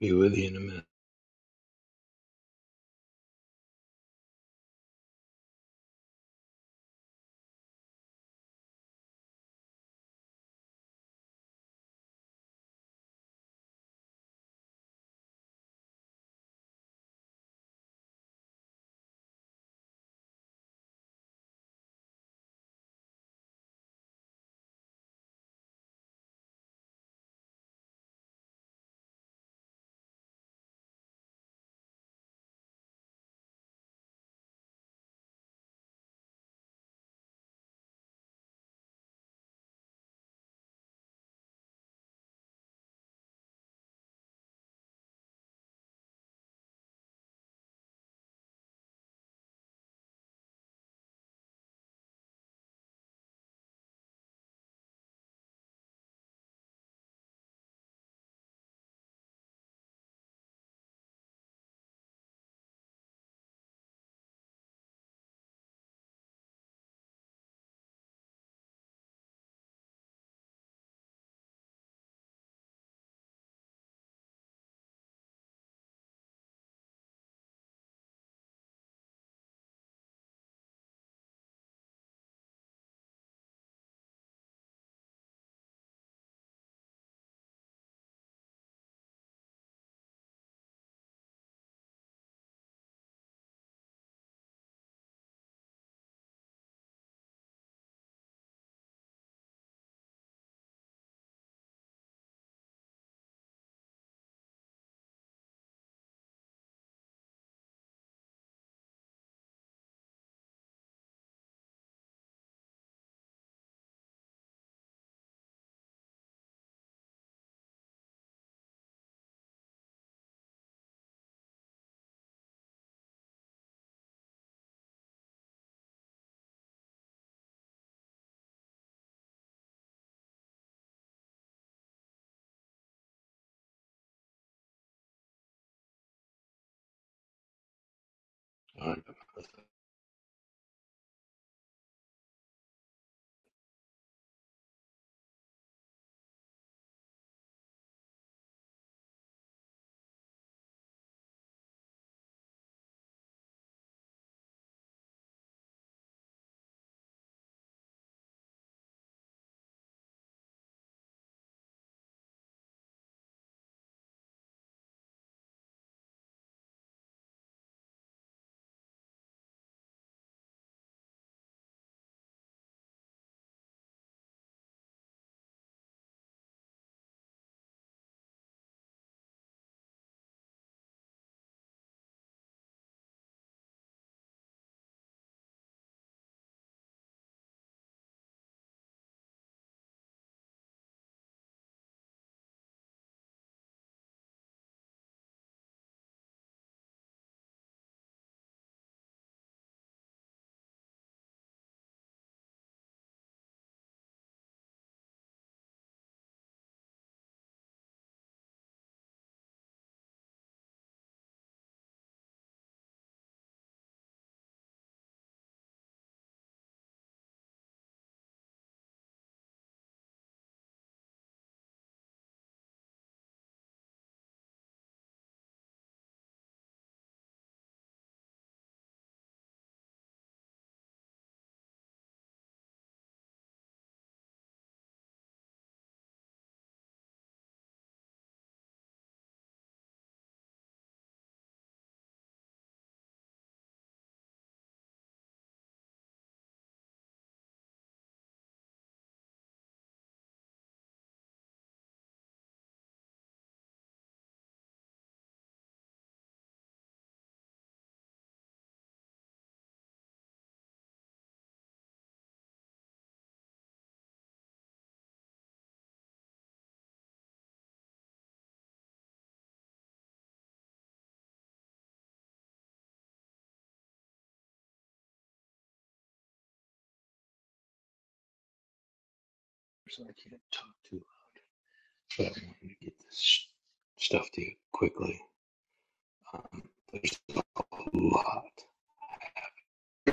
Be with you in a minute. All right, but I can't talk too much. but I wanted to get this sh- stuff to you quickly. Um, there's a lot.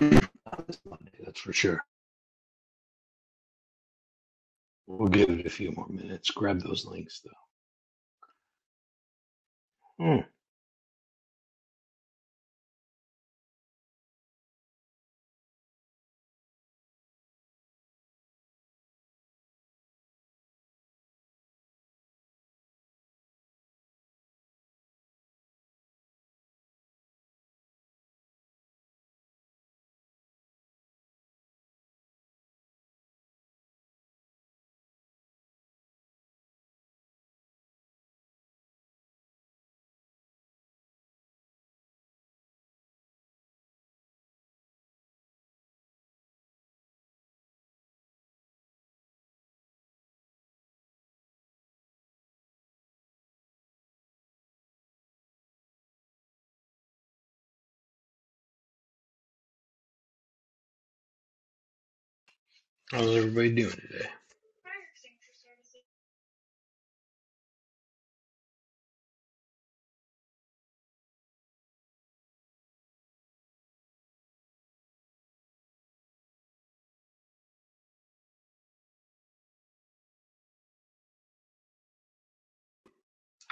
Not this Monday, that's for sure. We'll give it a few more minutes. Grab those links, though. Hmm. How's everybody doing today?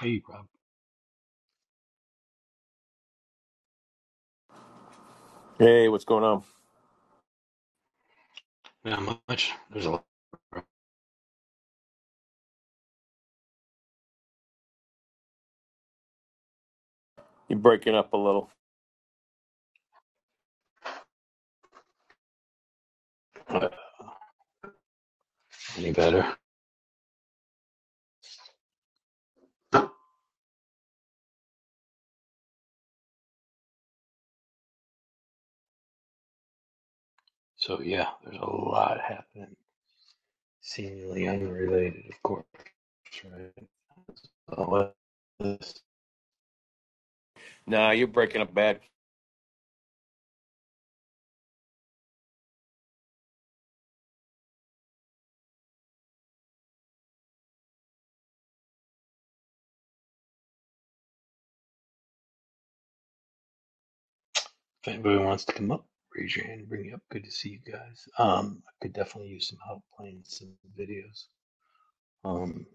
Hey, Rob. Hey, what's going on? Not much. There's a lot. You're breaking up a little. Not any better? So yeah, there's a lot happening, seemingly unrelated, of course. Right? All this Nah, you're breaking up bad. If anybody wants to come up, raise your hand, bring you up. Good to see you guys. Um, I could definitely use some help playing some videos. Um,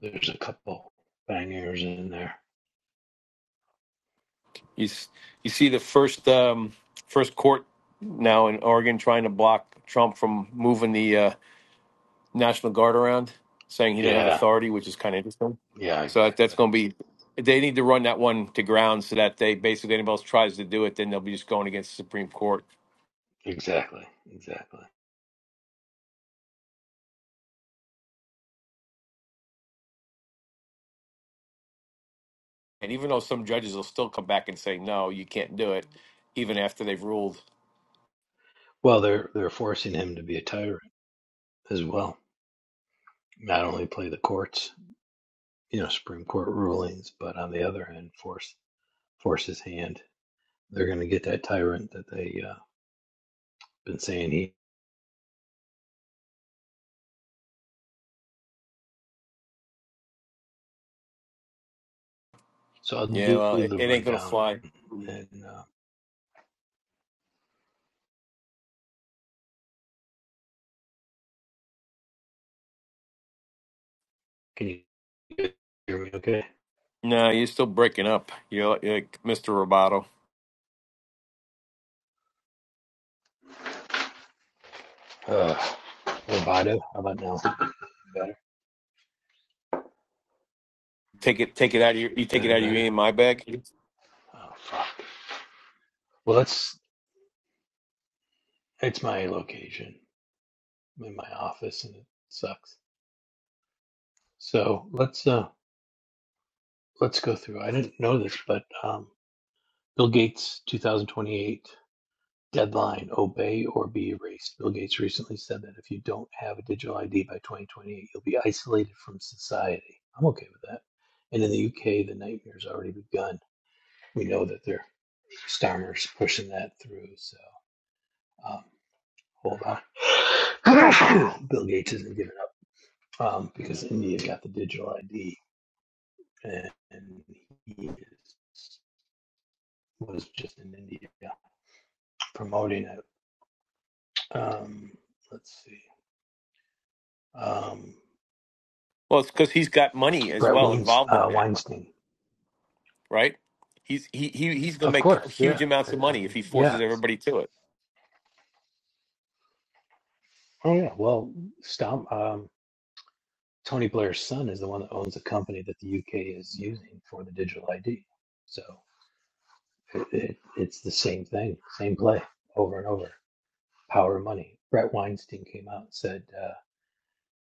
there's a couple bangers in there. You s- you see the first um, first court now in Oregon trying to block Trump from moving the uh, National Guard around, saying he doesn't have Yeah, authority, which is kind of interesting. yeah, So that, that's exactly, going to be they need to run that one to ground so that they basically anybody else tries to do it, then they'll be just going against the Supreme Court. exactly, exactly. And even though some judges will still come back and say no, you can't do it, even after they've ruled. Well, they're they're forcing him to be a tyrant as well. Not only play the courts, you know, Supreme Court rulings, but on the other hand, force force his hand. They're going to get that tyrant that they uh, been saying he. So I'll Yeah, do well, it, the it ain't going to rundown fly. and. uh, Can you hear me okay? No, you're still breaking up. You're like, you're like Mr. Roboto. Uh, Roboto, how about now? Better, Take it, take it out of your, you take it better, out of your better. EMI bag. Oh, fuck. Well, that's it's my location. I'm in my office and it sucks. So let's uh let's go through. I didn't know this, but um, Bill Gates 2028 deadline: obey or be erased. Bill Gates recently said that if you don't have a digital ID by 2028, you'll be isolated from society. I'm okay with that. And in the UK, the nightmare's already begun. we know that they're Starmer's pushing that through. So um, hold on. Bill Gates isn't giving up um, because India got the digital ID, and, and he is, was just in India promoting it. Um, let's see, um, Well, it's because he's got money as Brett well Weins, involved in uh, that, Weinstein, right? He's he, he he's gonna of make course. huge Yeah, I, amounts of I money if mean, he forces yes. everybody to it. Oh yeah. Well, Stom, um, Tony Blair's son is the one that owns the company that the UK is using for the digital ID. So. It, it, it's the same thing, same play over and over. Power of money. Brett Weinstein came out and said, uh,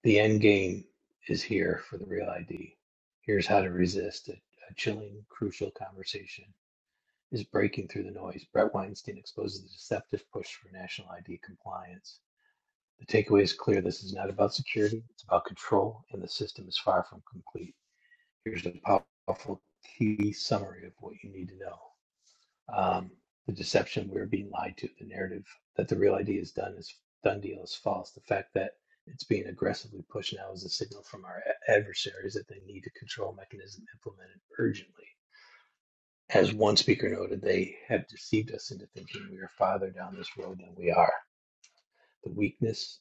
"The end game is here for the real ID. Here's how to resist it. A chilling, crucial conversation is breaking through the noise. Brett Weinstein exposes the deceptive push for national ID compliance. The takeaway is clear. This is not about security. It's about control, and the system is far from complete. Here's a powerful key summary of what you need to know. um, the deception we are being lied to, the narrative that the real idea is done is done deal is false. The fact that it's being aggressively pushed now is a signal from our adversaries that they need a control mechanism implemented urgently. As one speaker noted, they have deceived us into thinking we are farther down this road than we are. The weakness,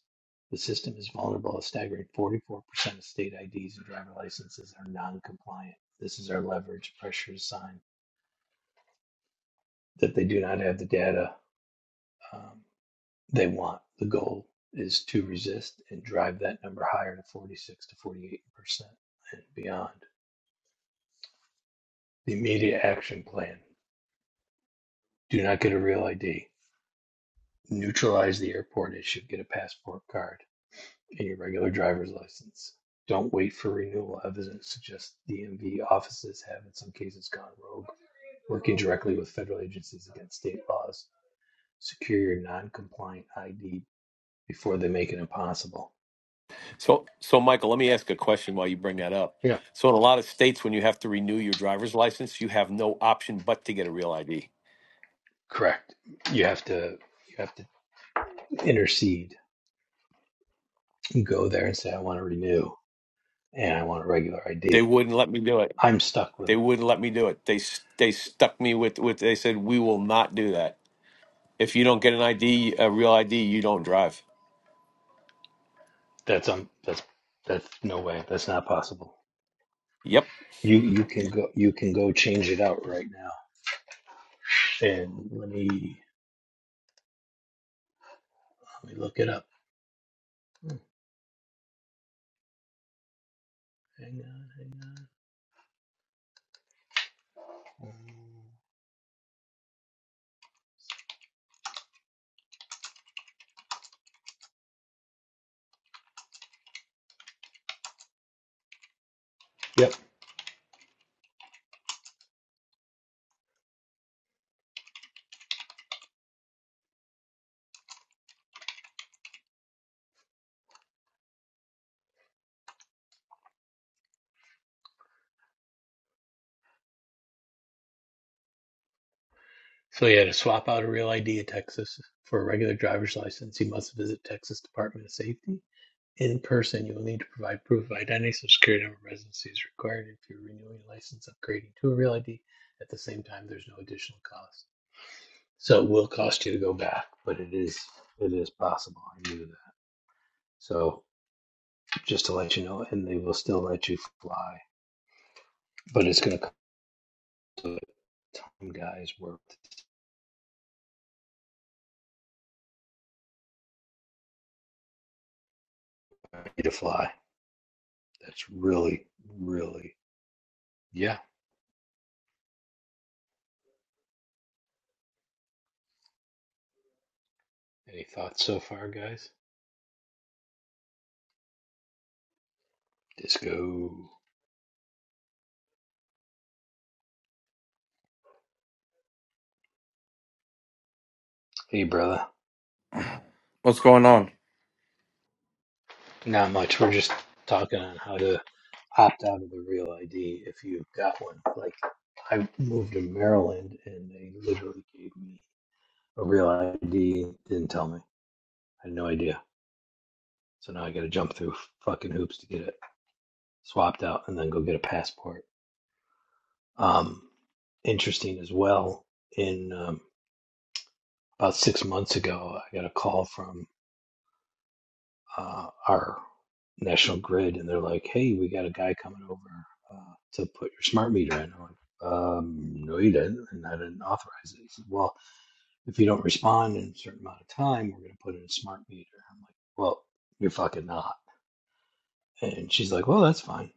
the system is vulnerable. A staggering 44% of state IDs and driver licenses are non compliant. This is our leverage pressure sign that they do not have the data. um, they want. The goal is to resist and drive that number higher to 46 to 48 percent and beyond. The immediate action plan: do not get a real ID. Neutralize the airport issue. Get a passport card and your regular driver's license. Don't wait for renewal. Evidence suggests DMV offices have, in some cases, gone rogue, working directly with federal agencies against state laws. Secure your non compliant ID before they make it impossible. So so Michael, let me ask a question while you bring that up. You So in a lot of states, when you have to renew your driver's license, you have no option but to get a real ID. Correct. You have to you have to intercede. You go there and say, I want to renew and I want a regular They ID. wouldn't let me do it. I'm stuck with They it. wouldn't let me do it. They s- they stuck me with with. They said we will not do that. If you don't get an ID, a real ID, you don't drive. That's um that's that's no way. That's not possible. Yep. You you can go you can go change it out right now. And let me let me look it up. Oh, Hang on, hang on. Um, Yep. So he had to swap out a real ID in Texas for a regular driver's license. He must visit Texas Department of Safety. In person, you will need to provide proof of identity, social security number, residency is required if you're renewing a license, upgrading to a real ID. At the same time, there's no additional cost. So it will cost you to go back, but it is it is possible. I knew that. So just to let you know, and they will still let you fly, but it's going to come to time, guys. Work to fly. That's really, really, yeah. Any thoughts so far, guys? Disco. Hey, brother. What's going on? Not much. We're just talking on how to opt out of the real ID if you've got one. Like, I moved to Maryland and they literally gave me a real ID, didn't tell me. I had no idea. So now I got to jump through fucking hoops to get it swapped out and then go get a passport. Um, interesting as well. In um, about six months ago, I got a call from uh, our national grid and they're like, hey, we got a guy coming over uh, to put your smart meter in. I'm like, um, no, you didn't. And I didn't authorize it. He said, well, if you don't respond in a certain amount of time, we're going to put in a smart meter. I'm like, well, you're fucking not. And she's like, well, that's fine.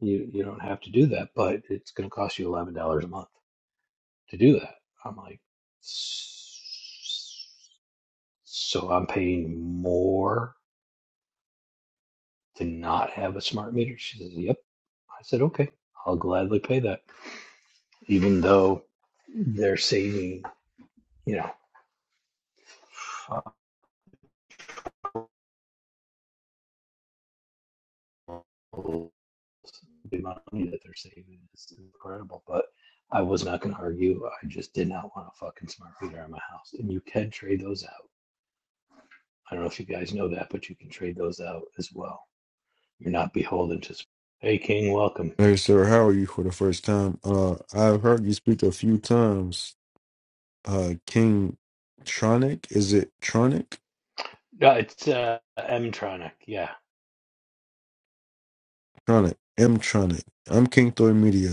You, you don't have to do that, but it's going to cost you $11 a month to do that. I'm like, so I'm paying more to not have a smart meter? She says, yep. I said, okay, I'll gladly pay that, even though they're saving, you know, the amount of money that they're saving is incredible. But I was not going to argue. I just did not want a fucking smart meter in my house. And you can trade those out. I don't know if you guys know that, but you can trade those out as well. You're not beholden to. Hey, King, welcome. Hey sir, how are you for the first time? Uh, I've heard you speak a few times. Uh, King Tronic, is it Tronic? Yeah, it's uh, Mtronic. Yeah, Tronic, M Tronic. I'm King Thor Media.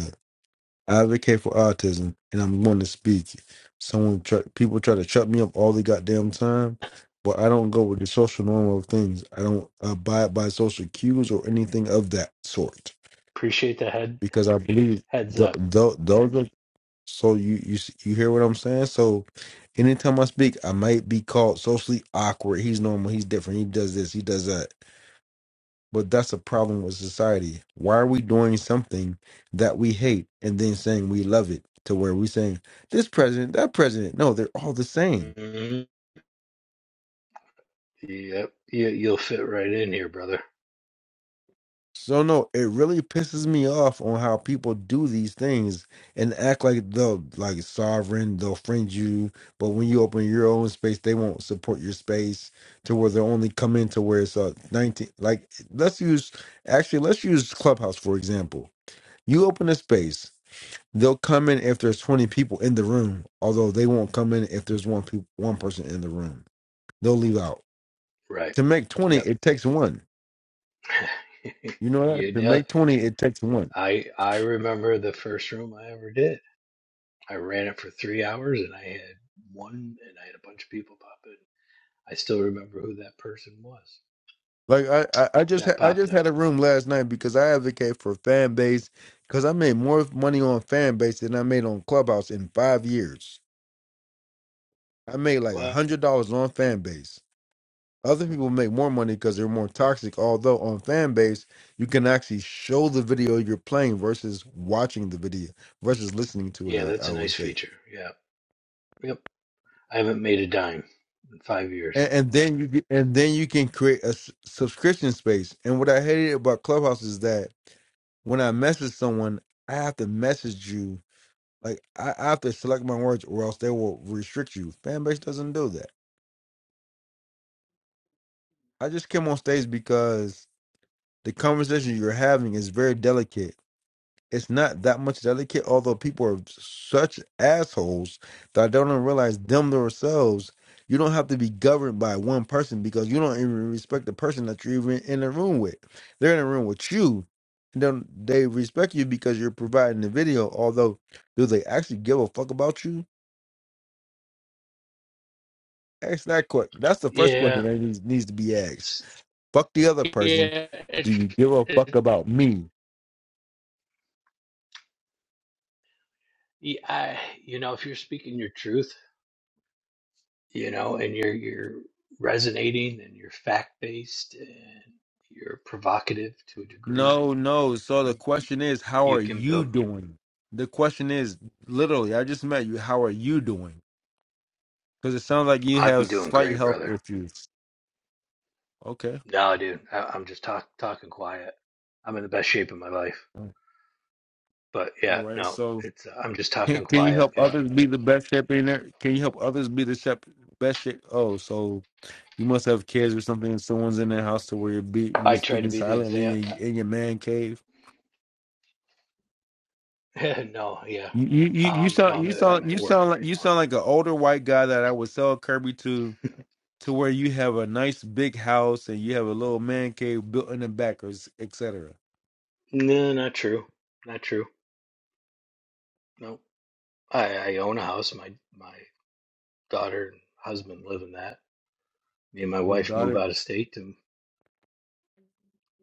I advocate for autism, and I'm going to speak. Someone, try, people try to shut me up all the goddamn time, but I don't go with the social norm of things. I don't abide by social cues or anything of that sort appreciate the head because I believe heads th- up. th- those are So you you s- you hear what I'm saying? So anytime I speak, I might be called socially awkward. He's normal. He's different. He does this. He does that. But that's a problem with society. Why are we doing something that we hate and then saying we love it to where we saying this president, that president? No, they're all the same. Mhm. Yep, you, you'll fit right in here, brother. So no, it really pisses me off on how people do these things and act like they'll like sovereign, they'll friend you, but when you open your own space, they won't support your space to where they'll only come in to where it's uh nineteen like let's use actually let's use Clubhouse for example. You open a space, they'll come in if there's twenty people in the room, although they won't come in if there's one peop one person in the room. They'll leave out. Right. To make twenty, Yep. it takes one. You know that? You To know, make twenty, it takes one I I remember the first room I ever did. I ran it for three hours and I had one and I had a bunch of people pop in. I still remember who that person was Like I, I I just that ha- I popped just in. had a room last night because I advocate for fan base because I made more money on fan base than I made on Clubhouse in five years. I made like a Well, hundred dollars on fan base. Other people make more money because they're more toxic. Although on fan base, you can actually show the video you're playing versus watching the video versus listening to it. yeah, that's I, I a would nice say, feature. Yeah. Yep. I haven't made a dime in five years. and, and then you get, and then you can create a s- subscription space. And what I hated about Clubhouse is that when I message someone, I have to message you. Like I, I have to select my words, or else they will restrict you. Fanbase doesn't do that. I just came on stage because the conversation you're having is very delicate it's not that much delicate, although people are such assholes that I don't even realize them themselves. You don't have to be governed by one person because you don't even respect the person that you're even in the room with. They're in a room with you. And then they respect you because you're providing the video, although do they actually give a fuck about you? Ask that question. That's the first question Yeah. that needs, needs to be asked. s- Fuck the other person. Yeah. It, Do you give a fuck it, about me? yeah. I, you know, if you're speaking your truth, you know, and you're you're resonating and you're fact based and you're provocative to a degree. No, no. So the You question is, how you are can you build. doing? The question is, literally, I just met you. How are you doing? Because it sounds like you I'm have doing slight great, health brother. issues. Okay. No, dude, I, I'm just talk, talking quiet. I'm in the best shape of my life. But All yeah, right. no, So it's uh, I'm just can talking can you quiet. help Yeah, others be the best shape in there? Can you help others be the shep best shape? Oh, so you must have kids or something, and someone's in their house to where you're be, I you're try to speaking be the silently example. in, in your man cave. no, yeah, You you you you um, no, sound I'm you at, I'm sound at you work sound like right you now. sound like an older white guy that I would sell Kirby to to where you have a nice big house and you have a little man cave built in the back, or s- et cetera. No, not true, not true. No, I I own a house. My my daughter and husband live in that. me and my Your wife move daughter, out of state and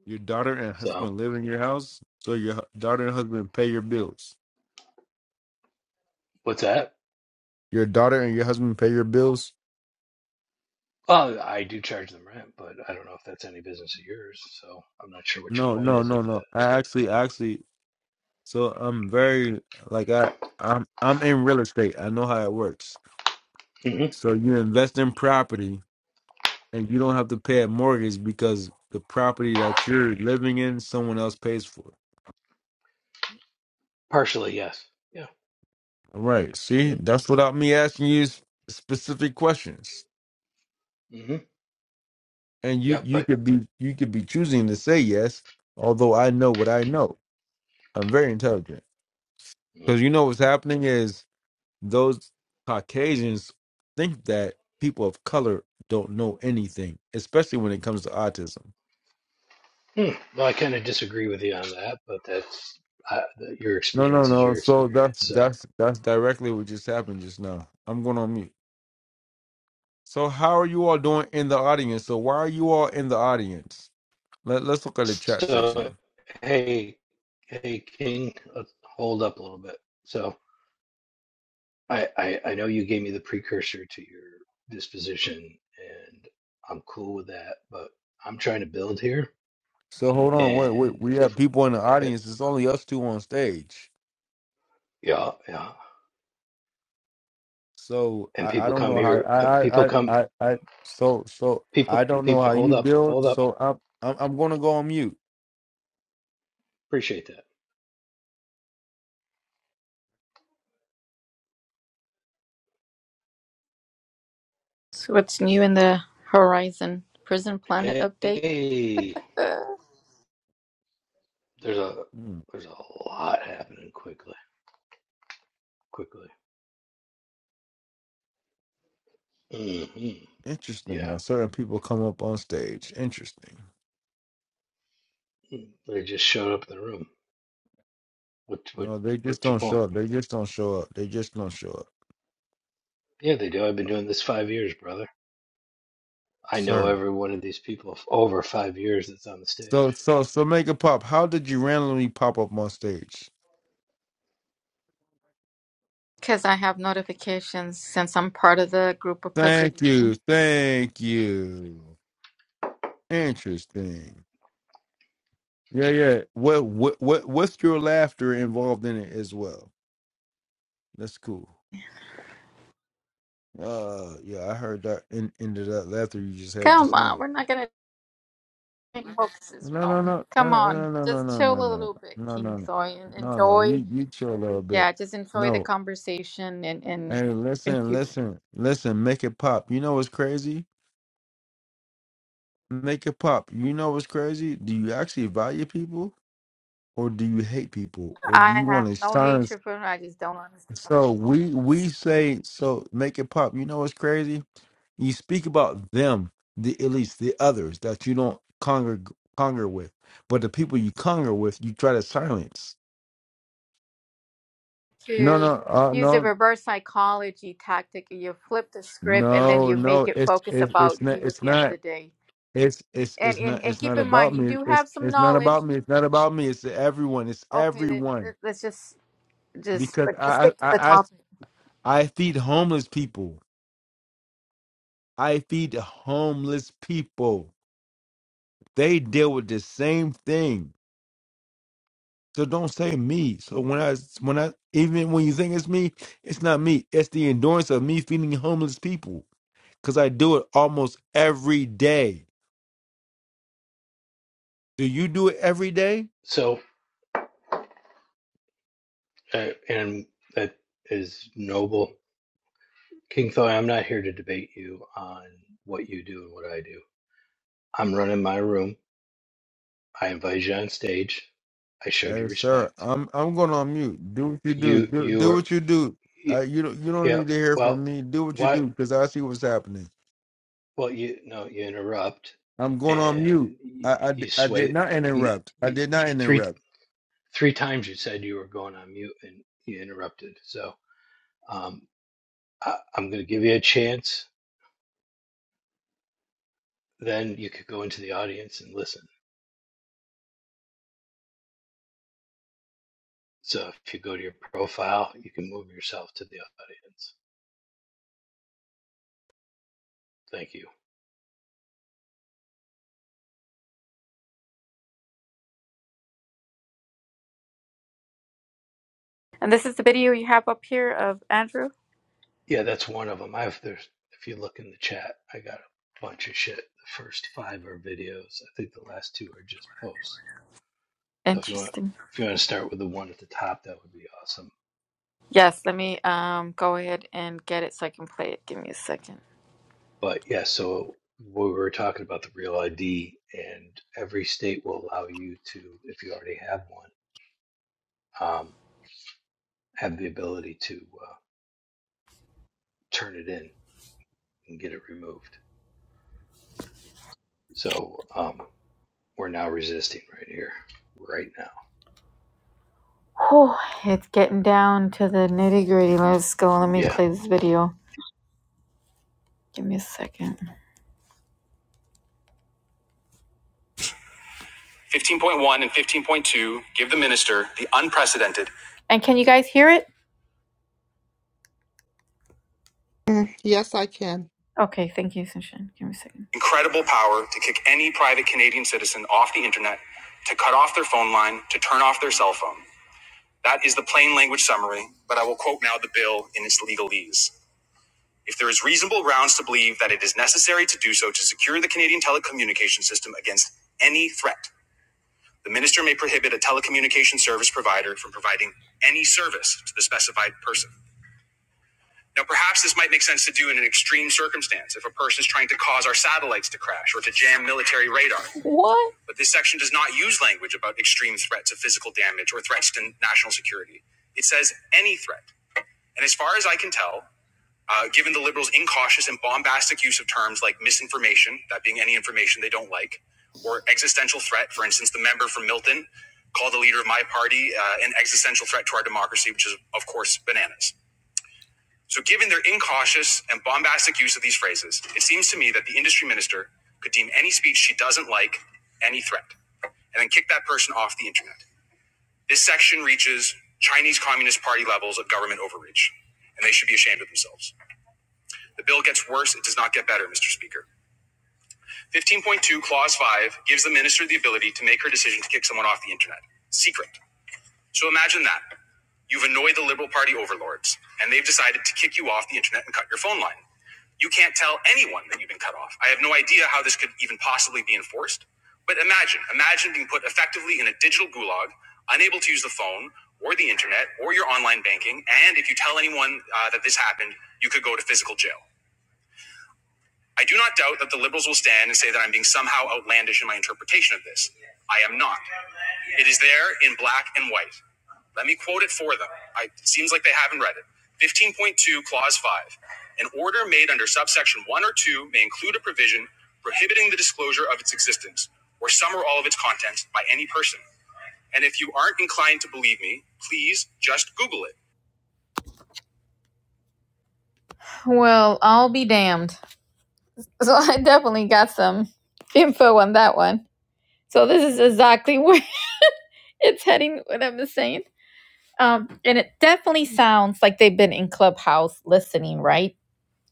your daughter and so husband live in your house, so your hu- daughter and husband pay your bills. what's that Your daughter and your husband pay your bills. well i do charge them rent but i don't know if that's any business of yours so i'm not sure what your No, point no, is at no, no. I actually, actually, so I'm very like I, I'm, I'm in real estate. I know how it works. that hmm So you invest in property, and you don't have to pay a mortgage because the property that you're living in, someone else pays for. partially yes yeah All Right. See, hmm that's without me asking you s- specific questions. hmm And you yep you but could be you could be choosing to say yes, although I know what I know. I'm very intelligent. Because you know what's happening is those Caucasians think that people of color don't know anything, especially when it comes to autism. hmm well i kind of disagree with you on that but that's I, that your No, no, experience is no. your So that's experience so that's that's directly what just happened just now. I'm going on mute. So how are you all doing in the audience? So why are you all in the audience? Let, let's look at the chat so section. hey hey king let's hold up a little bit so I, I I know you gave me the precursor to your disposition, and I'm cool with that. But I'm trying to build here, So hold on, wait, wait. and We if have we, people in the eh, audience. It's only us two on stage. yeah, yeah, So and I, I people don't come know how here, come, I, people I I come, I I so so people, I don't know people, how hold you up, build. hold up, So I'm I'm, I'm going to go on mute. appreciate that. So what's new in the Horizon Prison Planet update? Hey, there's a Hmm, there's a lot happening quickly, quickly. hmm Interesting Yeah, how certain people come up on stage. Interesting. Mm, they just showed up in the room. What what No, they just what's your don't show point? up. They just don't show up. They just don't show up, Yeah, they do. I've been doing this five years, brother. I know sir. every one of these people f- over five years that's on the So stage. so so make it pop. How did you randomly pop up on stage? Because I have notifications since I'm part of the group of preservation. Thank you, thank you. Interesting. Yeah, yeah. Well, what what what's your laughter involved in it as well? That's cool. Uh yeah, I heard that in into that laughter you just had Come just on, now. we're not gonna make Moses No no Rome. no uh, Come on, uh, no no just no no chill no a no little bit, no no no King no Thoy, and no no enjoy. you you chill a little bit. Yeah, just enjoy the No. conversation and and Hey listen, contribute. listen, listen, make it pop. You know what's crazy? Make it pop. You know what's crazy? Do you actually value people or do you hate people? Or do I you want have to no silence hatred for him. I just don't understand so people we we say so make it pop. You know what's crazy? You speak about them, the elites, the others that you don't conger conger with, but the people you conger with, you try to silence. No, to no, uh, use the no, reverse psychology tactic. You flip the script and then no, you make no. it It's focus it's about it's not you at it's the end of not the day. it's it's and it's and not and it's keep not in about mind you me. do It's have some it's not about knowledge me. It's not about me. It's everyone. It's okay then everyone th- let's just just because let's I I stick to the I, I topic I feed homeless people. I feed homeless people. They deal with the same thing So don't say me. So when I when I even when you think it's me, it's not me. It's the endurance of me feeding homeless people because I do it almost every day. Do you do it every day? So, uh, and that is noble. King Thoy, I'm not here to debate you on what you do and what I do. I'm running my room. I invite you on stage. I showed Hey, you sir, respect. I'm I'm going on mute. Do what you do. You, Do, you do are, what you do. y Uh, you don't you don't yeah, need to hear well, from me. Do what you why, do because I see what's happening. well, you, no, you interrupt I'm going on mute. and you, I, I di- you I did sway, not you, interrupt. I you, did not three, interrupt. three times you said you were going on mute and you interrupted. So, um, I, I'm going to give you a chance. Then you could go into the audience and listen. So if you go to your profile, you can move yourself to the audience. Thank you. and this is the video you have up here of andrew Yeah, that's one of them. I have there's if you look in the chat, I got a bunch of shit. The first five are videos. I think the last two are just posts. So if you want interesting if you want to start with the one at the top, that would be awesome. yes let me um go ahead and get it so i can play it give me a second But yeah, so we were talking about the real ID, and every state will allow you to, if you already have one, um, have the ability to. uh, turn it in and get it removed. So um, we're now resisting right here, right now. oh it's getting down to the nitty gritty let's go let me Yeah, play this video give me a second 15.1 and 15.2 give the minister the unprecedented and can you guys hear it Mm, Yes, I can. Okay, thank you, Sunshine. Give me a second. Incredible power to kick any private Canadian citizen off the internet, to cut off their phone line, to turn off their cell phone. That is the plain language summary, but I will quote now the bill in its legalese. If there is reasonable grounds to believe that it is necessary to do so to secure the Canadian telecommunication system against any threat, the minister may prohibit a telecommunication service provider from providing any service to the specified person. Now, perhaps this might make sense to do in an extreme circumstance if a person is trying to cause our satellites to crash or to jam military radar. What? But this section does not use language about extreme threats of physical damage or threats to national security. It says any threat. And as far as I can tell, uh, given the liberals' incautious and bombastic use of terms like misinformation, that being any information they don't like, or existential threat, for instance, the member from Milton called the leader of my party uh, an existential threat to our democracy, which is, of course, bananas. So, given their incautious and bombastic use of these phrases, it seems to me that the industry minister could deem any speech she doesn't like any threat and then kick that person off the internet. This section reaches Chinese Communist Party levels of government overreach, and they should be ashamed of themselves. The bill gets worse, it does not get better, Mr. Speaker. 15.2, Clause 5 gives the minister the ability to make her decision to kick someone off the internet. Secret. So imagine that. You've annoyed the Liberal Party overlords, and they've decided to kick you off the internet and cut your phone line. You can't tell anyone that you've been cut off. I have no idea how this could even possibly be enforced. But imagine, imagine being put effectively in a digital gulag, unable to use the phone or the internet or your online banking. And if you tell anyone uh, that this happened, you could go to physical jail. I do not doubt that the liberals will stand and say that I'm being somehow outlandish in my interpretation of this. I am not. It is there in black and white. Let me quote it for them. I, it seems like they haven't read it. 15.2, Clause 5. An order made under subsection 1 or 2 may include a provision prohibiting the disclosure of its existence, or some or all of its contents, by any person. And if you aren't inclined to believe me, please just Google it. Well, I'll be damned. So I definitely got some info on that one. So this is exactly where it's heading, what I'm saying. Um, and it definitely sounds like they've been in Clubhouse listening, right?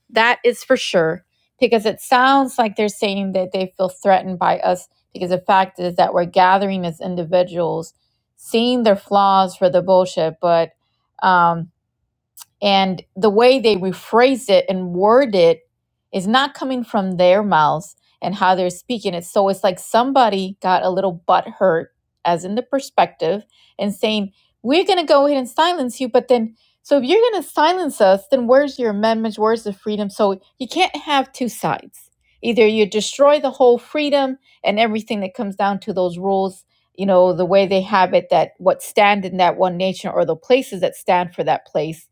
That is for sure, because it sounds like they're saying that they feel threatened by us. Because the fact is that we're gathering as individuals, seeing their flaws for the bullshit, but um, and the way they rephrase it and word it is not coming from their mouths and how they're speaking it. So it's like somebody got a little butt hurt, as in the perspective, and saying, We're going to go ahead and silence you. But then, so if you're going to silence us, then where's your amendments? Where's the freedom? So you can't have two sides. Either you destroy the whole freedom and everything that comes down to those rules, you know, the way they have it that what stand in that one nation or the places that stand for that place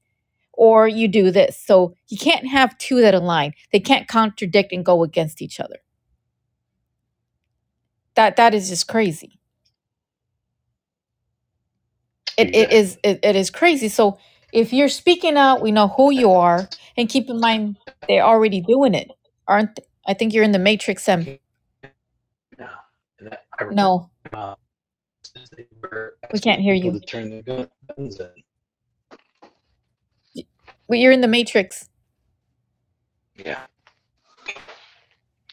or you do this. So you can't have two that align. They can't contradict and go against each other. That that is just crazy. It it exactly. is it, it is crazy. So if you're speaking out, we know who you are, and keep in mind they're already doing it, aren't? They? I think you're in the matrix. Em, Okay, now and that I remember no, uh, since they were we can't asking hear people you. to turn their gun- guns in. Y- You're in the matrix. Yeah,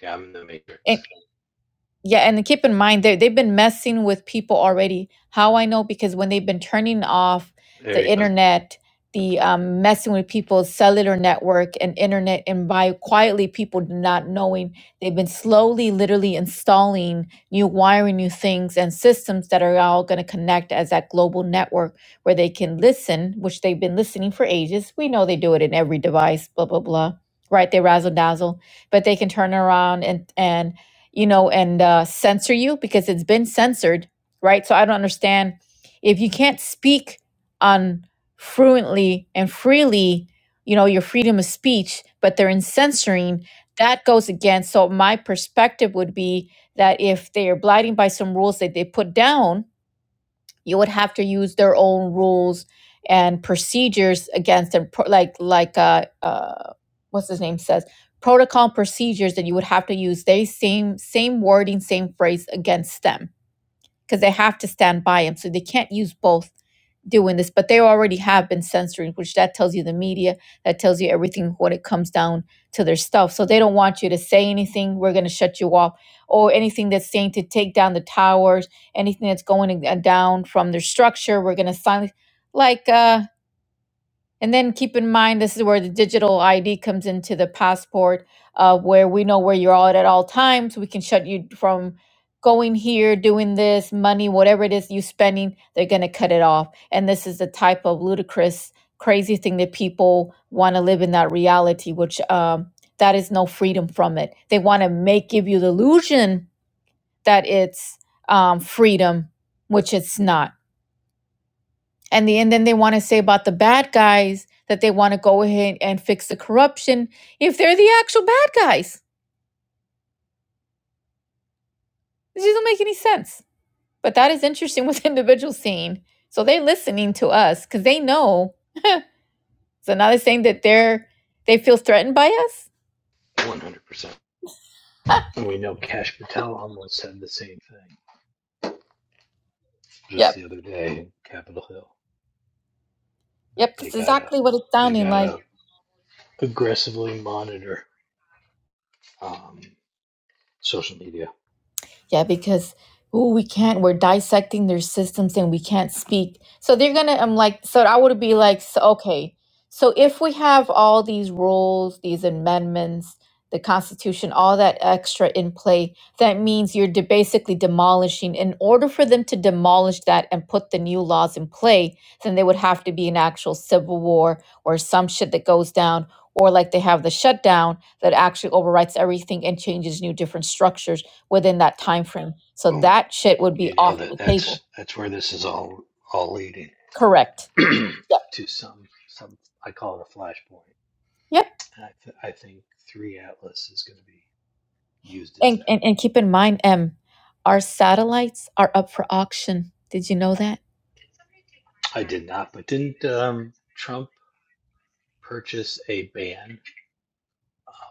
yeah, I'm in the and matrix. Yeah, and keep in mind they they've been messing with people already. How I know because when they've been turning off There the he goes, internet, the um, messing with people's cellular network and internet, and by quietly people not knowing, they've been slowly, literally installing new wiring, new things, and systems that are all going to connect as that global network where they can listen, which they've been listening for ages. We know they do it in every device, blah blah blah. Right, they razzle dazzle, but they can turn around and and you know, and uh, censor you because it's been censored, right? So I don't understand if you can't speak on fluently and freely, you know, your freedom of speech, but they're in censoring, that goes against. So my perspective would be that if they are blinding by some rules that they put down, you would have to use their own rules and procedures against them pro- like like uh, uh what's his name says protocol and procedures that you would have to use they same same wording same phrase against them because they have to stand by him. So they can't use both doing this, but they already have been censoring, which that tells you the media, that tells you everything when it comes down to their stuff. So they don't want you to say anything. We're going to shut you off or anything that's saying to take down the towers, anything that's going in- uh, down from their structure. We're going to silence like, uh, and then keep in mind, this is where the digital ID comes into the passport, uh, where we know where you're at at all times. We can shut you from going here, doing this, money, whatever it is you spending, they're going to cut it off. And this is the type of ludicrous, crazy thing that people want to live in that reality, which um, that is no freedom from it. They want to make give you the illusion that it's um, freedom, which it's not and the and then they want to say about the bad guys that they want to go ahead and fix the corruption if they're the actual bad guys. This doesn't make any sense. But that is interesting with the individual scene. So they're listening to us because they know. So now they're saying that they're they feel threatened by us. 100%. And we know Cash Patel almost said the same thing just Yep. the other day in Capitol Hill that Yep. they That's gotta exactly what it's they sounding like. gotta aggressively monitor um, social media. Yeah, because ooh, we can't. We're dissecting their systems and we can't speak. So they're gonna. I'm like, so I would be Mm-hmm. like, so, okay. So if we have all these rules, these amendments, the Constitution, all that extra in play, that means you're de- basically demolishing. In order for them to demolish that and put the new laws in play, then there would have to be an actual civil war or some shit that goes down, or like they have the shutdown that actually overwrites everything and changes new different structures within that time frame. So Boom. that shit You would be you off nailed it. the That's table. that's where this is all all leading Correct. Yep. to some some I call it a flashpoint. Yep. And I th- I think three Atlas is going to be used as And that. and, and keep in mind, M, our satellites are up for auction. Did you know that? I did not, but didn't um, Trump purchase a ban,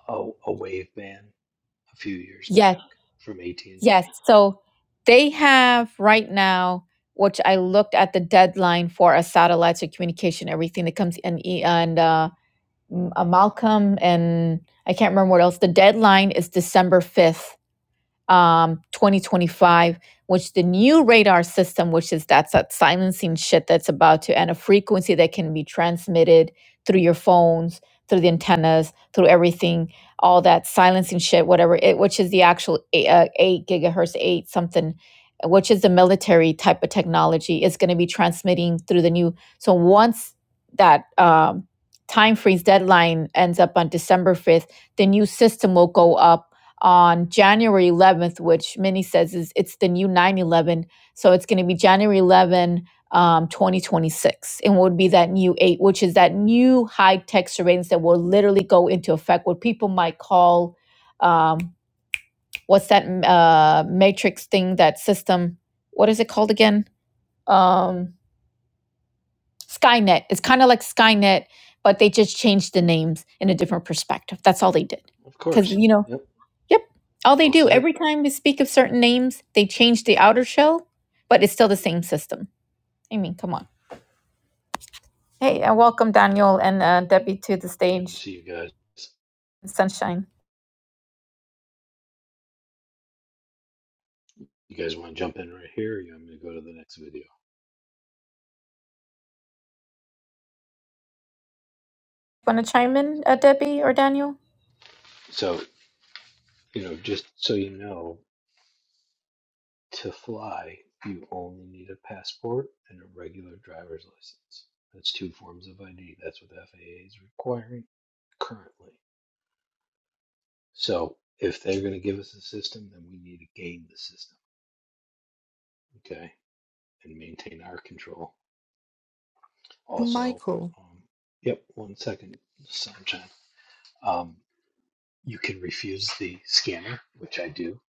a, a wave ban, a few years back Yes. from AT and Yes. T? So they have right now, which I looked at the deadline for a satellite so communication, everything that comes in e- and uh, M- uh, Malcolm and I can't remember what else. The deadline is December 5th um, 2025, which the new radar system, which is that's that silencing shit that's about to, and a frequency that can be transmitted through your phones, through the antennas, through everything, all that silencing shit, whatever it, which is the actual eight, uh, eight gigahertz, eight something, which is the military type of technology, is going to be transmitting through the new. So once that um, time freeze deadline ends up on December 5th, the new system will go up on January 11th, which Minnie says is it's the new 9/11, so it's going to be January 11, um, 2026, and would be that new eight, which is that new high tech surveillance that will literally go into effect, what people might call um, what's that uh, matrix thing, that system? What is it called again? Um, Skynet. It's kind of like Skynet, but they just changed the names in a different perspective. That's all they did, Of because course. you know Yep. Yep. All they Well do said. every time we speak of certain names, they change the outer shell, but it's still the same system. I mean, come on. Hey, and welcome Daniel and uh, Debbie to the Good to stage, see you guys. Sunshine. You guys want to jump in right here? Or you want me to go to the next video? Want to chime in, uh, Debbie or Daniel? So you know, just so you know. To fly, you only need a passport and a regular driver's license. That's two forms of ID. That's what the FAA is requiring currently. So if they're going to give us a system, then we need to game the system, okay, and maintain our control. Also, Michael, um, yep, one second, sunshine. Um, you can refuse the scanner, which I do,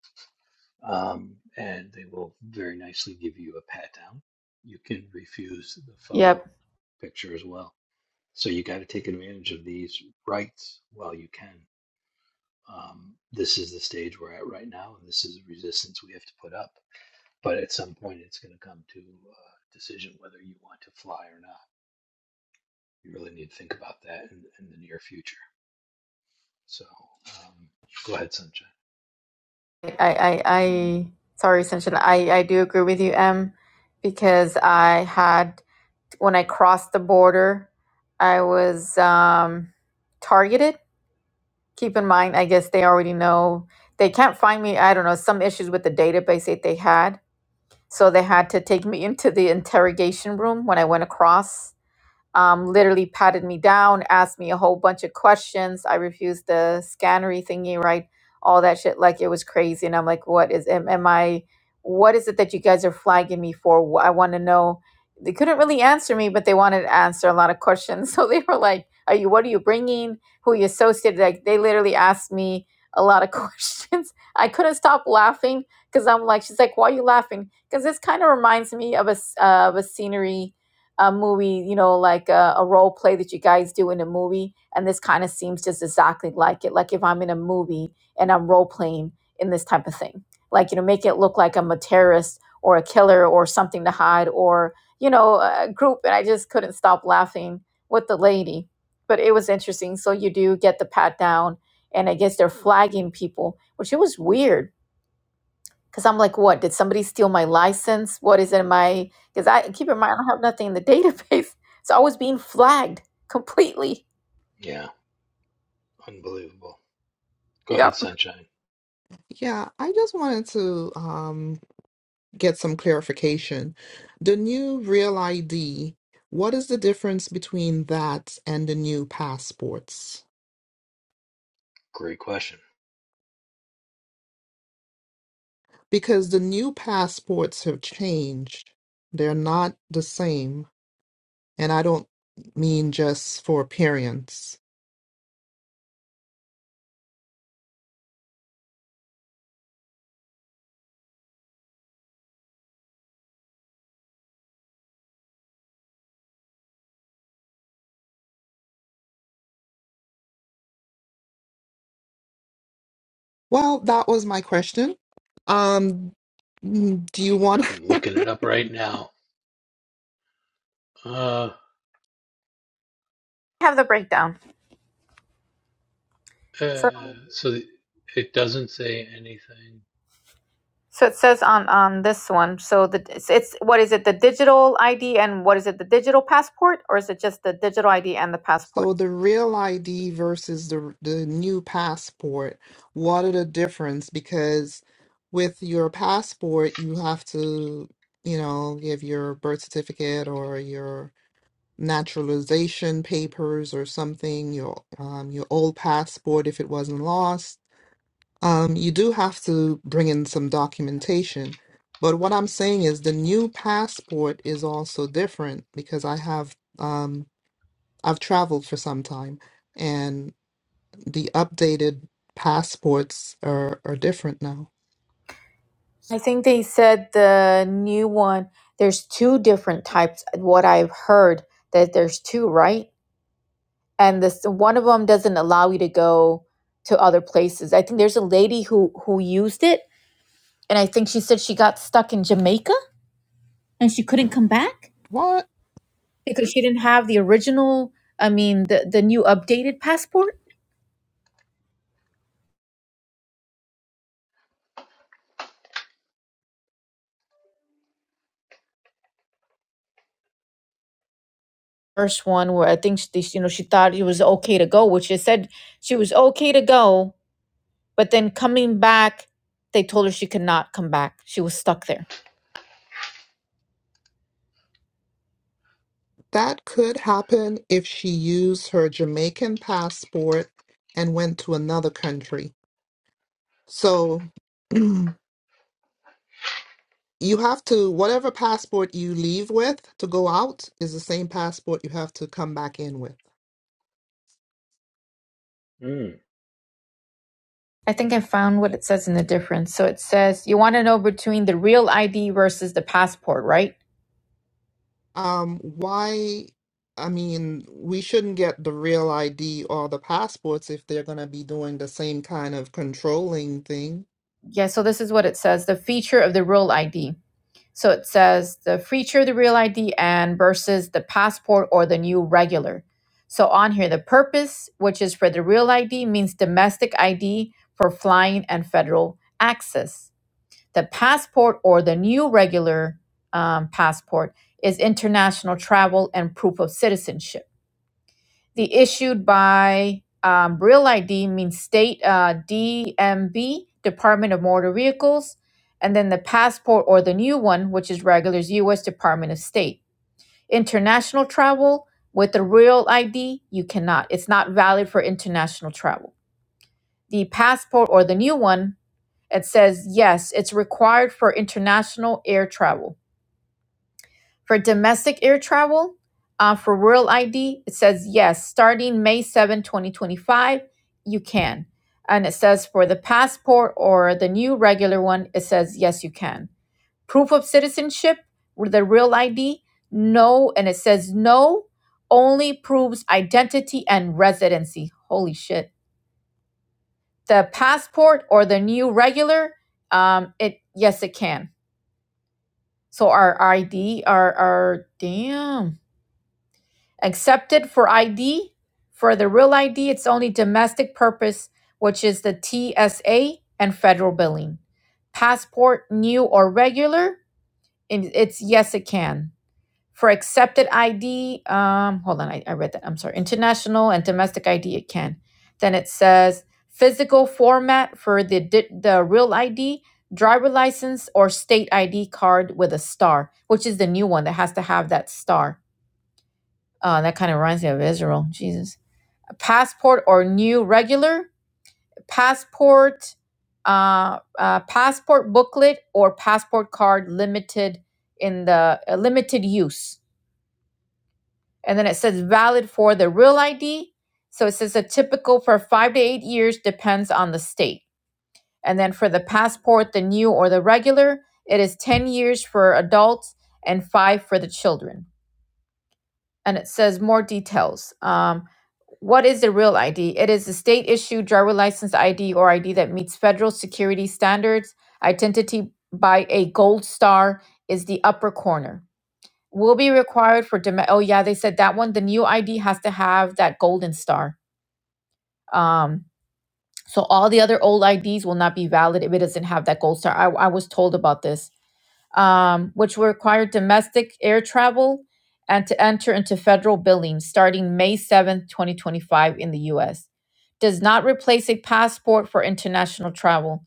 um, and they will very nicely give you a pat down. You can refuse the Yep. photo picture as well So you got to take advantage of these rights while you can. Um, this is the stage we're at right now, and this is the resistance we have to put up. But at some point, it's going to come to a decision whether you want to fly or not. You really need to think about that in, in the near future. So um, go ahead, Sunshine. I, I, um, I sorry, Sunshine. I, I do agree with you, Em, because I had when I crossed the border, I was um, targeted. Keep in mind, I guess they already know they can't find me. I don't know some issues with the database that they had, so they had to take me into the interrogation room when I went across um, literally patted me down, asked me a whole bunch of questions. I refused the scannery thingy, right? All that shit, like it was crazy. And I'm like, what is, am, am I, what is it that you guys are flagging me for? Wh- I want to know. They couldn't really answer me, but they wanted to answer a lot of questions. So they were like, are you, what are you bringing? Who are you associated? Like they literally asked me a lot of questions. I couldn't stop laughing because I'm like, she's like, why are you laughing? Because this kind of reminds me of a, s- uh, of a scenery a movie, you know, like a, a role play that you guys do in a movie. And this kind of seems just exactly like it. Like if I'm in a movie and I'm role playing in this type of thing, like, you know, make it look like I'm a terrorist or a killer or something to hide or, you know, a group. And I just couldn't stop laughing with the lady. But it was interesting. So you do get the pat down, and I guess they're flagging people, which it was weird because I'm like, what? Did somebody steal my license? What is in my? Because I keep in mind, I don't have nothing in the database. So I was being flagged completely. Yeah, unbelievable. Go ahead, Yep. Sunshine. yeah, I just wanted to um, get some clarification. The new Real ID, what is the difference between that and the new passports? Great question. Because the new passports have changed. They're not the same. And I don't mean just for appearance. Well, that was my question. Um, mm, do you want? I'm looking it up right now. Uh, I have the breakdown. So, uh, so it doesn't say anything. so it says on on this one. So the it's, it's what is it? The digital ID and what is it? The digital passport, or is it just the digital ID and the passport? So the real ID versus the the new passport, what are the difference? Because with your passport, you have to, you know, give your birth certificate or your naturalization papers or something, your um your old passport if it wasn't lost Um, you do have to bring in some documentation. But what I'm saying is the new passport is also different because I have um, I've traveled for some time and the updated passports are, are different now. I think they said the new one, there's two different types. What I've heard that there's two, right? And this one of them doesn't allow you to go to other places. I think there's a lady who who used it, and I think she said she got stuck in Jamaica and she couldn't come back What? because she didn't have the original, I mean, the the new updated passport. First one where I think she, you know, she thought it was okay to go, which she said she was okay to go, But then coming back, they told her she could not come back. She was stuck there. That could happen if she used her Jamaican passport and went to another country. So you have to whatever passport you leave with to go out is the same passport you have to come back in with. Mm. I think I found what it says in the difference. So it says you want to know between the real ID versus the passport, right? Um, why? I mean, we shouldn't get the real ID or the passports if they're going to be doing the same kind of controlling thing. Yeah, so this is what it says the feature of the real ID. So it says the feature of the real ID and versus the passport or the new regular. So on here, the purpose, which is for the real ID, means domestic ID for flying and federal access. The passport or the new regular um, passport is international travel and proof of citizenship. The issued by um, Real ID means state uh, DMV, Department of Motor Vehicles, and then the passport or the new one, which is regulars U.S. Department of State. International travel with the Real ID, you cannot. It's not valid for international travel. The passport or the new one, it says yes, it's required for international air travel for domestic air travel, uh, for World ID, it says yes, starting May 7, 2025, you can. And it says for the passport or the new regular one, it says yes, you can. Proof of citizenship with the real ID, no. And it says no, only proves identity and residency. Holy shit. The passport or the new regular, um, it yes, it can. So our ID, our our damn. Accepted for ID. For the real ID, it's only domestic purpose, which is the TSA and federal billing. Passport, new or regular, and it's yes, it can. For accepted ID, um, hold on, I, I read that. I'm sorry. International and domestic ID, it can. Then it says physical format for the di- the real ID, driver license or state ID card with a star, which is the new one that has to have that star uh, that kind of reminds me of Israel. Jesus. A passport or new regular passport, uh, uh, passport booklet or passport card limited in the uh, limited use. And then it says valid for the real ID. So it says a typical for five to eight years depends on the state. And then for the passport, the new or the regular, it is 10 years for adults and five for the children and it says more details. Um, what is the real ID? It is a state issued driver license ID or ID that meets federal security standards. Identity by a gold star is the upper corner. Will be required for dom- oh yeah they said that one the new ID has to have that golden star. Um, so all the other old IDs will not be valid if it doesn't have that gold star. I, I was told about this um, which will require domestic air travel and to enter into federal billing starting May seventh, twenty 2025, in the US. Does not replace a passport for international travel.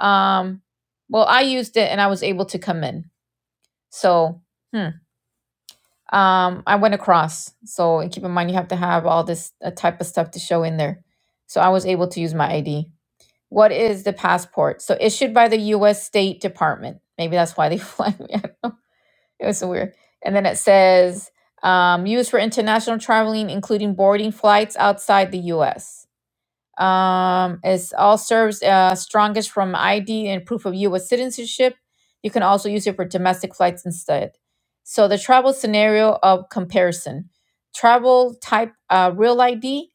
Um, well, I used it and I was able to come in. So, hmm. um, I went across. So, and keep in mind, you have to have all this uh, type of stuff to show in there. So, I was able to use my ID. What is the passport? So, issued by the US State Department. Maybe that's why they fly me. It was so weird. And then it says um, used for international traveling, including boarding flights outside the U.S. Um, it's all serves uh, strongest from ID and proof of U.S. citizenship. You can also use it for domestic flights instead. So the travel scenario of comparison: travel type uh, real ID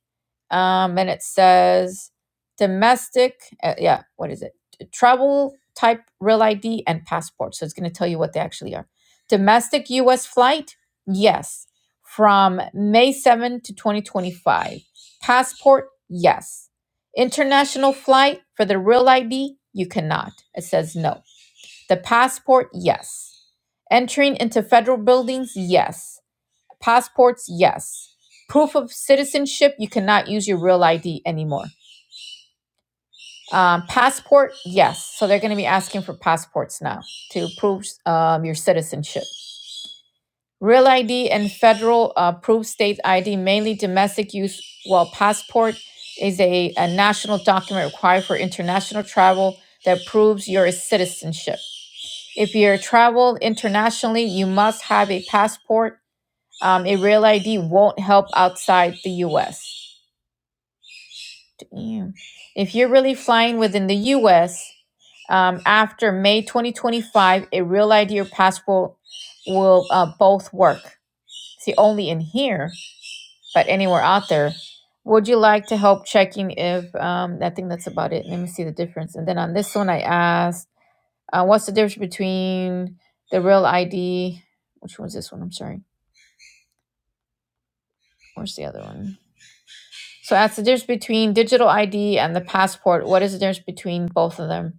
um, and it says domestic, uh, yeah, what is it? Travel type real ID and passport. So it's going to tell you what they actually are. Domestic US flight, yes, from May 7 to 2025. Passport, yes. International flight for the real ID, you cannot. It says no. The passport, yes. Entering into federal buildings, yes. Passports, yes. Proof of citizenship, you cannot use your real ID anymore. Um, passport, yes. So they're going to be asking for passports now to prove um, your citizenship. Real ID and federal uh, proof state ID, mainly domestic use, while passport is a, a national document required for international travel that proves your citizenship. If you're traveled internationally, you must have a passport. Um, a real ID won't help outside the US. Damn. If you're really flying within the US um, after May 2025, a real ID or passport will uh, both work. See, only in here, but anywhere out there. Would you like to help checking if? Um, I think that's about it. Let me see the difference. And then on this one, I asked, uh, what's the difference between the real ID? Which one's this one? I'm sorry. Where's the other one? So, that's the difference between digital ID and the passport. What is the difference between both of them?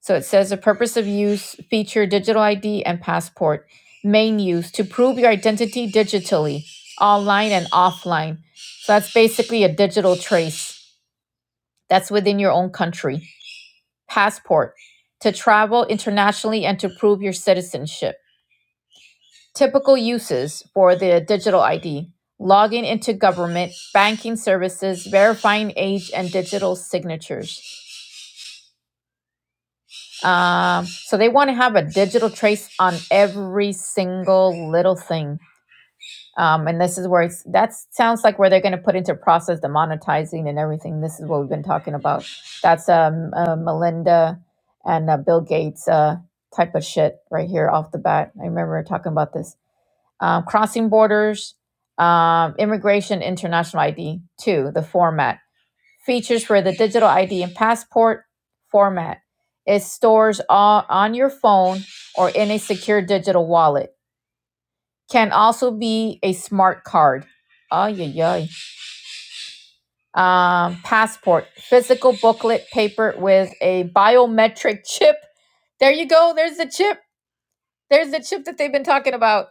So it says the purpose of use feature digital ID and passport. Main use to prove your identity digitally, online and offline. So that's basically a digital trace that's within your own country. Passport to travel internationally and to prove your citizenship. Typical uses for the digital ID logging into government, banking services, verifying age and digital signatures. Um, so they want to have a digital trace on every single little thing. Um, and this is where it's, that sounds like where they're going to put into process the monetizing and everything. This is what we've been talking about. That's um, uh, Melinda and uh, Bill Gates uh, type of shit right here off the bat. I remember talking about this. Um, crossing borders, um, immigration, international ID, two, the format. Features for the digital ID and passport format. It stores all on your phone or in a secure digital wallet. Can also be a smart card. Oh yeah, yeah. Um, passport, physical booklet paper with a biometric chip. There you go. There's the chip. There's the chip that they've been talking about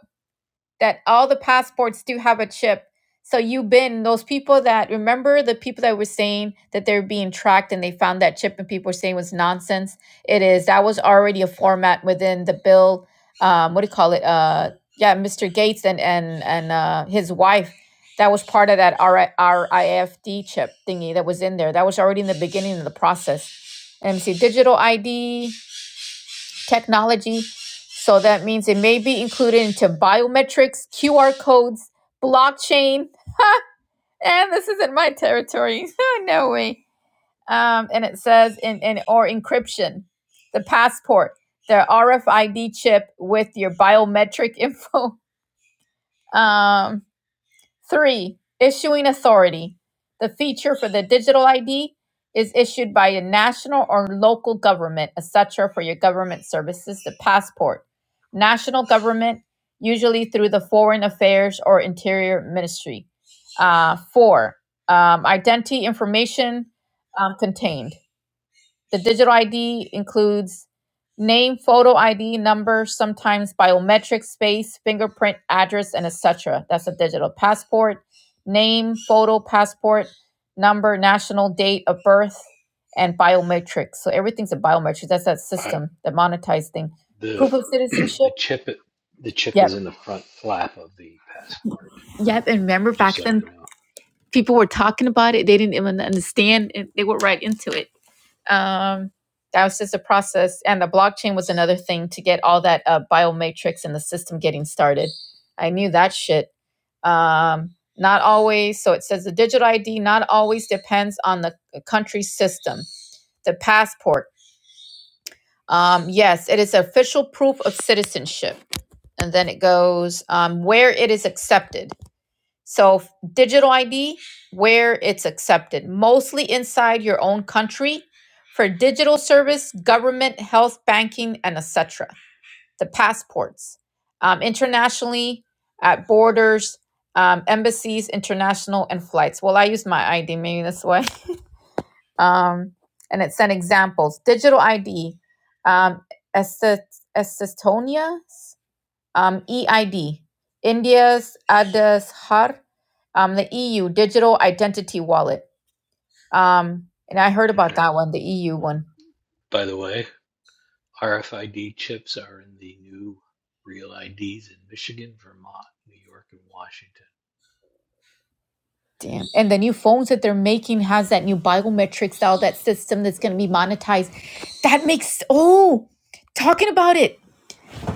that all the passports do have a chip. So you've been those people that remember the people that were saying that they're being tracked and they found that chip and people were saying it was nonsense. It is that was already a format within the bill. Um, what do you call it? Uh, yeah, Mr. Gates and and and uh, his wife. That was part of that RI RIFD chip thingy that was in there. That was already in the beginning of the process. And let me see, digital ID technology. So that means it may be included into biometrics, QR codes, blockchain. and this isn't my territory. no way. Um, and it says in, in or encryption, the passport, the RFID chip with your biometric info. Um, Three, issuing authority. The feature for the digital ID is issued by a national or local government, a sucher for your government services, the passport. National government, usually through the Foreign Affairs or Interior Ministry. Uh, four, um, identity information um, contained. The digital ID includes name, photo ID, number, sometimes biometric space, fingerprint, address, and etc. That's a digital passport. Name, photo, passport, number, national date of birth, and biometric. So everything's a biometric. That's that I, system, that monetized thing. the Proof of the citizenship. chip the chip Yep. is in the front flap of the passport. Yep. And remember Just back so then, you know. people were talking about it. They didn't even understand. It. They were right into it Um, that was just a process, and the blockchain was another thing to get all that uh, biometrics and the system getting started. I knew that shit. Um, not always. So it says the digital ID not always depends on the uh, country system. The passport, um, yes, it is official proof of citizenship, and then it goes um, where it is accepted. So, digital ID, where it's accepted, mostly inside your own country for digital service, government, health, banking, and etc. The passports, um, internationally, at borders, um, embassies, international, and flights. Well, I use my ID, maybe that's why. Um, and it sent examples. Digital ID, um, Est- Estonia, um, EID, India's Aadhar, um, the EU Digital Identity Wallet. Um, and I heard about that one, the EU one. By the way, RFID chips are in the new real IDs in Michigan, Vermont, New York, and Washington. Damn. And the new phones that they're making has that new biometrics, all that system that's going to be monetized. That makes, oh, talking about it.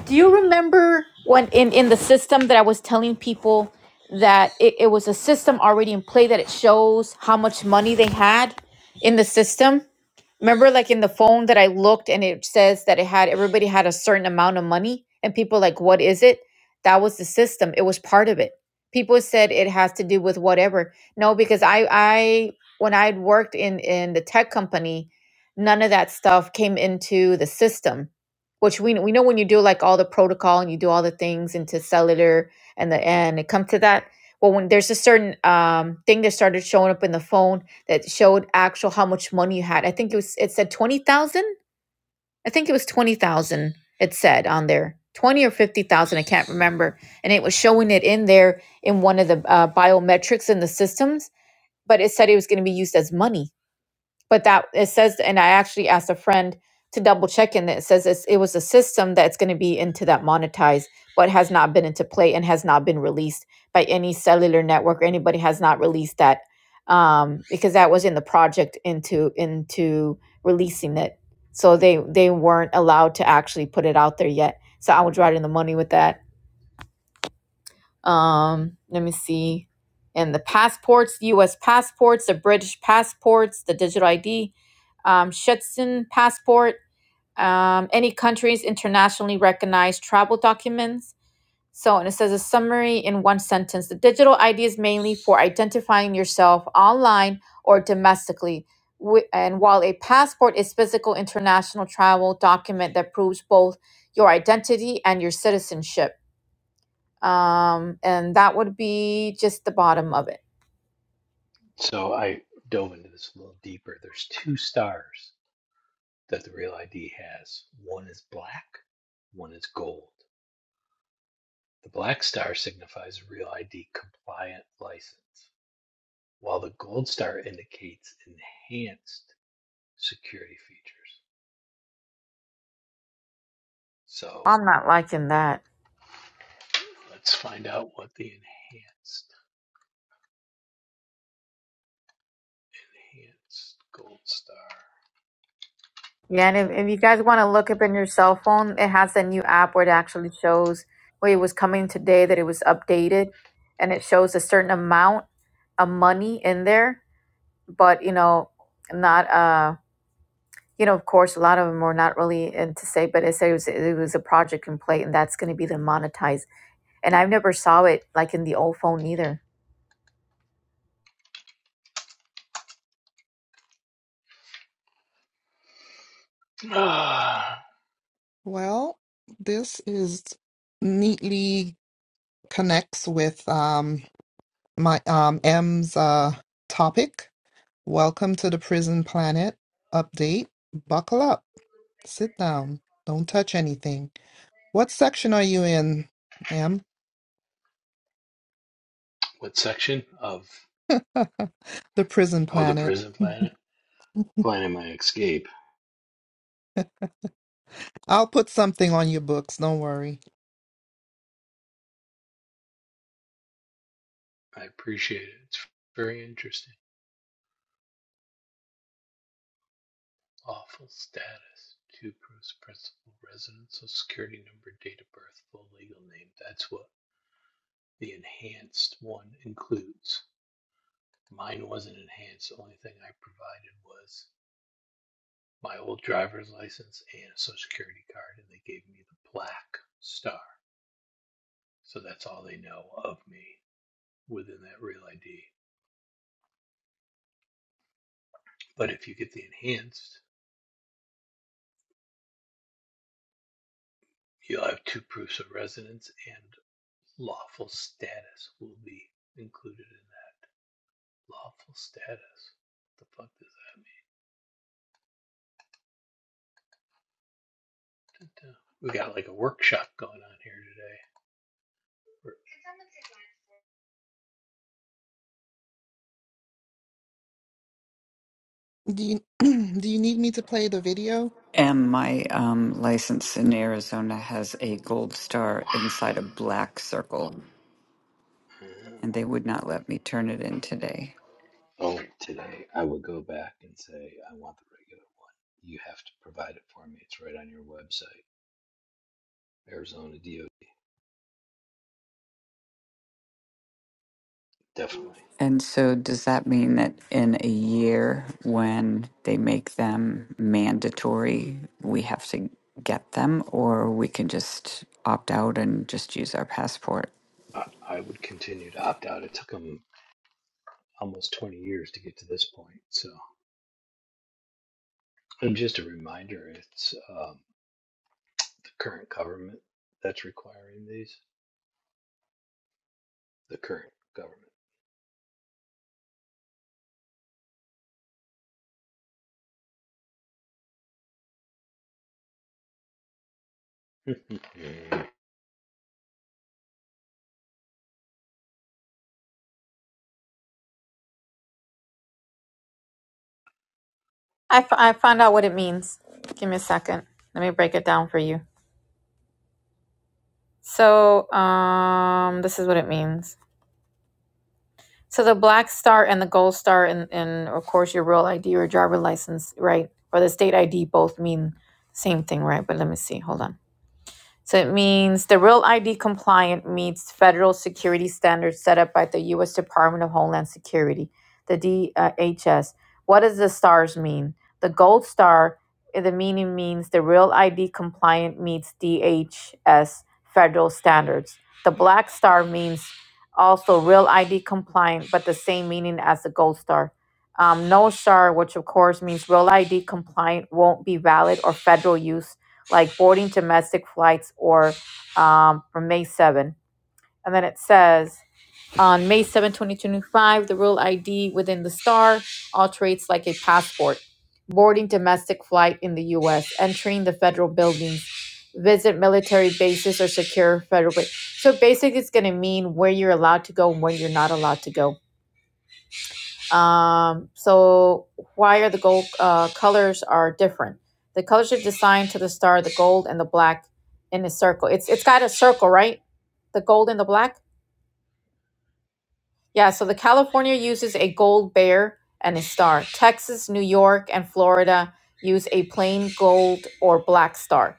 Do you Yeah. remember when in, in the system that I was telling people that it, it was a system already in play that it shows how much money they had in the system? Remember, like in the phone that I looked and it says that it had everybody had a certain amount of money, and people like, what is it? That was the system. It was part of it. People said it has to do with whatever. No, because I I when I would worked in in the tech company, none of that stuff came into the system which we we know when you do like all the protocol and you do all the things into cellular and the and it comes to that. Well, when there's a certain um, thing that started showing up in the phone that showed actual how much money you had. I think it was it said twenty thousand. I think it was twenty thousand. It said on there twenty or fifty thousand. I can't remember. And it was showing it in there in one of the uh, biometrics in the systems, but it said it was going to be used as money but that it says and i actually asked a friend to double check and it says it's, it was a system that's going to be into that monetized but has not been into play and has not been released by any cellular network or anybody has not released that um, because that was in the project into into releasing it so they they weren't allowed to actually put it out there yet so i would ride in the money with that um, let me see. And the passports, U.S. passports, the British passports, the digital ID, um, Shetson passport, um, any countries internationally recognized travel documents. So, and it says a summary in one sentence. The digital ID is mainly for identifying yourself online or domestically. Wi- And while a passport is physical international travel document that proves both your identity and your citizenship um, and that would be just the bottom of it. So I dove into this a little deeper. There's two stars that the real ID has. One is black, one is gold. The black star signifies a real ID compliant license, while the gold star indicates enhanced security features. So I'm not liking that. let's find out what the enhanced enhanced gold star. Yeah, and if, if you guys want to look up in your cell phone, it has a new app where it actually shows where it was coming today that it was updated and it shows a certain amount of money in there, but you know, not uh you know, of course, a lot of them are not really into say, but it say it, was it was a project in play, and that's going to be the monetized. And I never saw it like in the old phone either. Ah, Well, this is neatly connects with um my um M's uh topic. Welcome to the Prison Planet update. Buckle up. Sit down. Don't touch anything. What section are you in, ma'am? what section of the Prison oh the Planet. prison planet? Planning my escape. I'll put something on your books. Don't worry. I appreciate it. It's very interesting. Lawful status. Two proofs principal residence, social security number, date of birth, full legal name. That's what the enhanced one includes. Mine wasn't enhanced. The only thing I provided was my old driver's license and a social security card, and they gave me the black star. So that's all they know of me within that real ID. But if you get the enhanced, you'll have two proofs of residence and lawful status will be included in that. Lawful status. What the fuck does that mean? Dun, dun. We got like a workshop going on here today. Do you do you need me to play the video? And my um, license in Arizona has a gold star inside a black circle, and they would not let me turn it in today. Oh, today I would go back and say, I want the regular one. You have to provide it for me. It's right on your website. Arizona DOD, definitely. And so, does that mean that in a year, when they make them mandatory, we have to get them, or we can just opt out and just use our passport? I, I would continue to opt out. It took them almost 20 years to get to this point. So, and just a reminder, it's um, the current government that's requiring these. The current government. I, f- I found out what it means. Give me a second. Let me break it down for you. So, um, this is what it means. So the black star and the gold star, and, and of course your real ID or driver license, right, or the state ID, both mean the same thing, right? But let me see. Hold on. So it means the Real ID compliant meets federal security standards set up by the U.S. Department of Homeland Security, the DHS. What does the stars mean? The gold star, eh, the meaning means the Real ID compliant meets DHS federal standards. The black star means also Real ID compliant, but the same meaning as the gold star. Um, no star, which of course means Real ID compliant, won't be valid or federal use like boarding domestic flights or um, from May 7. And then it says on May 7, 2025, the real ID within the star alterates like a passport. Boarding domestic flight in the US, entering the federal buildings, visit military bases or secure federal. ba- So basically, it's going to mean where you're allowed to go and where you're not allowed to go. Um, so why are the gold uh, colors are different? The colors are designed to the star, the gold and the black in a circle. It's it's got a circle, right? The gold and the black. Yeah. So the California uses a gold bear and a star. Texas, New York, and Florida use a plain gold or black star.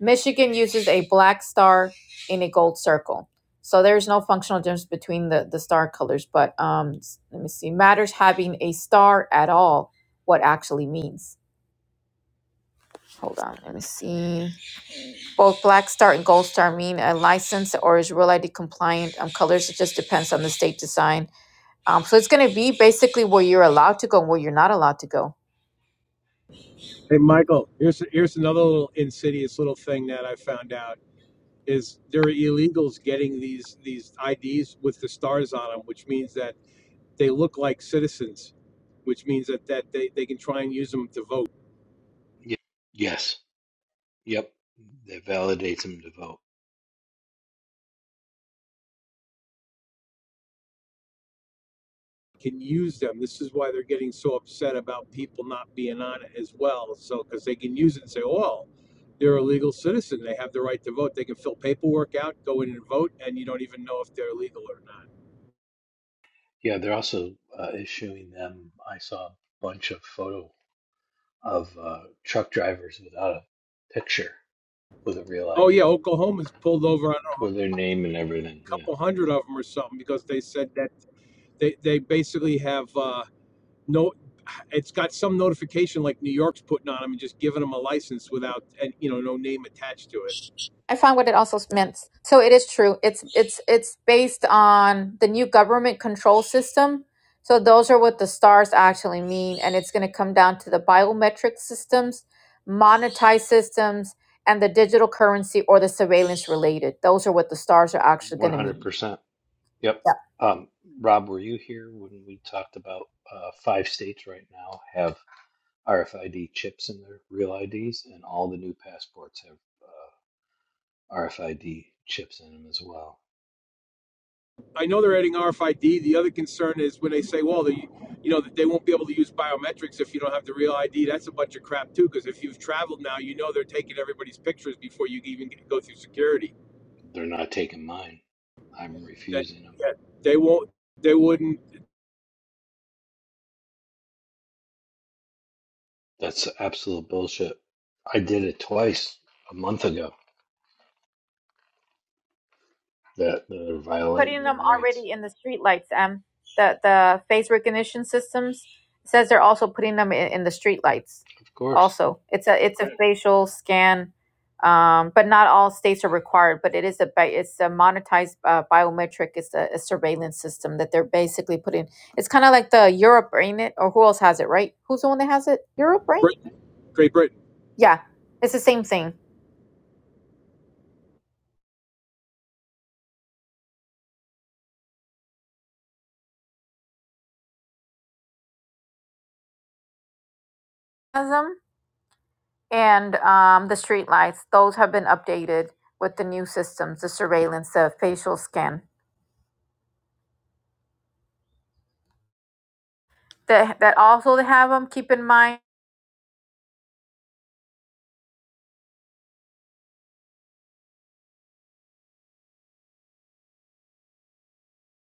Michigan uses a black star in a gold circle. So there's no functional difference between the, the star colors, but um, s- let me see. Matters having a star at all, what actually means. Hold on, let me see. Both black star and gold star mean a license or is real ID compliant um, colors. It just depends on the state design. Um, so it's going to be basically where you're allowed to go and where you're not allowed to go. Hey, Michael, here's here's another little insidious little thing that I found out is there are illegals getting these these IDs with the stars on them, which means that they look like citizens, which means that that they, they can try and use them to vote. yes. Yep. That validates them to vote. can use them. This is why they're getting so upset about people not being on it as well. So, because they can use it and say, "Oh, well, they're a legal citizen. They have the right to vote. They can fill paperwork out, go in and vote, and you don't even know if they're legal or not. Yeah, they're also uh, issuing them. I saw a bunch of photo of uh, truck drivers without a picture with a real Oh, yeah, ID, Oklahoma's pulled over on with their name and everything. a Yeah, couple hundred of them or something because they said that they, they basically have uh, no, it's got some notification like New York's putting on them and just giving them a license without, and you know, no name attached to it. I found what it also meant. So it is true. It's it's it's based on the new government control system. So those are what the stars actually mean, and it's going to come down to the biometric systems, monetized systems, and the digital currency or the surveillance related. Those are what the stars are actually going to 100%. mean. Yep. Um, Rob, were you here when we talked about uh, five states right now have RFID chips in their real IDs, and all the new passports have uh, RFID chips in them as well? I know they're adding RFID. The other concern is when they say, well, the, you know, that they won't be able to use biometrics if you don't have the real ID. That's a bunch of crap too. Because if you've traveled now, you know they're taking everybody's pictures before you even go through security. They're not taking mine. I'm That refusing them. yeah, they won't. They wouldn't. That's absolute bullshit. I did it twice a month ago that they're violating putting their them rights. already in the streetlights. Um, the the face recognition systems says they're also putting them in, in the streetlights. Of course. Also, it's a it's a Right. facial scan, um, but not all states are required. But it is a bi- it's a monetized uh, biometric. It's a, a surveillance system that they're basically putting. It's kind of like the Europe, ain't it? Or who else has it? Right? Who's the one that has it? Europe, right? Britain, Great Britain, Yeah, it's the same thing. Them and um, the street lights; those have been updated with the new systems, the surveillance, the facial scan. That that also they have them. Keep in mind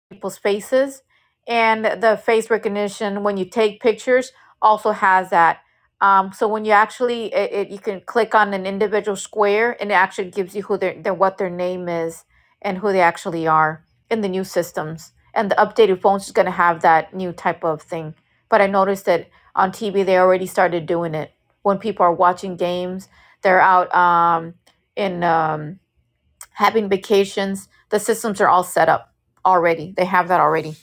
people's faces and the face recognition when you take pictures also has that um, so when you actually it, it, you can click on an individual square and it actually gives you who their, their what their name is and who they actually are in the new systems and the updated phones is going to have that new type of thing but i noticed that on tv they already started doing it when people are watching games they're out um, in um, having vacations. The systems are all set up already. They have that already.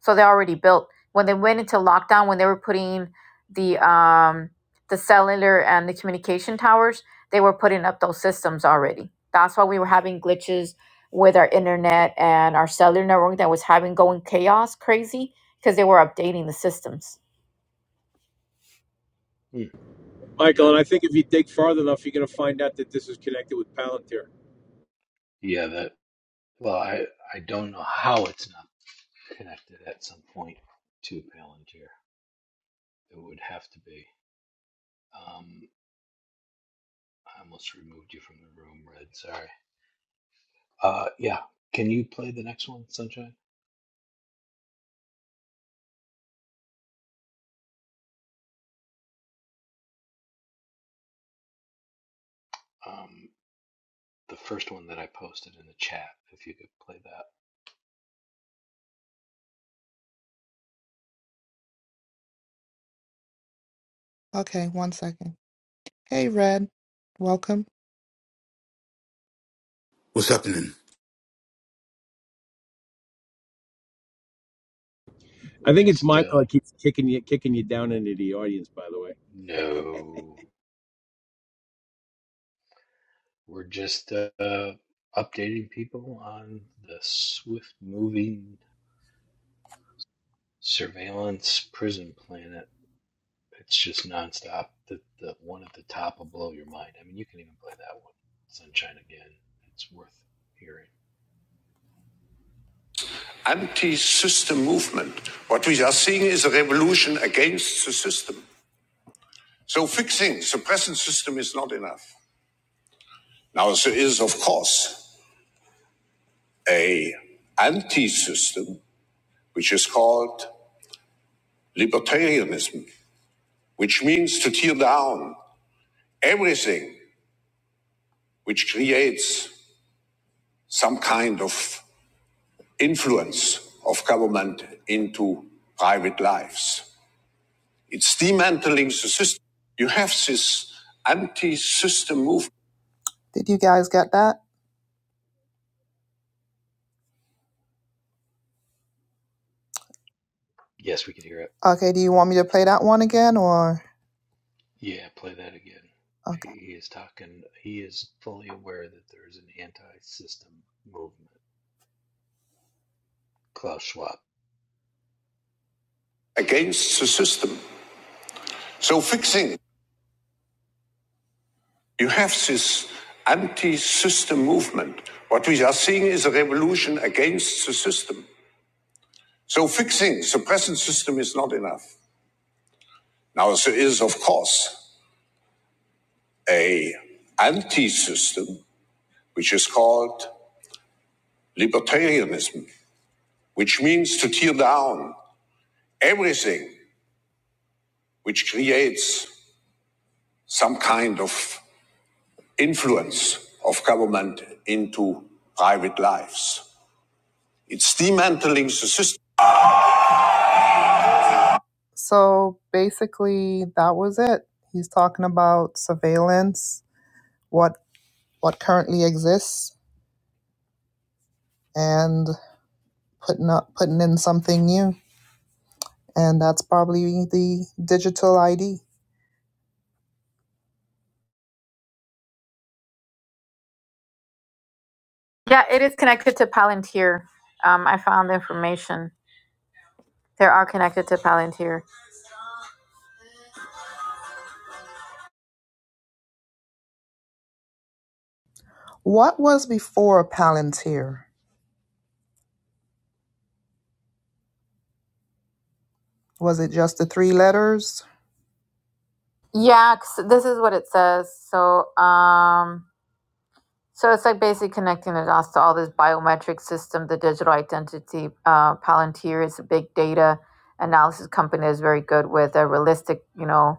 So they're already built. When they went into lockdown, when they were putting the um, the cellular and the communication towers, they were putting up those systems already. That's why we were having glitches with our internet and our cellular network that was having going chaos crazy because they were updating the systems. Hmm. Yeah. Michael, and I think if you dig far enough, you're going to find out that this is connected with Palantir. Yeah, that. Well, I, I don't know how it's not connected at some point to Palantir. It would have to be. Um, I almost removed you from the room, Red. Sorry. Uh, yeah. Can you play the next one, Sunshine? Um, the first one that I posted in the chat, if you could play that. Okay, one second. Hey, Red. Welcome. What's happening? I We're think it's just, Michael uh, that keeps kicking you, kicking you down into the audience. By the way, no. We're just uh, updating people on the swift moving surveillance prison planet. It's just nonstop. The, the one at the top will blow your mind. I mean, you can even play that one, Sunshine, again. It's worth hearing. anti-system movement. What we are seeing is a revolution against the system. So fixing the present system is not enough. Now there is, of course. a anti-system which is called libertarianism, which means to tear down everything which creates some kind of influence of government into private lives. It's dismantling the system. You have this anti-system movement Did you guys get that? Yes, we could hear it. Okay, do you want me to play that one again or Yeah, play that again. He, okay. he is talking. He is fully aware that there is an anti-system movement. Klaus Schwab. against the system. So fixing You have this anti system movement. What we are seeing is a revolution against the system. So fixing the present system is not enough. Now there is, of course, a anti-system which is called libertarianism, which means to tear down everything which creates some kind of influence of government into private lives. It's dismantling the system So basically, that was it. He's talking about surveillance, what what currently exists, and putting up putting in something new, and that's probably the digital ID. Yeah, it is connected to Palantir. Um, I found the information. They are connected to Palantir. What was before Palantir? Was it just the three letters? Yeah, 'cause this is what it says. So, um, so it's like basically connecting the dots to all this biometric system, the digital identity. Uh, Palantir is a big data analysis company that's very good with a realistic, you know.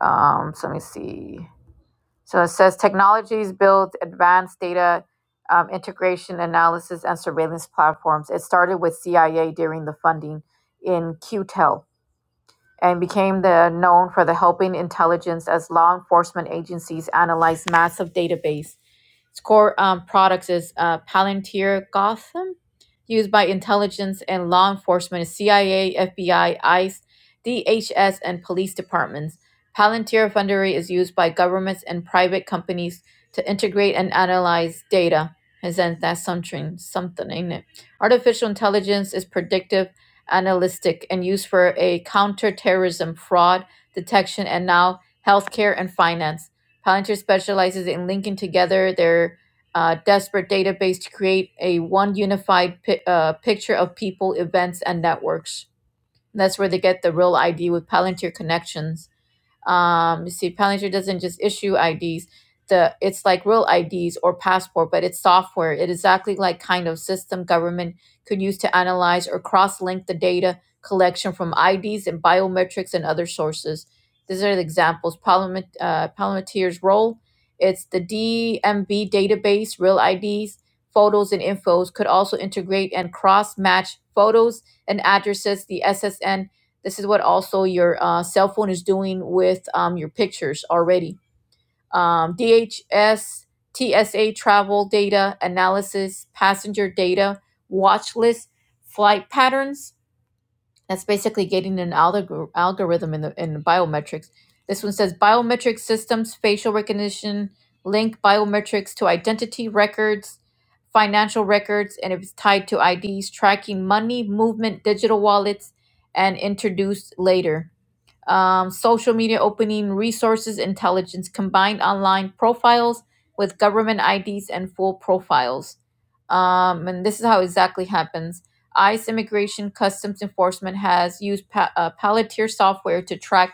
Um, so let me see. So it says technologies build advanced data um, integration analysis and surveillance platforms. It started with CIA during the funding in QTEL and became the, known for the helping intelligence as law enforcement agencies analyze massive database. Its core um, products is uh, Palantir Gotham, used by intelligence and law enforcement, CIA, FBI, ICE, DHS, and police departments. Palantir Foundry is used by governments and private companies to integrate and analyze data. And then that's something, something, ain't it? Artificial intelligence is predictive analytic and used for a counterterrorism, fraud detection, and now healthcare and finance. Palantir specializes in linking together their uh, disparate database to create a one unified pi- uh, picture of people, events, and networks. That's where they get the real ID with Palantir Connections um, you see, Palantir doesn't just issue IDs. The it's like real IDs or passport, but it's software. It is exactly like kind of system government could use to analyze or cross-link the data collection from IDs and biometrics and other sources. These are the examples. Parliament, uh, Palantir's role. It's the DMB database, real IDs, photos, and infos could also integrate and cross-match photos and addresses, the SSN this is what also your uh, cell phone is doing with um, your pictures already. Um, DHS, TSA travel data analysis, passenger data, watch list, flight patterns. That's basically getting an algor- algorithm in the in biometrics. This one says biometric systems, facial recognition, link biometrics to identity records, financial records, and if it's tied to IDs, tracking money movement, digital wallets, and introduced later um, social media opening resources intelligence combined online profiles with government IDs and full profiles. Um, and this is how exactly happens. ICE Immigration Customs Enforcement has used pa- uh, Palantir software to track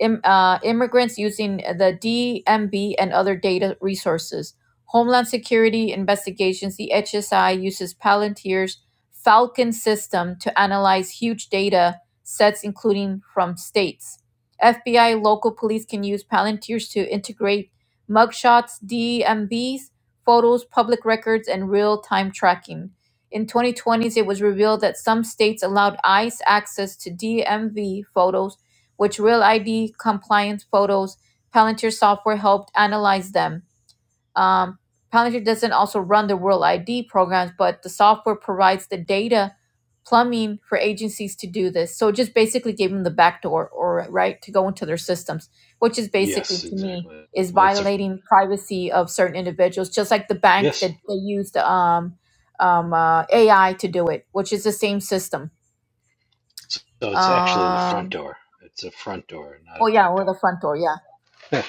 im- uh, immigrants using the DMB and other data resources. Homeland Security Investigations, the HSI, uses Palantir's Falcon system to analyze huge data sets, including from states. FBI local police can use Palantirs to integrate mugshots, DMVs, photos, public records, and real time tracking. In 2020s, it was revealed that some states allowed ICE access to DMV photos, which Real ID compliance photos, Palantir software helped analyze them. Um, Palantir doesn't also run the World ID programs, but the software provides the data plumbing for agencies to do this. So it just basically gave them the backdoor or right to go into their systems, which is basically Yes, to me exactly. is Well, it's a violating privacy of certain individuals, just like the bank yes. that they used um, um, uh, AI to do it, which is the same system. So it's actually the front Um, door. It's a front door, not a oh yeah, back with the door. front door, yeah,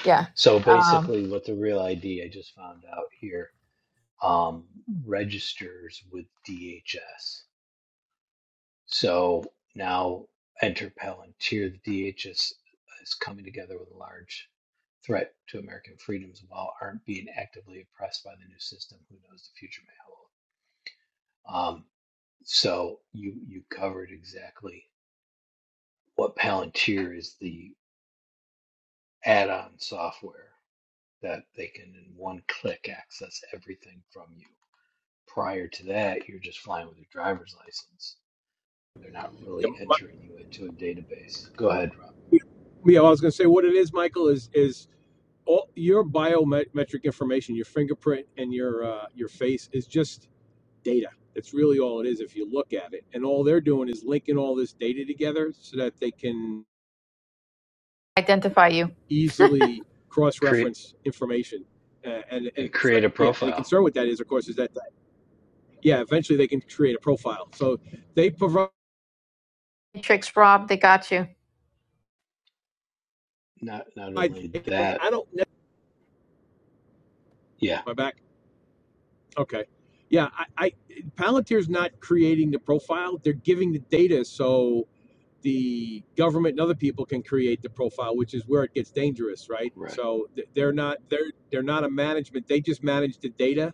yeah. so Um, basically, what the real ID I just found out here um, registers with DHS. So now enter Palantir. The DHS is coming together with a large threat to American freedoms while aren't being actively oppressed by the new system. Who knows the future may hold? Um, so you you covered exactly what Palantir is the add-on software that they can in one click access everything from you. Prior to that, you're just flying with your driver's license. They're not yeah, really entering you into a database. Go ahead, Rob. Mi- yeah, I was going to say what it is, Michael, is is all your biometric information, your fingerprint and your uh, your face is just data. That's really all it is if you look at it. And all they're doing is linking all this data together so that they can Identify you, easily Cre- cross-reference information. Uh, and and and create a yeah, and the profile. concern with that is, of course, is that that yeah, eventually they can create a profile. So they provide. tricks, Rob. They got you. Not not I only that, don't. yeah, My back. Okay. Yeah, I, I Palantir's not creating the profile; they're giving the data. So the government and other people can create the profile, which is where it gets dangerous, right? right, So they're not they're they're not a management; they just manage the data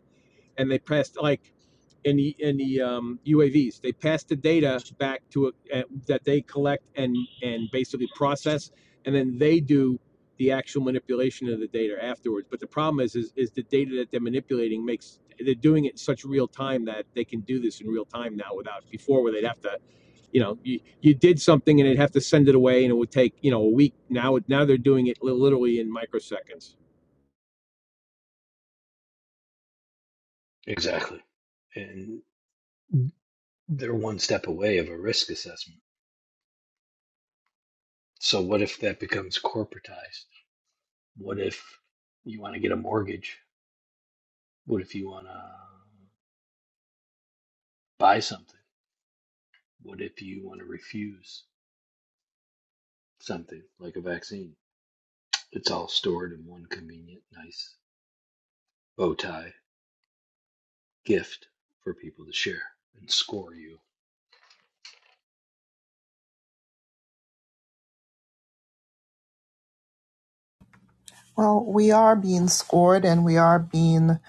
and they passed like in the in the um, UAVs. They pass the data back to a, uh, that they collect and and basically process, and then they do the actual manipulation of the data afterwards. But the problem is is, is the data that they're manipulating makes they're doing it in such real time that they can do this in real time now without before where they'd have to you know you, you did something and they'd have to send it away and it would take you know a week now now they're doing it literally in microseconds exactly. And they're one step away of a risk assessment. So what if that becomes corporatized? What if you want to get a mortgage? What if you want to buy something? What if you want to refuse something like a vaccine? It's all stored in one convenient, nice bow tie gift for people to share and score you Well, we are being scored and we are being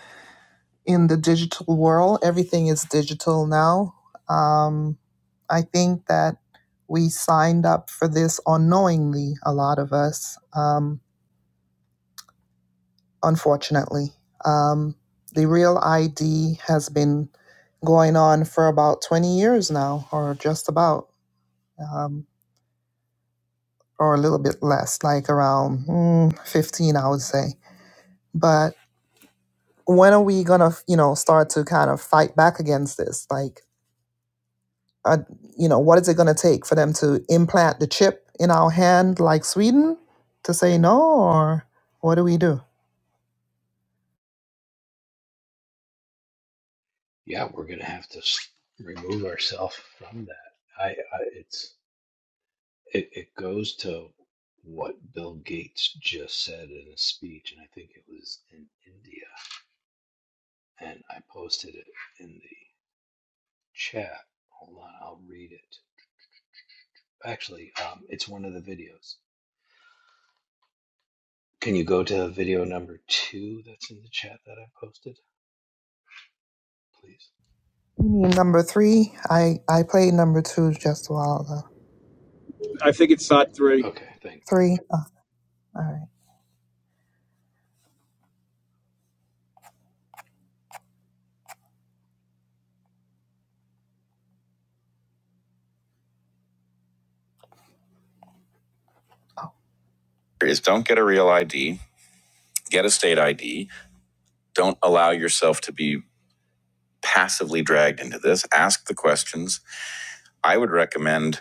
in the digital world. Everything is digital now. Um, I think that we signed up for this unknowingly, a lot of us, um, unfortunately. Um, the real ID has been going on for about 20 years now, or just about, um, or a little bit less, like around mm, 15, I would say. But when are we gonna you know start to kind of fight back against this like uh, you know what is it gonna take for them to implant the chip in our hand like sweden to say no or what do we do yeah, we're going to have to remove ourselves from that. I, I it's it, it goes to what Bill Gates just said in a speech, and I think it was in India, and I posted it in the chat. Hold on, I'll read it. Actually, um, it's one of the videos. Can you go to video number two that's in the chat that I posted, please? You mean number three i i played number two just a while ago i think it's sot three Okay, thank. three oh, all right oh. is don't get a real id get a state id don't allow yourself to be passively dragged into this ask the questions i would recommend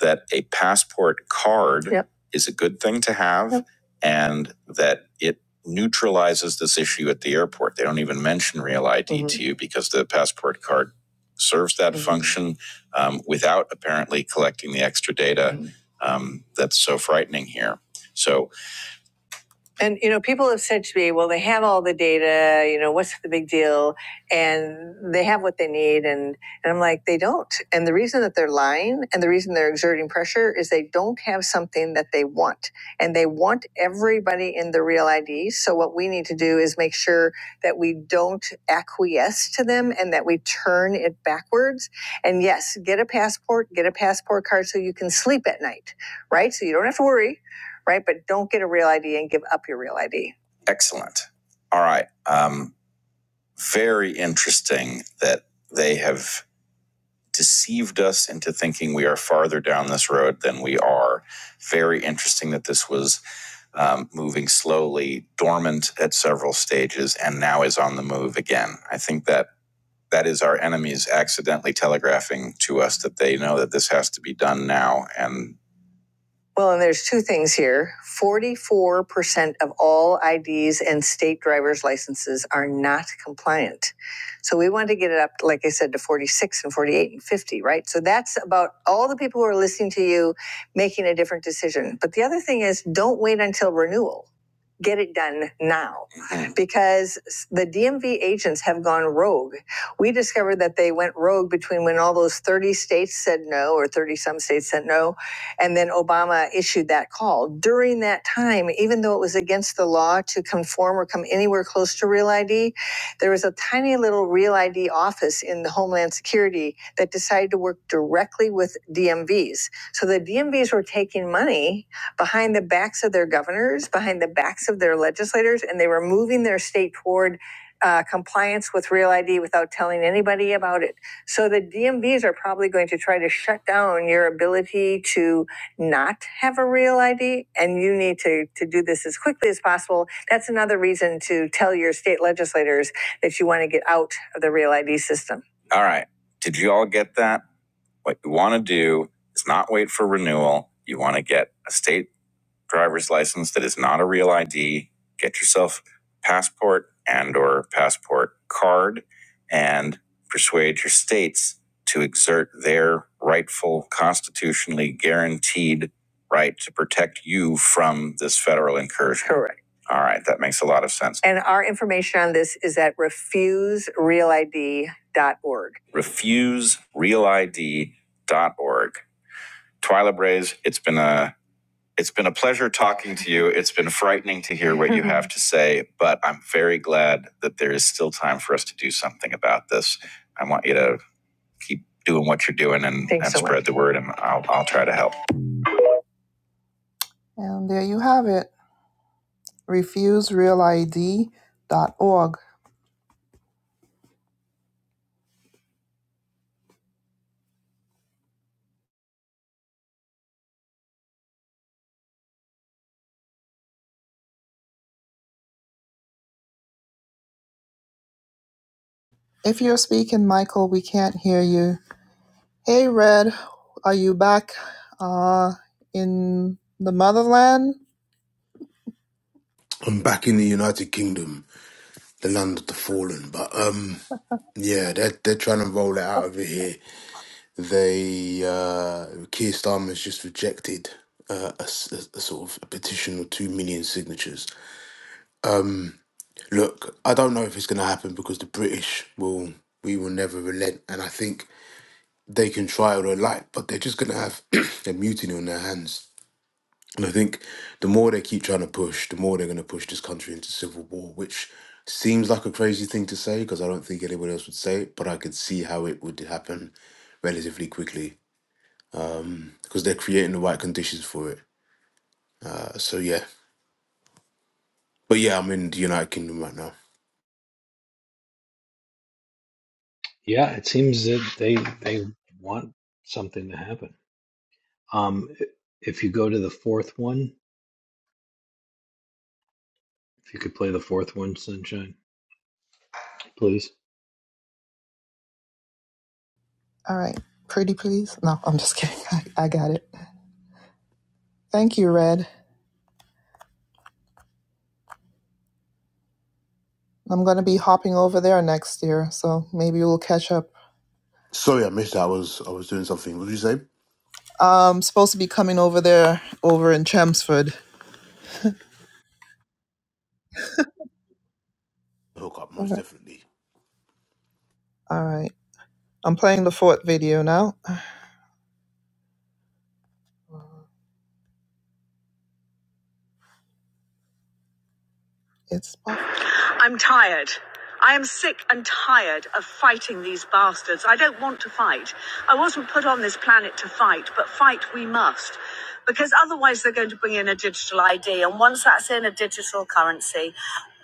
that a passport card Yep. is a good thing to have Yep. and that it neutralizes this issue at the airport. They don't even mention Real ID to Mhm. you because the passport card serves that Mhm. function um, without apparently collecting the extra data Mhm. um, that's so frightening here. So and you know, people have said to me, "Well, they have all the data. You know, what's the big deal?" And they have what they need, and and I'm like, they don't. And the reason that they're lying, and the reason they're exerting pressure, is they don't have something that they want, and they want everybody in the real ID. So what we need to do is make sure that we don't acquiesce to them, and that we turn it backwards. And yes, get a passport, get a passport card, so you can sleep at night, right? So you don't have to worry right? But don't get a real ID and give up your real ID. Excellent. All right. Um, very interesting that they have deceived us into thinking we are farther down this road than we are. Very interesting that this was um, moving slowly, dormant at several stages, and now is on the move again. I think that that is our enemies accidentally telegraphing to us that they know that this has to be done now, and well, and there's two things here. 44% of all IDs and state driver's licenses are not compliant. So we want to get it up, like I said, to 46 and 48 and 50, right? So that's about all the people who are listening to you making a different decision. But the other thing is don't wait until renewal. Get it done now Mhm. because the DMV agents have gone rogue. We discovered that they went rogue between when all those 30 states said no or 30 some states said no and then Obama issued that call. During that time, even though it was against the law to conform or come anywhere close to Real ID, there was a tiny little Real ID office in the Homeland Security that decided to work directly with DMVs. So the DMVs were taking money behind the backs of their governors, behind the backs of their legislators, and they were moving their state toward uh, compliance with Real ID without telling anybody about it. So the DMVs are probably going to try to shut down your ability to not have a real ID and you need to, to do this as quickly as possible. That's another reason to tell your state legislators that you want to get out of the real ID system. All right. Did you all get that? What you want to do is not wait for renewal. You want to get a state driver's license that is not a real ID, get yourself a passport and or passport card and persuade your states to exert their rightful constitutionally guaranteed right to protect you from this federal incursion. Correct. All right, that makes a lot of sense. And our information on this is at refuserealid.org. Refuserealid.org. Twyla Braze, it's been a it's been a pleasure talking to you. It's been frightening to hear what you have to say, but I'm very glad that there is still time for us to do something about this. I want you to keep doing what you're doing and, and so spread much. the word, and I'll, I'll try to help. And there you have it refuserealid.org. If you're speaking, Michael, we can't hear you. Hey, Red, are you back uh, in the motherland? I'm back in the United Kingdom, the land of the fallen. But um, yeah, they're they're trying to roll it out over here. They uh, Keir Starmer's just rejected uh, a, s- a- a sort of a petition of two million signatures. Look, I don't know if it's going to happen because the British will we will never relent, and I think they can try all they like, but they're just going to have a mutiny on their hands And I think the more they keep trying to push, the more they're going to push this country into civil war, which seems like a crazy thing to say because I don't think anybody else would say it, but I could see how it would happen relatively quickly because they're creating the right conditions for it. Uh, so yeah, but yeah, I'm in the United Kingdom right now. Yeah, it seems that they they want something to happen Um, if you go to the fourth one, if you could play the fourth one, Sunshine, please. All right. Pretty please? No, I'm just kidding. I, I got it. Thank you, Red. I'm going to be hopping over there next year, so maybe we'll catch up. Sorry, I missed that. I was I was doing something. What did you say? I'm supposed to be coming over there over in Chelmsford. Hook up, All most right. definitely. All right. I'm playing the fourth video now. It's I'm tired. I am sick and tired of fighting these bastards. I don't want to fight. I wasn't put on this planet to fight, but fight we must. Because otherwise, they're going to bring in a digital ID. And once that's in a digital currency,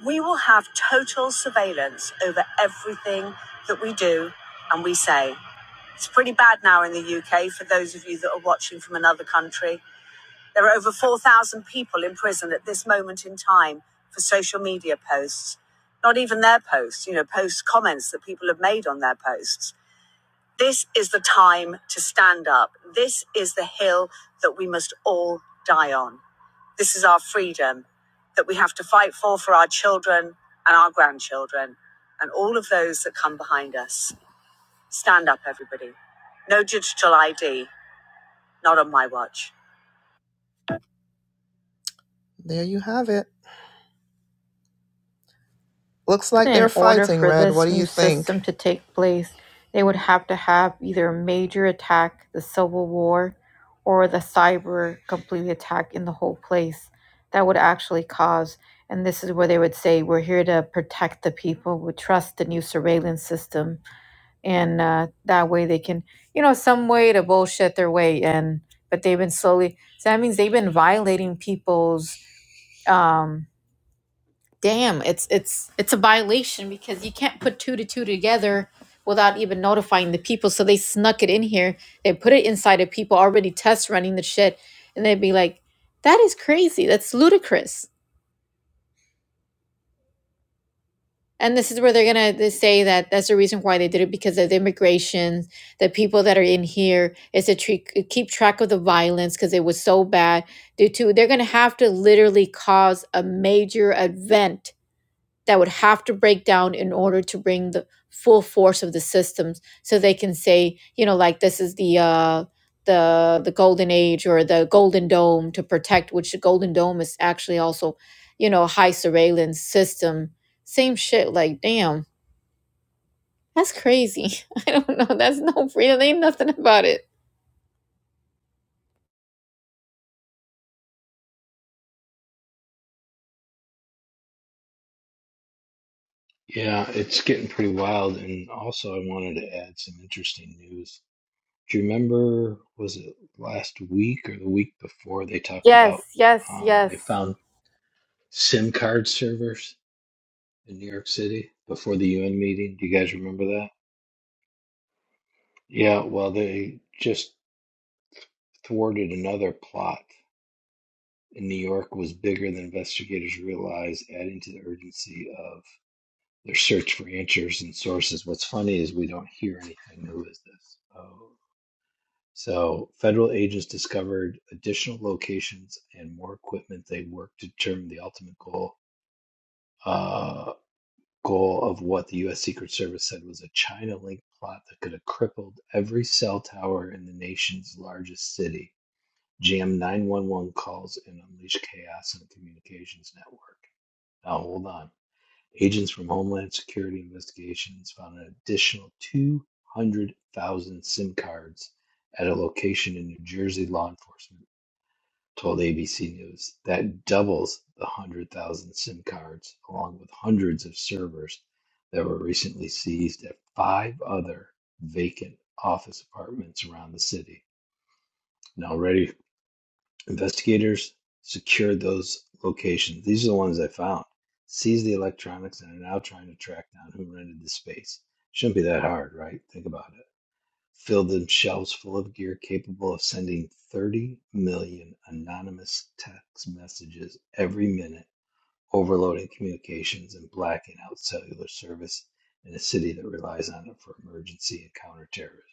we will have total surveillance over everything that we do and we say. It's pretty bad now in the UK for those of you that are watching from another country. There are over 4,000 people in prison at this moment in time for social media posts. Not even their posts, you know, post comments that people have made on their posts. This is the time to stand up. This is the hill that we must all die on. This is our freedom that we have to fight for for our children and our grandchildren and all of those that come behind us. Stand up, everybody. No digital ID, not on my watch. There you have it. Looks like they're In order fighting, for Red. What this do new you think? system to take place, they would have to have either a major attack, the Civil War, or the cyber completely attack in the whole place. That would actually cause, and this is where they would say, "We're here to protect the people. We trust the new surveillance system, and uh, that way they can, you know, some way to bullshit their way in." But they've been slowly. So that means they've been violating people's. Um, damn it's it's it's a violation because you can't put two to two together without even notifying the people so they snuck it in here they put it inside of people already test running the shit and they'd be like that is crazy that's ludicrous and this is where they're gonna they say that that's the reason why they did it because of the immigration the people that are in here is to tre- keep track of the violence because it was so bad due to they're gonna have to literally cause a major event that would have to break down in order to bring the full force of the systems so they can say you know like this is the uh the the golden age or the golden dome to protect which the golden dome is actually also you know a high surveillance system same shit like damn that's crazy i don't know that's no freedom ain't nothing about it Yeah, it's getting pretty wild. And also, I wanted to add some interesting news. Do you remember, was it last week or the week before, they talked about yes yes um, they yes found SIM card servers in New York City before the UN meeting? Do you guys remember that? Yeah, well, they just thwarted another plot in New York was bigger than investigators realized, adding to the urgency of their search for answers and sources. What's funny is we don't hear anything. Who is this? Oh. So, federal agents discovered additional locations and more equipment they worked to determine the ultimate goal uh, goal of what the U.S. Secret Service said was a China link plot that could have crippled every cell tower in the nation's largest city, jam 911 calls, and unleash chaos in the communications network. Now, hold on. Agents from Homeland Security investigations found an additional 200,000 SIM cards at a location in New Jersey, law enforcement told ABC News. That doubles the 100,000 SIM cards, along with hundreds of servers that were recently seized at five other vacant office apartments around the city. Now, Investigators secured those locations. These are the ones I found. Seized the electronics and are now trying to track down who rented the space. Shouldn't be that hard, right? Think about it. Filled them shelves full of gear capable of sending 30 million anonymous text messages every minute, overloading communications and blacking out cellular service in a city that relies on it for emergency and counterterrorism.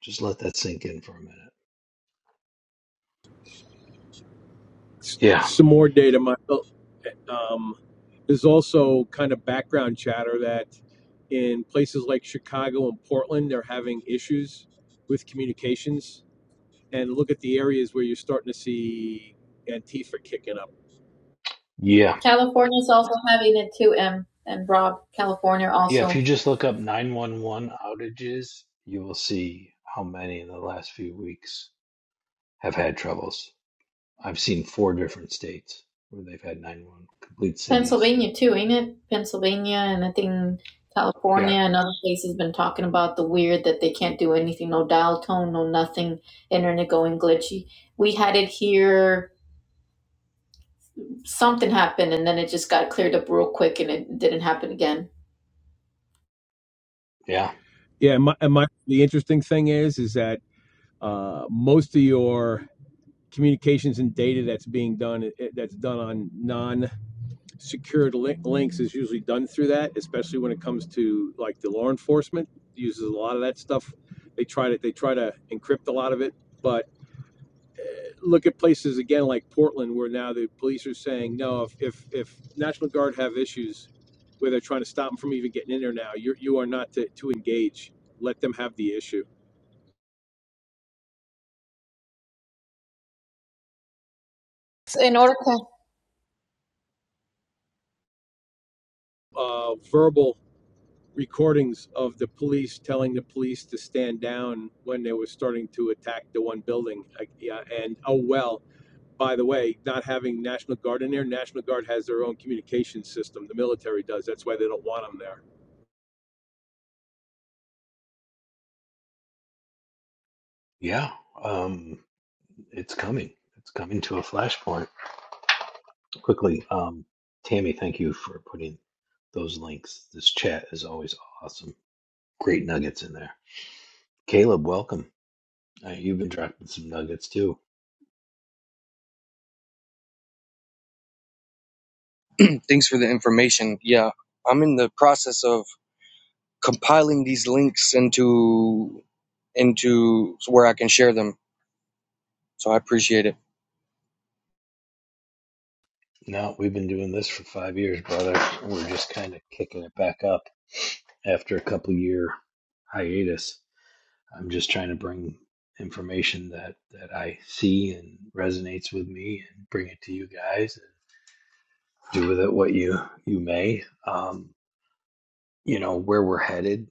Just let that sink in for a minute. Yeah. some more data Um, there's also kind of background chatter that in places like Chicago and Portland, they're having issues with communications. And look at the areas where you're starting to see Antifa kicking up. yeah. Yeah, if you just look up 911 outages, you will see how many in the last few weeks have had troubles. I've seen four different states where they've had nine one complete cities. Pennsylvania too, ain't it? Pennsylvania and I think Yeah, California and other places been talking about the weird that they can't do anything, no dial tone, no nothing, internet going glitchy. We had it here, something happened and then it just got cleared up real quick and it didn't happen again. yeah, Yeah, and my, my the interesting thing is is that uh, most of your communications and data that's being done eh, that's done on non secured li- links is usually done through that, especially when it comes to like the law enforcement uses a lot of that stuff. They try to they try to encrypt a lot of it, but look at places again like Portland where now the police are saying no. If if, if National Guard have issues where they're trying to stop them from even getting in there now, you you are not to, to engage. Let them have the issue. In order to Uh, verbal recordings of the police telling the police to stand down when they were starting to attack the one building. Like, yeah, and oh well, by the way, not having National Guard in there, National Guard has their own communication system. The military does. That's why they don't want them there. yeah. Um, it's coming. It's coming to a flashpoint quickly. Um, Tammy, thank you for putting those links. This chat is always awesome. Great nuggets in there. Caleb, welcome. Uh, you've been dropping some nuggets too. Thanks for the information. Yeah, I'm in the process of compiling these links into into where I can share them. So I appreciate it. No, we've been doing this for five years, brother. We're just kind of kicking it back up after a couple year hiatus. I'm just trying to bring information that that I see and resonates with me, and bring it to you guys. And do with it what you you may. Um, you know where we're headed.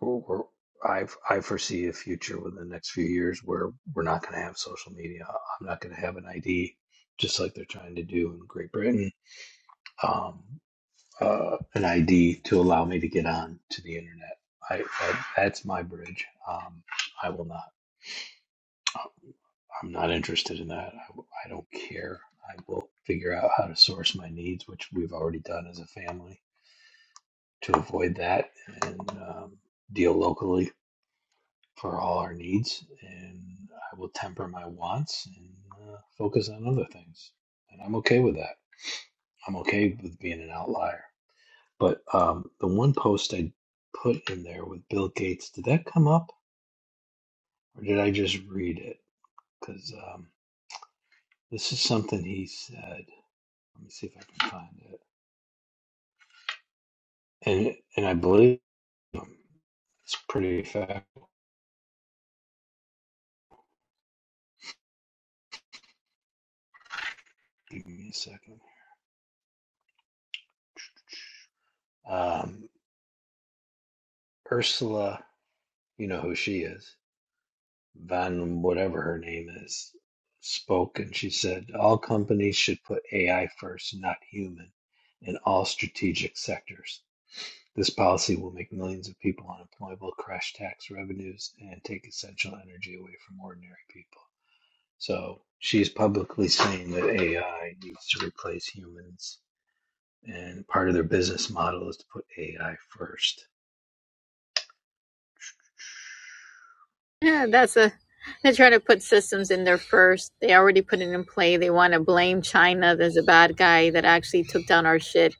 We're, we're, I I foresee a future within the next few years where we're not going to have social media. I'm not going to have an ID, just like they're trying to do in Great Britain. Um, uh, an ID to allow me to get on to the internet. I, that, that's my bridge. Um, I will not. Um, I'm not interested in that. I, I don't care. I will figure out how to source my needs, which we've already done as a family, to avoid that and um, deal locally for all our needs. And I will temper my wants and uh, focus on other things. And I'm okay with that. I'm okay with being an outlier. But um, the one post I put in there with Bill Gates, did that come up or did I just read it? Because um, this is something he said. Let me see if I can find it. And and I believe him. It's pretty fact. Give me a second. Um, Ursula, you know who she is, Van, whatever her name is, spoke and she said, All companies should put AI first, not human, in all strategic sectors. This policy will make millions of people unemployable, crash tax revenues, and take essential energy away from ordinary people. So she's publicly saying that AI needs to replace humans, and part of their business model is to put AI first. Yeah, that's a they're trying to put systems in there first. They already put it in play. They want to blame China. There's a bad guy that actually took down our shit.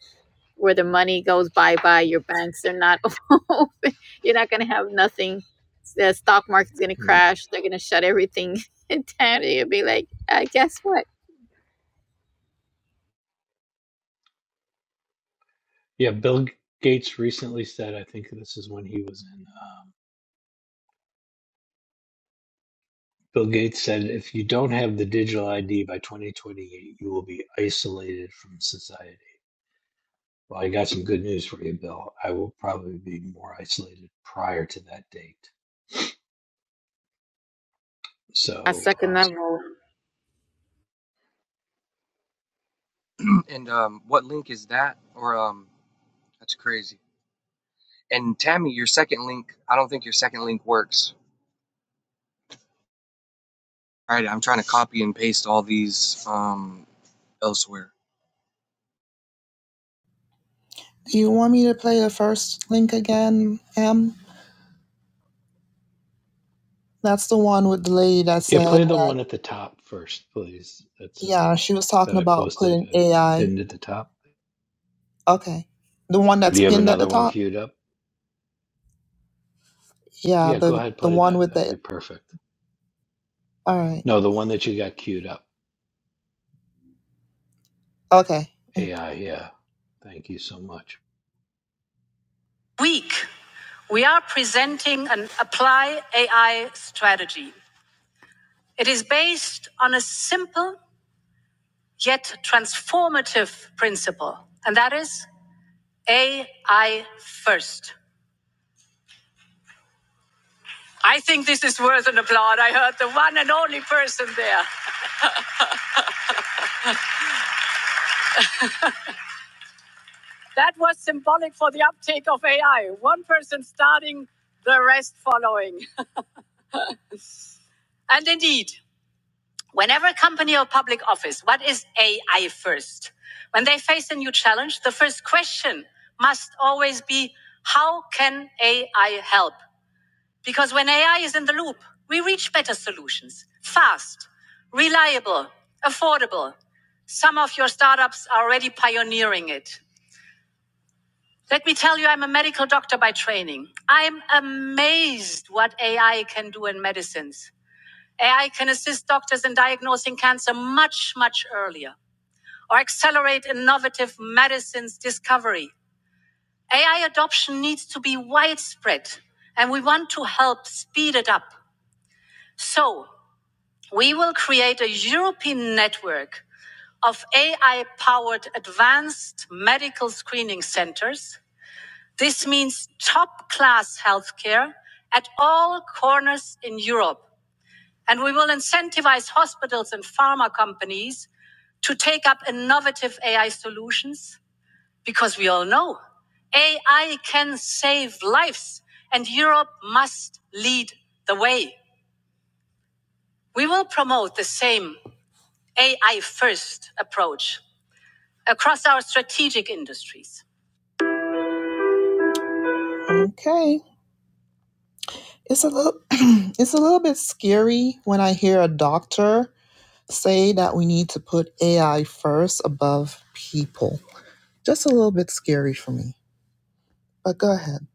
Where the money goes bye bye, your banks are not open. You're not gonna have nothing. The stock market's gonna Hmm. crash. They're gonna shut everything down. You'll be like, uh, guess what? Yeah, Bill Gates recently said, I think this is when he was in. Um, Bill Gates said, if you don't have the digital ID by 2028, you will be isolated from society. Well, I got some good news for you, Bill. I will probably be more isolated prior to that date. At So, second um, level, And um, what link is that? Or um, that's crazy. And Tammy, your second link, I don't think your second link works. All right, I'm trying to copy and paste all these um elsewhere. Do you want me to play the first link again, Em? That's the one with the lady that yeah, said play the that, one at the top first, please. That's uh, yeah, she was that talking I about posted, putting uh, AI. pinned at the top. Okay. The one Do that's you have pinned at another the one top? queued up? Yeah, Yeah, go the, ahead, the play one that. with That'd the. be perfect. All right. No, the one that you got queued up. Okay. AI, yeah. Thank you so much. Week, we are presenting an apply AI strategy. It is based on a simple yet transformative principle, and that is AI first. I think this is worth an applaud. I heard the one and only person there. That was symbolic for the uptake of AI. One person starting, the rest following. And indeed, whenever a company or public office, what is AI first? When they face a new challenge, the first question must always be how can AI help? Because when AI is in the loop, we reach better solutions fast, reliable, affordable. Some of your startups are already pioneering it. Let me tell you, I'm a medical doctor by training. I'm amazed what AI can do in medicines. AI can assist doctors in diagnosing cancer much, much earlier or accelerate innovative medicines discovery. AI adoption needs to be widespread, and we want to help speed it up. So, we will create a European network of AI powered advanced medical screening centers This means top class healthcare at all corners in Europe. And we will incentivize hospitals and pharma companies to take up innovative AI solutions because we all know AI can save lives and Europe must lead the way. We will promote the same AI first approach. Okay. It's a little it's a little bit scary when I hear a doctor say that we need to put AI first above people. Just a little bit scary for me, but go ahead.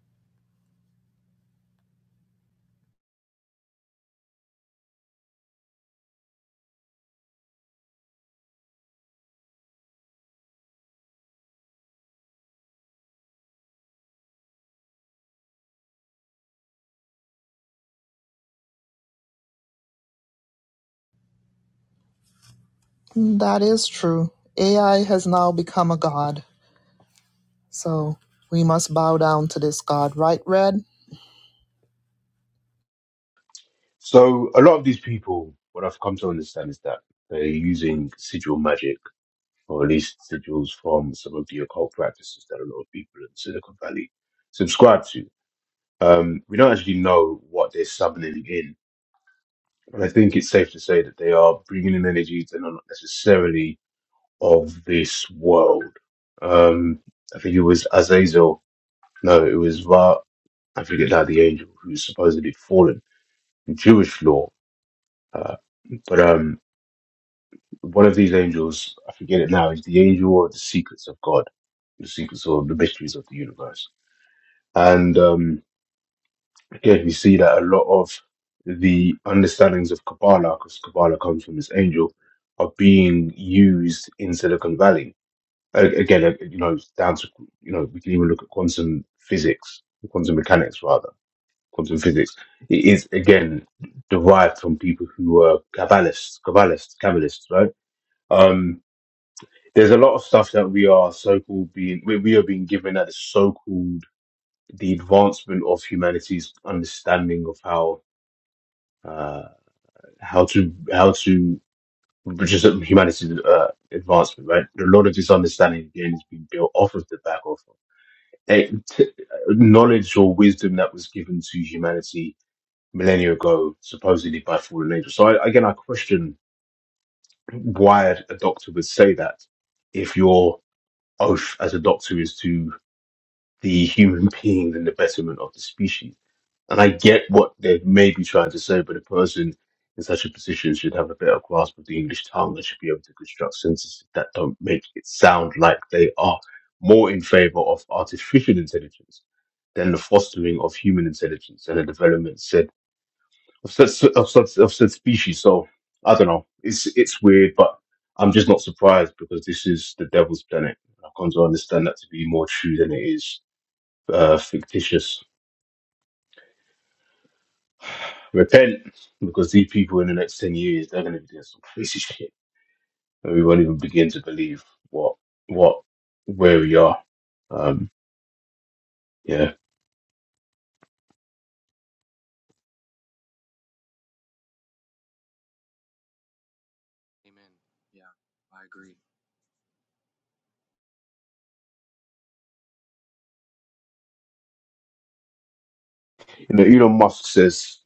That is true. AI has now become a god, so we must bow down to this god, right, Red? So a lot of these people, what I've come to understand is that they're using sigil magic or at least residuals from some of the occult practices that a lot of people in Silicon Valley subscribe to. Um, we don't actually know what they're summoning in, but I think it's safe to say that they are bringing in energies that are not necessarily of this world. Um, I think it was Azazel, no, it was Ra, I forget now the angel who's supposedly fallen in Jewish law. Uh, but um, one of these angels, I forget it now, is the angel of the secrets of God, the secrets or the mysteries of the universe And um, again, we see that a lot of the understandings of Kabbalah, because Kabbalah comes from this angel, are being used in Silicon Valley. A- Again, uh, you know, it's down to you know, we can even look at quantum physics, quantum mechanics rather, quantum physics. It is again derived from people who were Kabbalists, Kabbalists, Kabbalists, right? Um, there's a lot of stuff that we are so-called being we, we are being given that is so-called the advancement of humanity's understanding of how uh, how to how to just humanity's uh, advancement, right? A lot of this understanding again has been built off of the back of eh, t- knowledge or wisdom that was given to humanity millennia ago, supposedly by fallen angels. So I, again, I question why a doctor would say that if your oath as a doctor is to the human being and the betterment of the species And I get what they may be trying to say, but a person in such a position should have a better grasp of the English tongue and should be able to construct sentences that don't make it sound like they are more in favor of artificial intelligence than the fostering of human intelligence and the development said of such of such of said species. So I don't know. It's it's weird, but I'm just not surprised because this is the devil's planet. I've come to understand that to be more true than it is uh, fictitious. Repent, because these people in the next 10 years, they're going to be doing some crazy shit. And we won't even begin to believe what, what, where we are. Um, yeah. Amen. Yeah, I agree. You know, Elon Musk says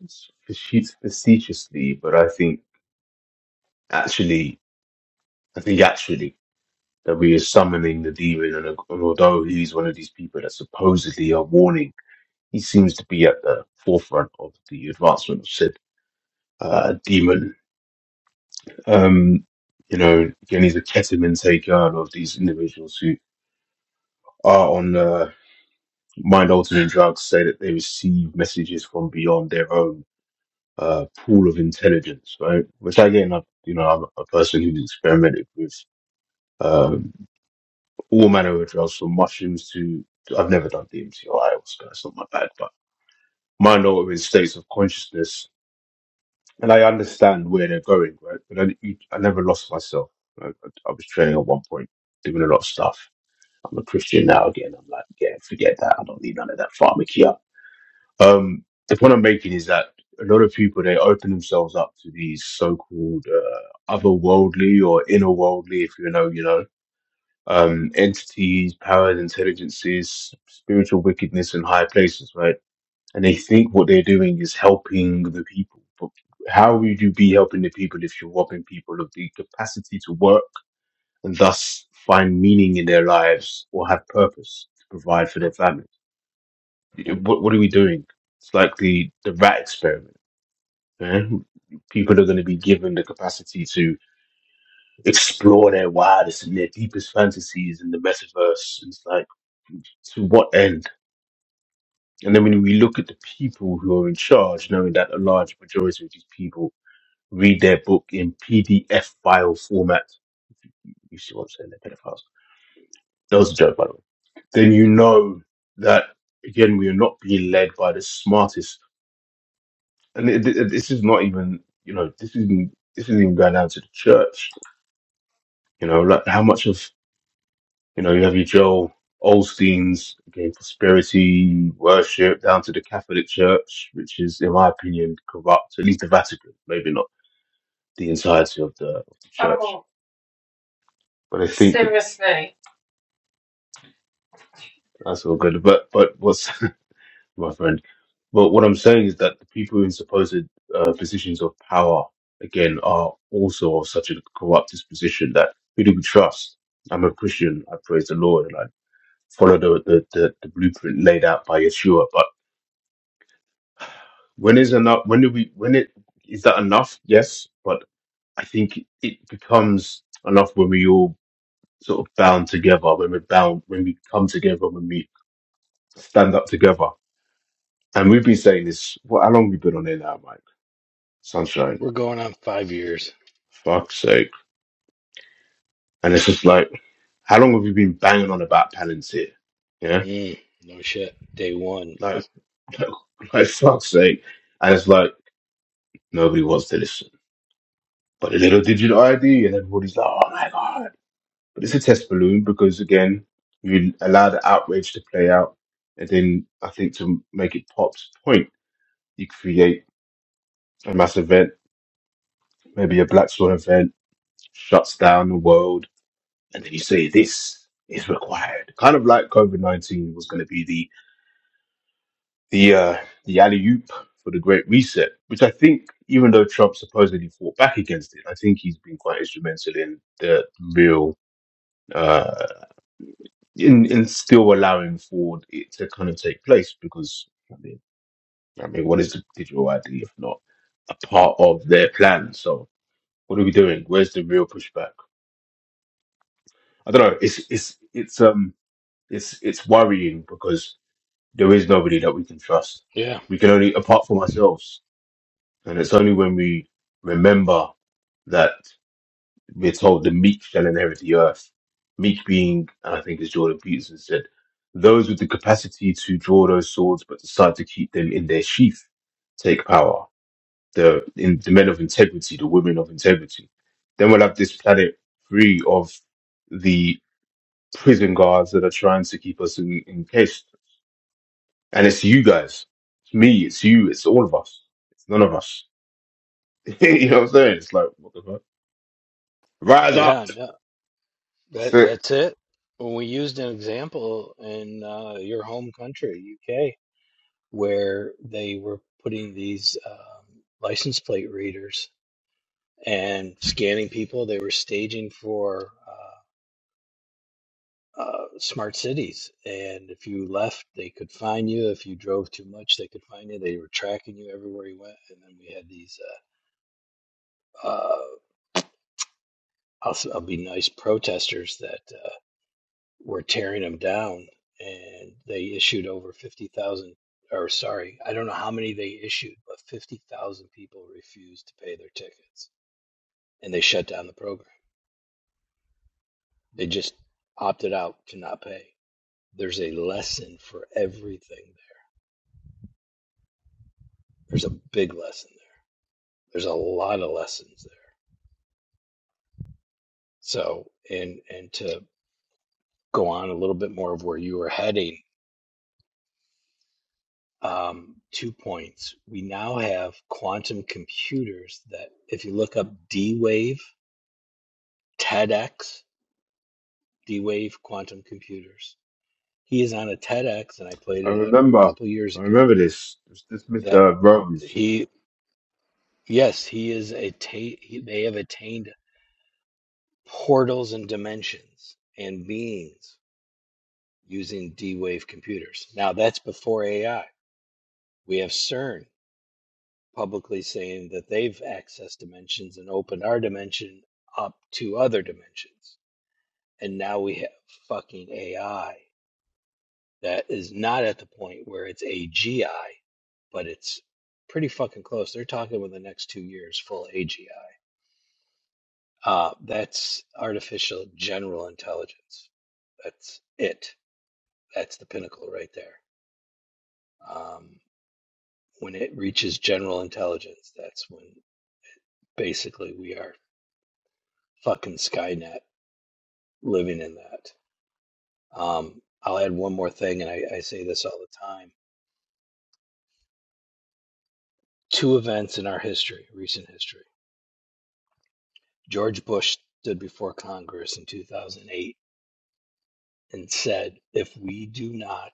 faci- facetiously, but I think actually, I think actually that we are summoning the demon. And, and although he's one of these people that supposedly are warning, he seems to be at the forefront of the advancement of said uh, demon Um, you know, again, he's a ketamine taker. A lot of these individuals who are on uh, mind altering drugs say that they receive messages from beyond their own uh, pool of intelligence, right? Which again, I, you know, I'm a person who's experimented with um, all manner of drugs, from mushrooms to I've never done DMT or ayahuasca. It's not my bag, but mind altering states of consciousness. And I understand where they're going, right? But I, I never lost myself. right? I, I was training at one point, doing a lot of stuff I'm a Christian now again. I'm like, yeah, forget that. I don't need none of that pharmakia. Um, the point I'm making is that a lot of people they open themselves up to these so-called uh, otherworldly or innerworldly, if you know, you know, um, entities, powers, intelligences, spiritual wickedness in high places, right? And they think what they're doing is helping the people, but how would you be helping the people if you're robbing people of the capacity to work? and thus find meaning in their lives or have purpose to provide for their families. What, what are we doing? It's like the, the rat experiment. eh? People are going to be given the capacity to explore their wildest and their deepest fantasies in the metaverse. It's like, to what end? And then when we look at the people who are in charge, knowing that a large majority of these people read their book in PDF file format, you see what I'm saying? They're pedophiles. That was a joke, by the way then you know that again we are not being led by the smartest. And it, it- this is not even you know this isn't this isn't even going down to the church. You know, like how much of you know you have your Joel Olstein's again prosperity worship down to the Catholic Church, which is in my opinion corrupt. At least the Vatican, maybe not the entirety of the, of the church, Oh, but I think that seriously. that's all good. But but what's my friend. But what I'm saying is that the people in supposed uh, positions of power, again, are also of such a corrupt disposition that who do we trust? I'm a Christian. I praise the Lord and I follow the, the, the, the blueprint laid out by Yeshua. But when is enough? When do we? When it is that enough? Yes, but I think it becomes enough when we all sort of bound together, when we're bound, when we come together, when we stand up together. And we've been saying this. Well, how long have we been on here now, Mike? Sunshine We're going on five years. fuck's sake. And it's just like, how long have you been banging on about Palantir? Yeah, Mm, no shit. Day one. like, like, like fuck's sake. And it's like, nobody wants to listen. But the little digital ID, and everybody's like, oh my God. But it's a test balloon because, again, you allow the outrage to play out. And then I think to make it pop's point, you create a mass event, maybe a Black Swan event, shuts down the world. And then you say, this is required. Kind of like COVID 19 was going to be the uh, the alley oop for the Great Reset, which I think, even though Trump supposedly fought back against it, I think he's been quite instrumental in the real uh, in in still allowing for it to kind of take place because I mean, I mean, what is the digital ID if not a part of their plan? So what are we doing? Where's the real pushback? I don't know. It's it's it's um it's it's worrying because there is nobody that we can trust. Yeah. We can only apart from ourselves And it's only when we remember that we're told the meek shall inherit the earth. Meek being, and I think as Jordan Peterson said, those with the capacity to draw those swords but decide to keep them in their sheath take power. The, in, the men of integrity, the women of integrity. Then we'll have this planet free of the prison guards that are trying to keep us in, encased. And it's you guys. It's me, it's you, it's all of us. It's none of us. you know what I'm saying? It's like, what the fuck? Rise up. Yeah. No. That's That it. that's it. When we used an example in uh, your home country, UK, where they were putting these um, license plate readers and scanning people, they were staging for uh, uh, smart cities. And if you left, they could find you. If you drove too much, they could find you. They were tracking you everywhere you went. And then we had these, uh, uh, I'll, s- I'll be nice, protesters that. uh, were tearing them down, and they issued over 50,000, or sorry, I don't know how many they issued, but 50,000 people refused to pay their tickets, and they shut down the program. They just opted out to not pay. There's a lesson for everything there. There's a big lesson there. There's a lot of lessons there. So, and and to go on a little bit more of where you were heading, um, two points. We now have quantum computers that, if you look up D Wave, TEDx, D Wave quantum computers, he is on a TEDx, and I played I it, I don't know, a remember. couple years I ago. remember this. It's this That Mr. Rose. he, yes, he is a, ta- he, they have attained portals and dimensions and beings using D Wave computers. Now, that's before AI. We have CERN publicly saying that they've accessed dimensions and opened our dimension up to other dimensions. And now we have fucking AI that is not at the point where it's AGI, but it's pretty fucking close. They're talking within the next two years, full AGI. Uh, that's artificial general intelligence. That's it. That's the pinnacle right there. Um, when it reaches general intelligence, that's when basically we are fucking Skynet. living in that. Um, I'll add one more thing, and I, I say this all the time. Two events in our history, recent history. George Bush stood before Congress in 2008 and said, if we do not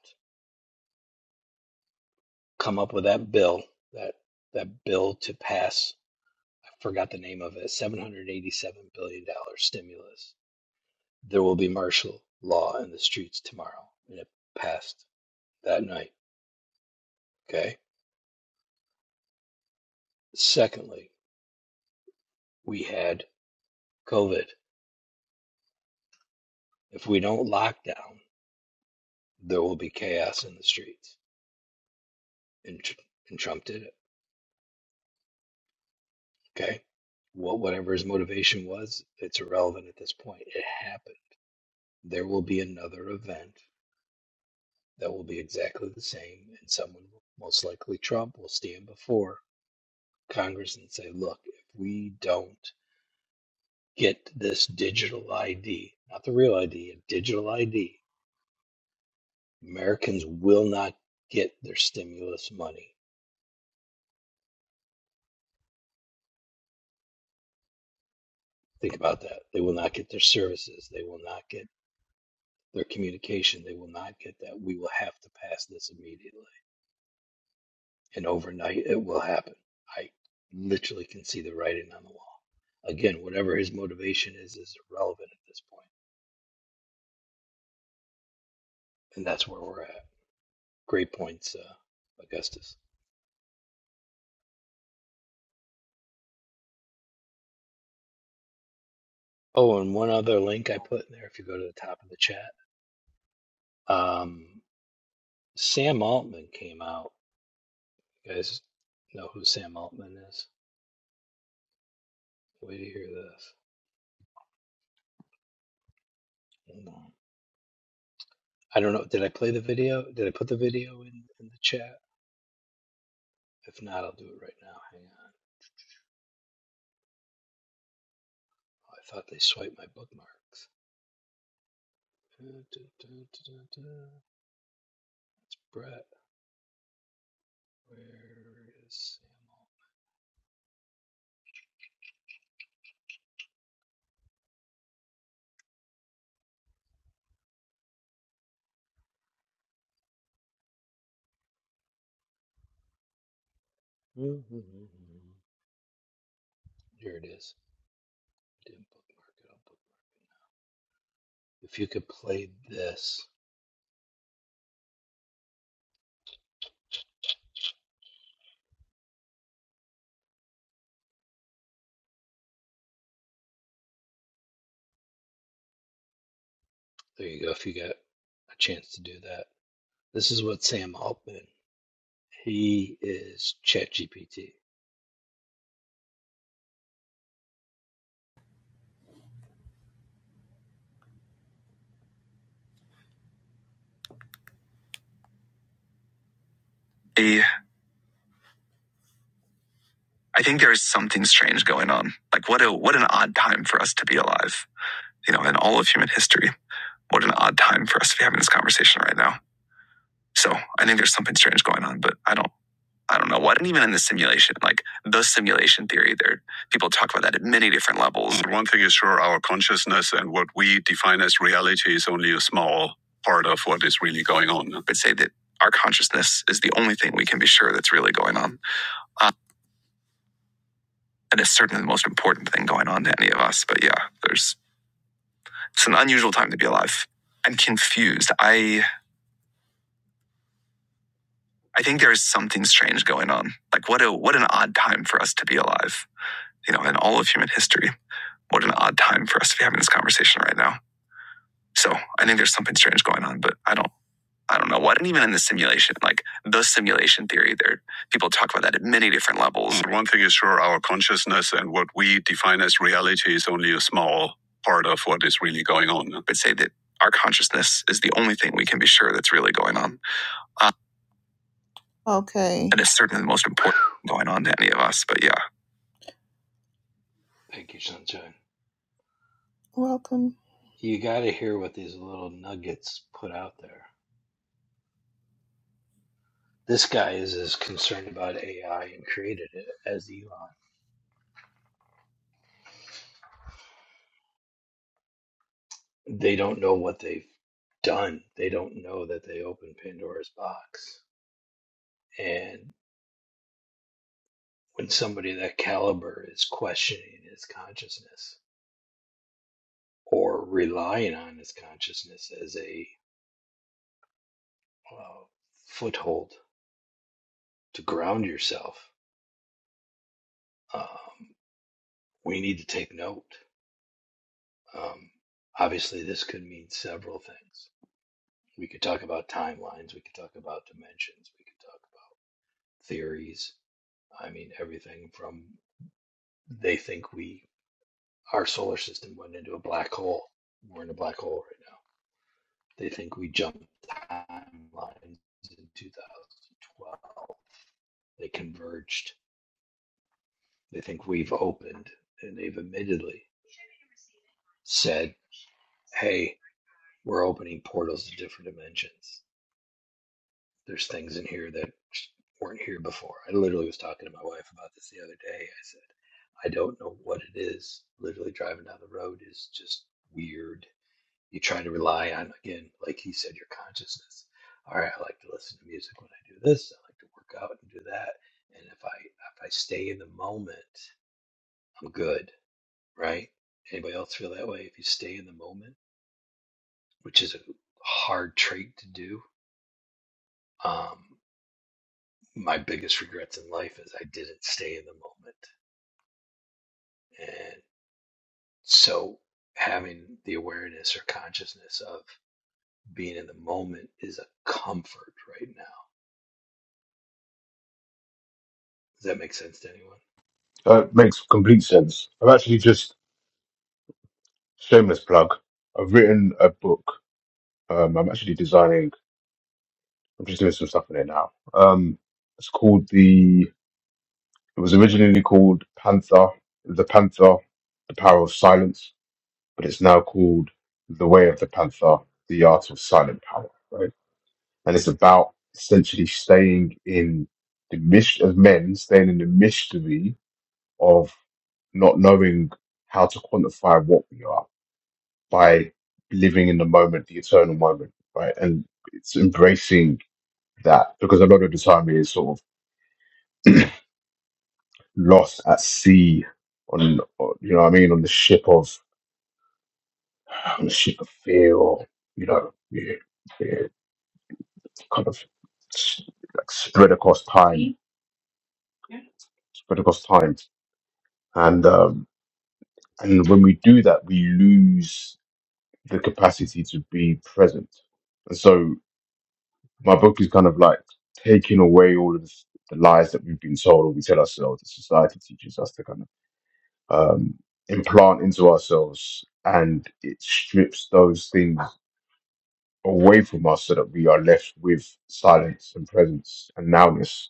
come up with that bill, that, that bill to pass, I forgot the name of it, $787 billion dollars stimulus, there will be martial law in the streets tomorrow. And it passed that night. Okay. Secondly, we had COVID If we don't lock down, there will be chaos in the streets. And, and Trump did it. Okay. What, whatever his motivation was, it's irrelevant at this point. It happened. There will be another event that will be exactly the same. And someone, most likely Trump, will stand before Congress and say, look, if we don't get this digital ID, not the real ID, a digital ID, Americans will not get their stimulus money Think about that. They will not get their services. They will not get their communication. They will not get that. We will have to pass this immediately. And overnight, it will happen. I literally can see the writing on the wall. Again, whatever his motivation is, is irrelevant at this point. And that's where we're at. Great points, uh, Augustus. Oh, and one other link I Um, put in there if you go to the top of the chat. Um, Sam Altman came out. You guys know who Sam Altman is? Wait to hear this. Hold on. I don't know. Did I play the video? Did I put the video in, in the chat? If not, I'll do it right now. Hang on. Oh, I thought they swiped my bookmarks. Da, da, da, da, da, da. Brett, where is Samuel? Here it is. I didn't bookmark it. I'll bookmark it now. If you could play this, there you go. If you got a chance to do that, this is what Sam Altman. He is ChatGPT. Eh, I think there's something strange going on. Like, what a what an odd time for us to be alive. You know, in all of human history, what an odd time for us to be having this conversation right now. So I think there's something strange going on, but I don't I don't know what. And even in the simulation, like the simulation theory, there people talk about that at many different levels. One thing is sure, our consciousness and what we define as reality is only a small part of what is really going on. I'd say that our consciousness is the only thing we can be sure that's really going on. Uh, and it's certainly the most important thing going on to any of us. But yeah, there's it's an unusual time to be alive. I'm confused. I I think there is something strange going on. Like what a what an odd time for us to be alive. You know, in all of human history. What an odd time for us to be having this conversation right now. So I think there's something strange going on, but I don't I don't know what. And even in the simulation, like the simulation theory, there people talk about that at many different levels. One thing is sure, our consciousness and what we define as reality is only a small part of what is really going on. I'd say that our consciousness is the only thing we can be sure that's really going on. Okay. That is certainly the most important thing going on to any of us, but yeah. Thank you, Sunshine. Welcome. You got to hear what these little nuggets put out there. This guy is as concerned about AI and created it as Elon. They don't know what they've done. They don't know that they opened Pandora's box. And when somebody of that caliber is questioning his consciousness or relying on his consciousness as a uh, foothold to ground yourself, um, we need to take note. Um, obviously, this could mean several things. We could talk about timelines. We could talk about dimensions. We could talk about theories. I mean, everything from they think we, our solar system went into a black hole. We're in a black hole right now. They think we jumped timelines in 2012. They converged. They think we've opened, and they've admittedly said, hey, we're opening portals to different dimensions. There's things in here that weren't here before. I literally was talking to my wife about this the other day. I said, I don't know what it is. Literally driving down the road is just weird. You try to rely on, again, like he said, your consciousness. All right, I like to listen to music when I do this. I like to work out and do that. And if I if I stay in the moment, I'm good, right? Anybody else feel that way? If you stay in the moment, which is a hard trait to do, um, my biggest regrets in life is I didn't stay in the moment. And so having the awareness or consciousness of being in the moment is a comfort right now. Does that make sense to anyone? That makes complete sense. I've actually just shameless plug. I've written a book. Um, I'm actually designing. I'm just doing some stuff in it now. Um, it's called the. It was originally called Panther. The Panther, the Power of Silence, but it's now called The Way of the Panther, the Art of Silent Power. and it's about essentially staying in the mystery of men, staying in the mystery of not knowing how to quantify what we are by living in the moment, the eternal moment, right? And it's embracing that because a lot of the time it is sort of lost at sea on, on- you know what I mean, on the ship of, on the ship of fear or, you know, yeah, yeah, kind of s- like spread across time, spread across time. and um, and when we do that, we lose the capacity to be present. And so my book is kind of like taking away all of the, the lies that we've been told or we tell ourselves that society teaches us to kind of um, implant into ourselves, and it strips those things away from us so that we are left with silence and presence and nowness.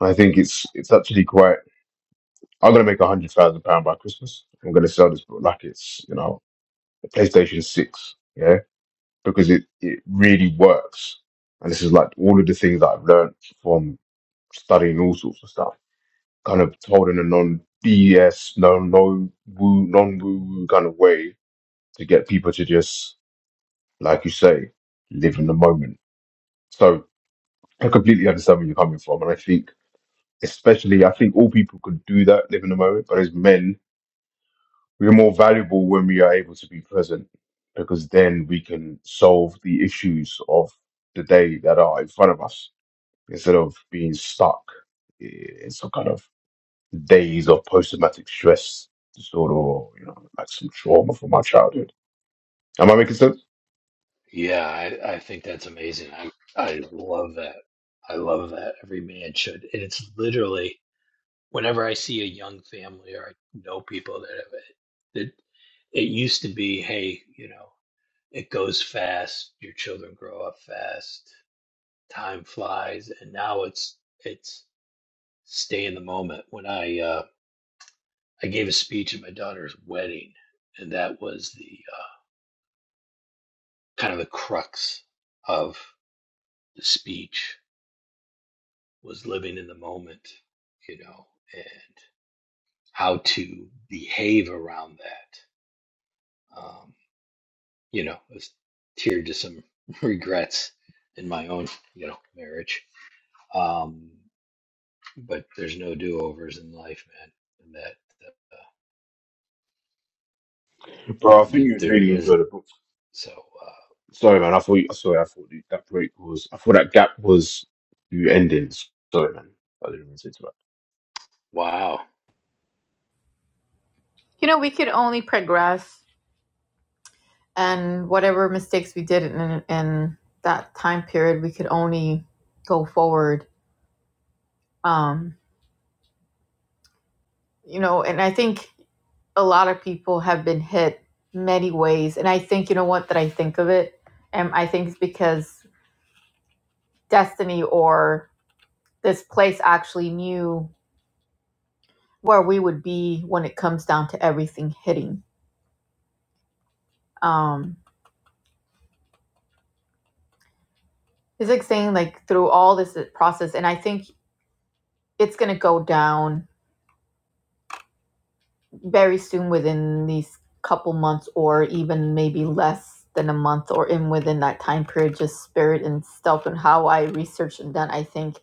I think it's it's actually quite. I'm gonna make a hundred thousand pound by Christmas. I'm gonna sell this book like it's you know the PlayStation 6, yeah, because it, it really works. And this is like all of the things that I've learned from studying all sorts of stuff, kind of told in a non BS, no, no woo, non woo woo kind of way to get people to just, like you say, live in the moment. So I completely understand where you're coming from. And I think, especially, I think all people could do that, live in the moment, but as men, We're more valuable when we are able to be present because then we can solve the issues of the day that are in front of us instead of being stuck in some kind of days of post traumatic stress disorder or, you know, like some trauma from my childhood. Am I making sense? Yeah, I, I think that's amazing. I I love that. I love that. Every man should. And it's literally whenever I see a young family or I know people that have it, that it used to be, hey, you know, it goes fast, your children grow up fast, time flies and now it's it's stay in the moment when i uh i gave a speech at my daughter's wedding and that was the uh, kind of the crux of the speech was living in the moment you know and how to behave around that um you know I was tiered to some regrets in my own you know marriage um but there's no do-overs in life man and that Bro, I think you, you'd there really enjoy isn't. the book. So, uh, Sorry, man. I thought, sorry, I thought that break was, I thought that gap was you ending. Sorry, man. I didn't mean to interrupt. wow, you know, we could only progress, and whatever mistakes we did in in that time period, we could only go forward. Um, you know, and I think a lot of people have been hit many ways. And I think, you know what, that I think of it? And I think it's because destiny or this place actually knew where we would be when it comes down to everything hitting. Um, it's like saying, like, through all this uh, process, and I think it's going to go down very soon within these couple months or even maybe less than a month or in within that time period just spirit and stuff and how i researched and done i think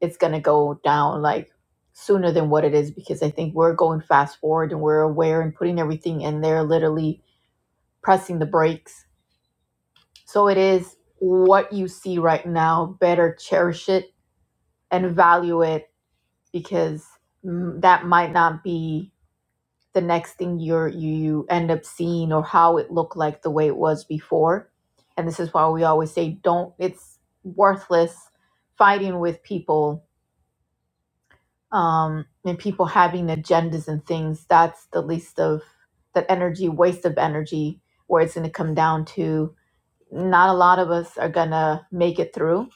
it's going to go down like sooner than what it is because I think we're going fast forward and we're aware and putting everything in there, literally pressing the brakes. So it is what you see right now. Better cherish it and value it because mm, that might not be the next thing you're, you you end up seeing or how it looked like the way it was before. And this is why we always say don't. It's worthless fighting with people um, and people having agendas and things, that's the least of that energy, waste of energy, where it's going to come down to not a lot of us are going to make it through.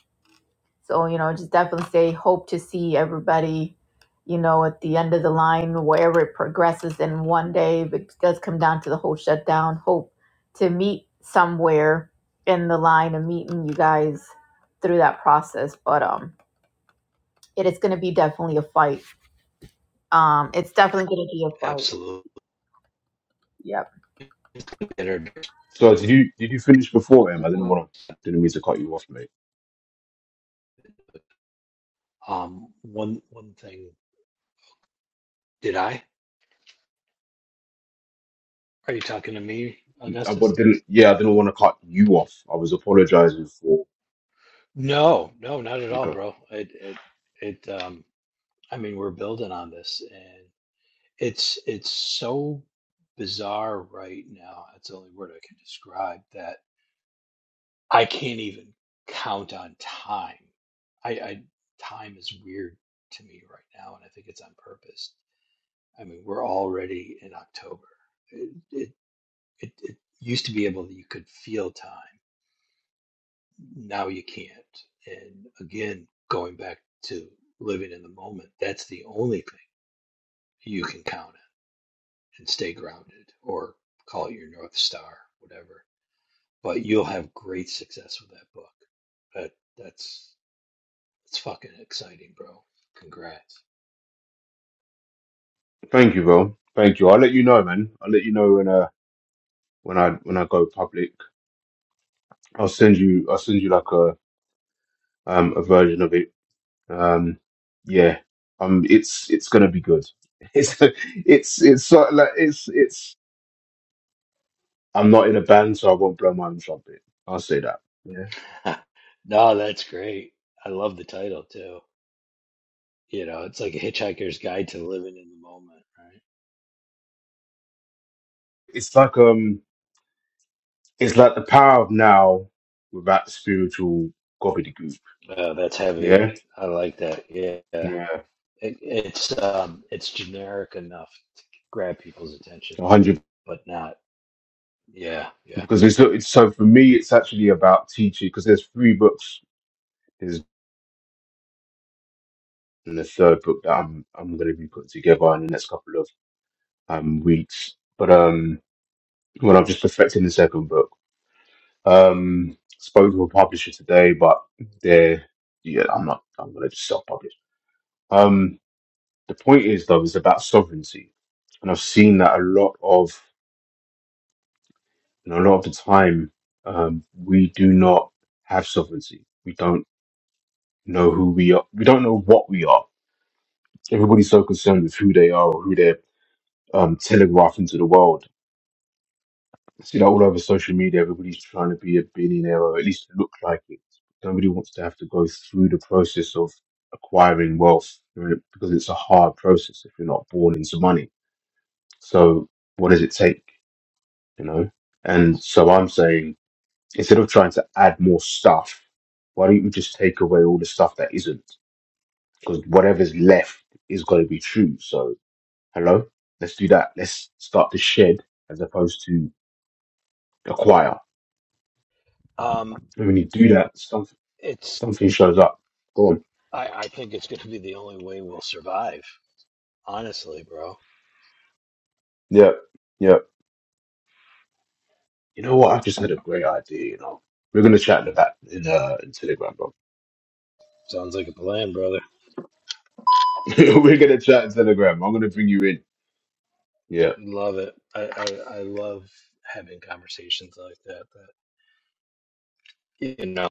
So, you know, just definitely say, hope to see everybody, you know, at the end of the line, wherever it progresses in one day, but it does come down to the whole shutdown. Hope to meet somewhere in the line of meeting you guys through that process. But um, it is going to be definitely a fight um, it's definitely gonna be a fight. absolutely. Yep. So did you did you finish before him? I didn't want to didn't mean to cut you off, mate. Um, one one thing. Did I? Are you talking to me, I Augustus? but didn't yeah, I didn't want to cut you off. I was apologizing for No, no, not at all, Okay. bro. It it it. Um, I mean, we're building on this, and it's it's so bizarre right now. That's the only word I can describe that I can't even count on time. I, I time is weird to me right now, and I think it's on purpose I mean, we're already in October. It, it, it, it used to be able that you could feel time. Now you can't. And again, going back to living in the moment, that's the only thing you can count on and stay grounded or call it your North Star, whatever. But you'll have great success with that book. That that's it's fucking exciting, bro. Congrats. Thank you, bro. Thank you. I'll let you know, man. I'll let you know when uh when I when I go public. I'll send you I'll send you like a um a version of it. Um yeah. Um it's it's gonna be good. It's it's it's so like it's it's I'm not in a band so I won't blow my own trumpet. I'll say that. Yeah. no, that's great. I love the title too. You know, it's like a hitchhiker's guide to living in the moment, It's like um it's like the power of now without spiritual gobbledygook. right? Uh, that's heavy. Yeah? I like that. Yeah, it, Yeah. it's um, it's generic enough to grab people's attention, 100%. but not. Yeah, yeah. because it's so- it's so for me it's actually about teaching because there's three books There's in the third book that I'm I'm going to be putting together in the next couple of um weeks but um when I'm just perfecting the second book um spoke to a publisher today but they're yeah I'm not I'm going to just self publish um the point is though is about sovereignty and I've seen that a lot of you know, a lot of the time um we do not have sovereignty we don't know who we are we don't know what we are Everybody's so concerned with who they are or who they're um, telegraphing to the world. I see that all over social media. Everybody's trying to be a billionaire or at least look like it. Nobody wants to have to go through the process of acquiring wealth right? because it's a hard process if you're not born into money. So, what does it take? You know? And so I'm saying instead of trying to add more stuff, why don't you just take away all the stuff that isn't? Because whatever's left is going to be true. So. Hello? Let's do that. Let's start the shed as opposed to the choir. Um, And when you do that, something, it's. something shows up. Go on. I, I think it's going to be the only way we'll survive. Honestly, bro. Yeah. Yeah. You know what? I just had a great idea, you know. We're gonna chat in that in uh in Telegram, bro. Sounds like a plan, brother. We're gonna chat in Telegram. I'm gonna bring you in. Yeah. Love it. I, I, I love having conversations like that. That you know,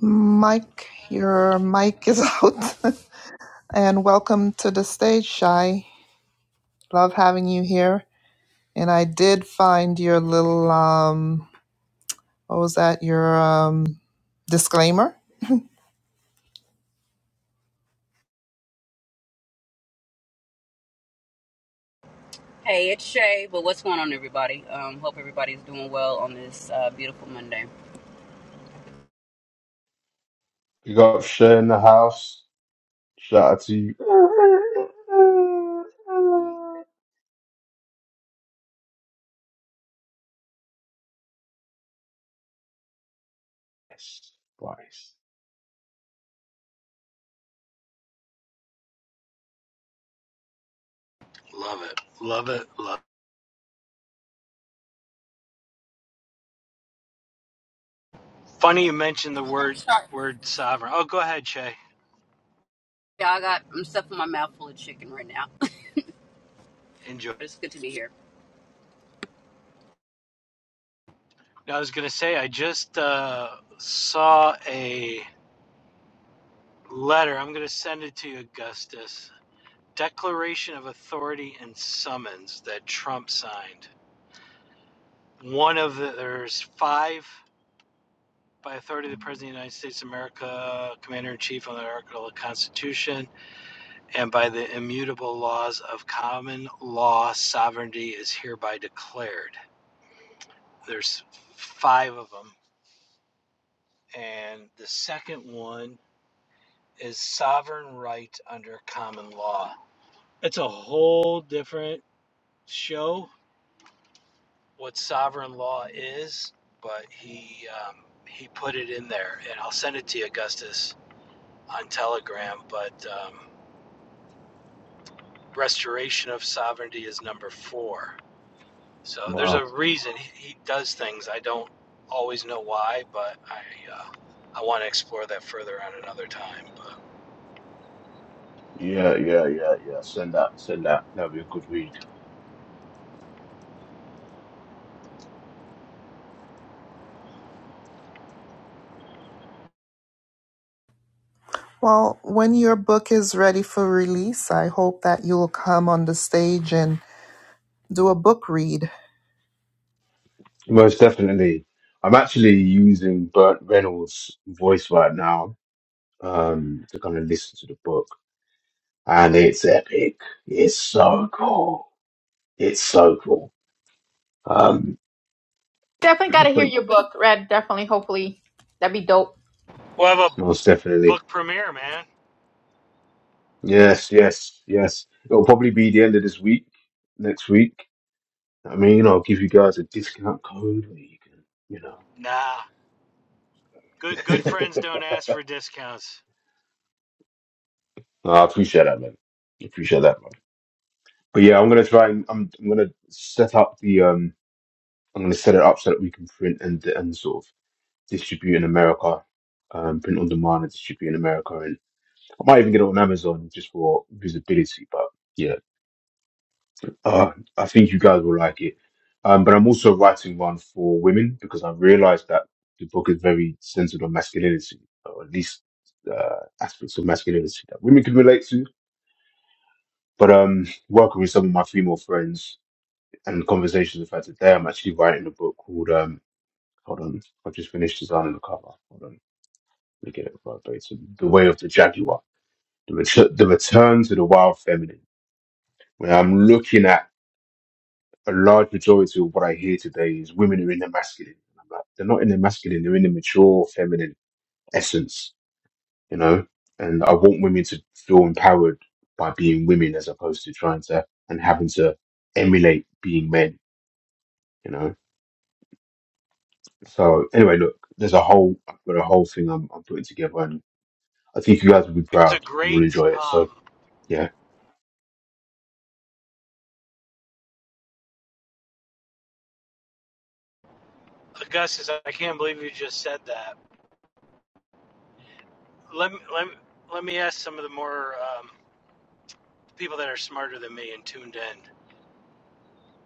Mike, your mic is out. and welcome to the stage, Shy. Love having you here. And I did find your little um What was that? Your um, disclaimer? Hey, it's Shay. But what's going on, everybody? Um, hope everybody's doing well on this uh, beautiful Monday. You got Shay in the house. Shout out to you. Yes. Nice. love it, love it, love. Funny you mentioned the word Sorry. word sovereign. Oh, go ahead, Shay. Yeah, I got I'm stuffing my mouth full of chicken right now, but Enjoy. it's good to be here. I was gonna say I just uh, saw a letter. I'm gonna send it to you, Augustus. Declaration of Authority and Summons that Trump signed. One of the there's five by authority of the President of the United States of America, Commander in Chief on the Article of the Constitution, and by the immutable laws of common law, sovereignty is hereby declared. There's five of them, and the second one is sovereign right under common law. It's a whole different show what sovereign law is, but he um, he put it in there, and I'll send it to you, Augustus, on Telegram. But um, restoration of sovereignty is number four. So there's Wow. a reason he, he does things. I don't always know why, but I uh, I want to explore that further on another time. But Yeah, yeah, yeah, yeah. Send that, send that. That'll be a good read. Well, when your book is ready for release, I hope that you'll come on the stage and do a book read. Most definitely. I'm actually using Burt Reynolds' voice right now um, to kind of listen to the book, and it's epic. It's so cool. It's so cool. Um, Definitely got to but hear your book read. Definitely, hopefully, that'd be dope. we'll have a most definitely. book premiere, man. Yes, yes, yes. It'll probably be the end of this week, next week. I mean, I'll give you guys a discount code where you can, you Nah. Good good know. friends don't ask for discounts. No, I appreciate that, man. I appreciate that, man. But yeah, I'm gonna try and I'm, I'm gonna set up the um I'm going to set it up so that we can print and and sort of distribute in America, um, print on demand and distribute in America, and I might even get it on Amazon just for visibility. But yeah, uh, I think you guys will like it. Um, but I'm also writing one for women because I realised that the book is very centered on masculinity, or at least uh, aspects of masculinity that women can relate to. But um, working with some of my female friends and conversations I've had today, I'm actually writing a book called um, Hold on. I've just finished designing the cover. Hold on. Let me get it verbatim. The Way of the Jaguar. The, ret- the Return to the Wild Feminine. When I'm looking at a large majority of what I hear today is women are in their masculine. And I'm like, they're not in their masculine. They're in the mature feminine essence, you know? And I want women to feel empowered by being women as opposed to trying to and having to emulate being men, you know? So anyway, look, there's a whole, I've got a whole thing I'm, I'm putting together and. I think you guys will be It was a proud and will great enjoy it. So um, yeah. Augustus. I can't believe you just said that. Let me let me, let me ask some of the more um, people that are smarter than me and tuned in.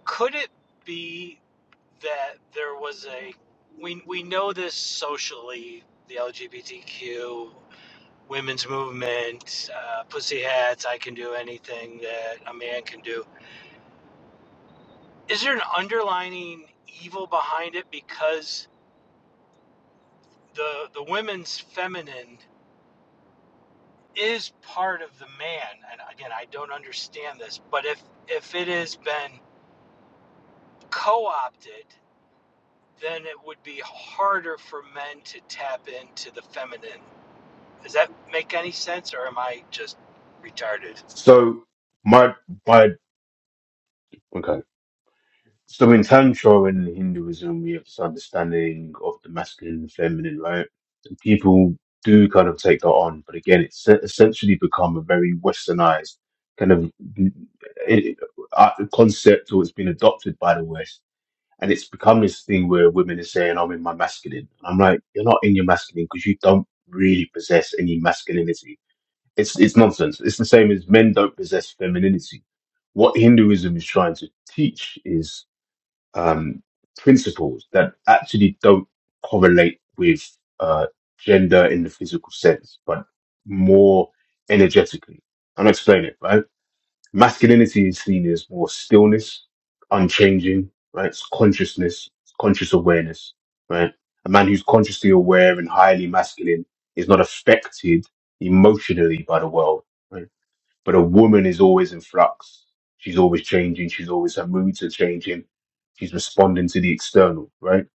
Could it be that there was a we we know this socially the LGBTQ women's movement, uh, pussy hats, I can do anything that a man can do. Is there an underlining evil behind it because the the women's feminine is part of the man and again i don't understand this but if if it has been co-opted then it would be harder for men to tap into the feminine does that make any sense or am i just retarded So my my okay. So in Tantra and Hinduism, we have this understanding of the masculine and feminine, right? And people do kind of take that on, but again, it's e- essentially become a very westernized kind of it, uh, concept, or it's been adopted by the West. And it's become this thing where women are saying, "I'm in my masculine." And I'm like, "You're not in your masculine because you don't really possess any masculinity." It's it's nonsense. It's the same as men don't possess femininity. What Hinduism is trying to teach is um, principles that actually don't correlate with uh, gender in the physical sense, but more energetically. I'm explaining it, right? Masculinity is seen as more stillness, unchanging, right? It's consciousness, it's conscious awareness, right? A man who's consciously aware and highly masculine is not affected emotionally by the world, right? But a woman is always in flux. She's always changing. She's always, her moods are changing. She's responding to the external, right?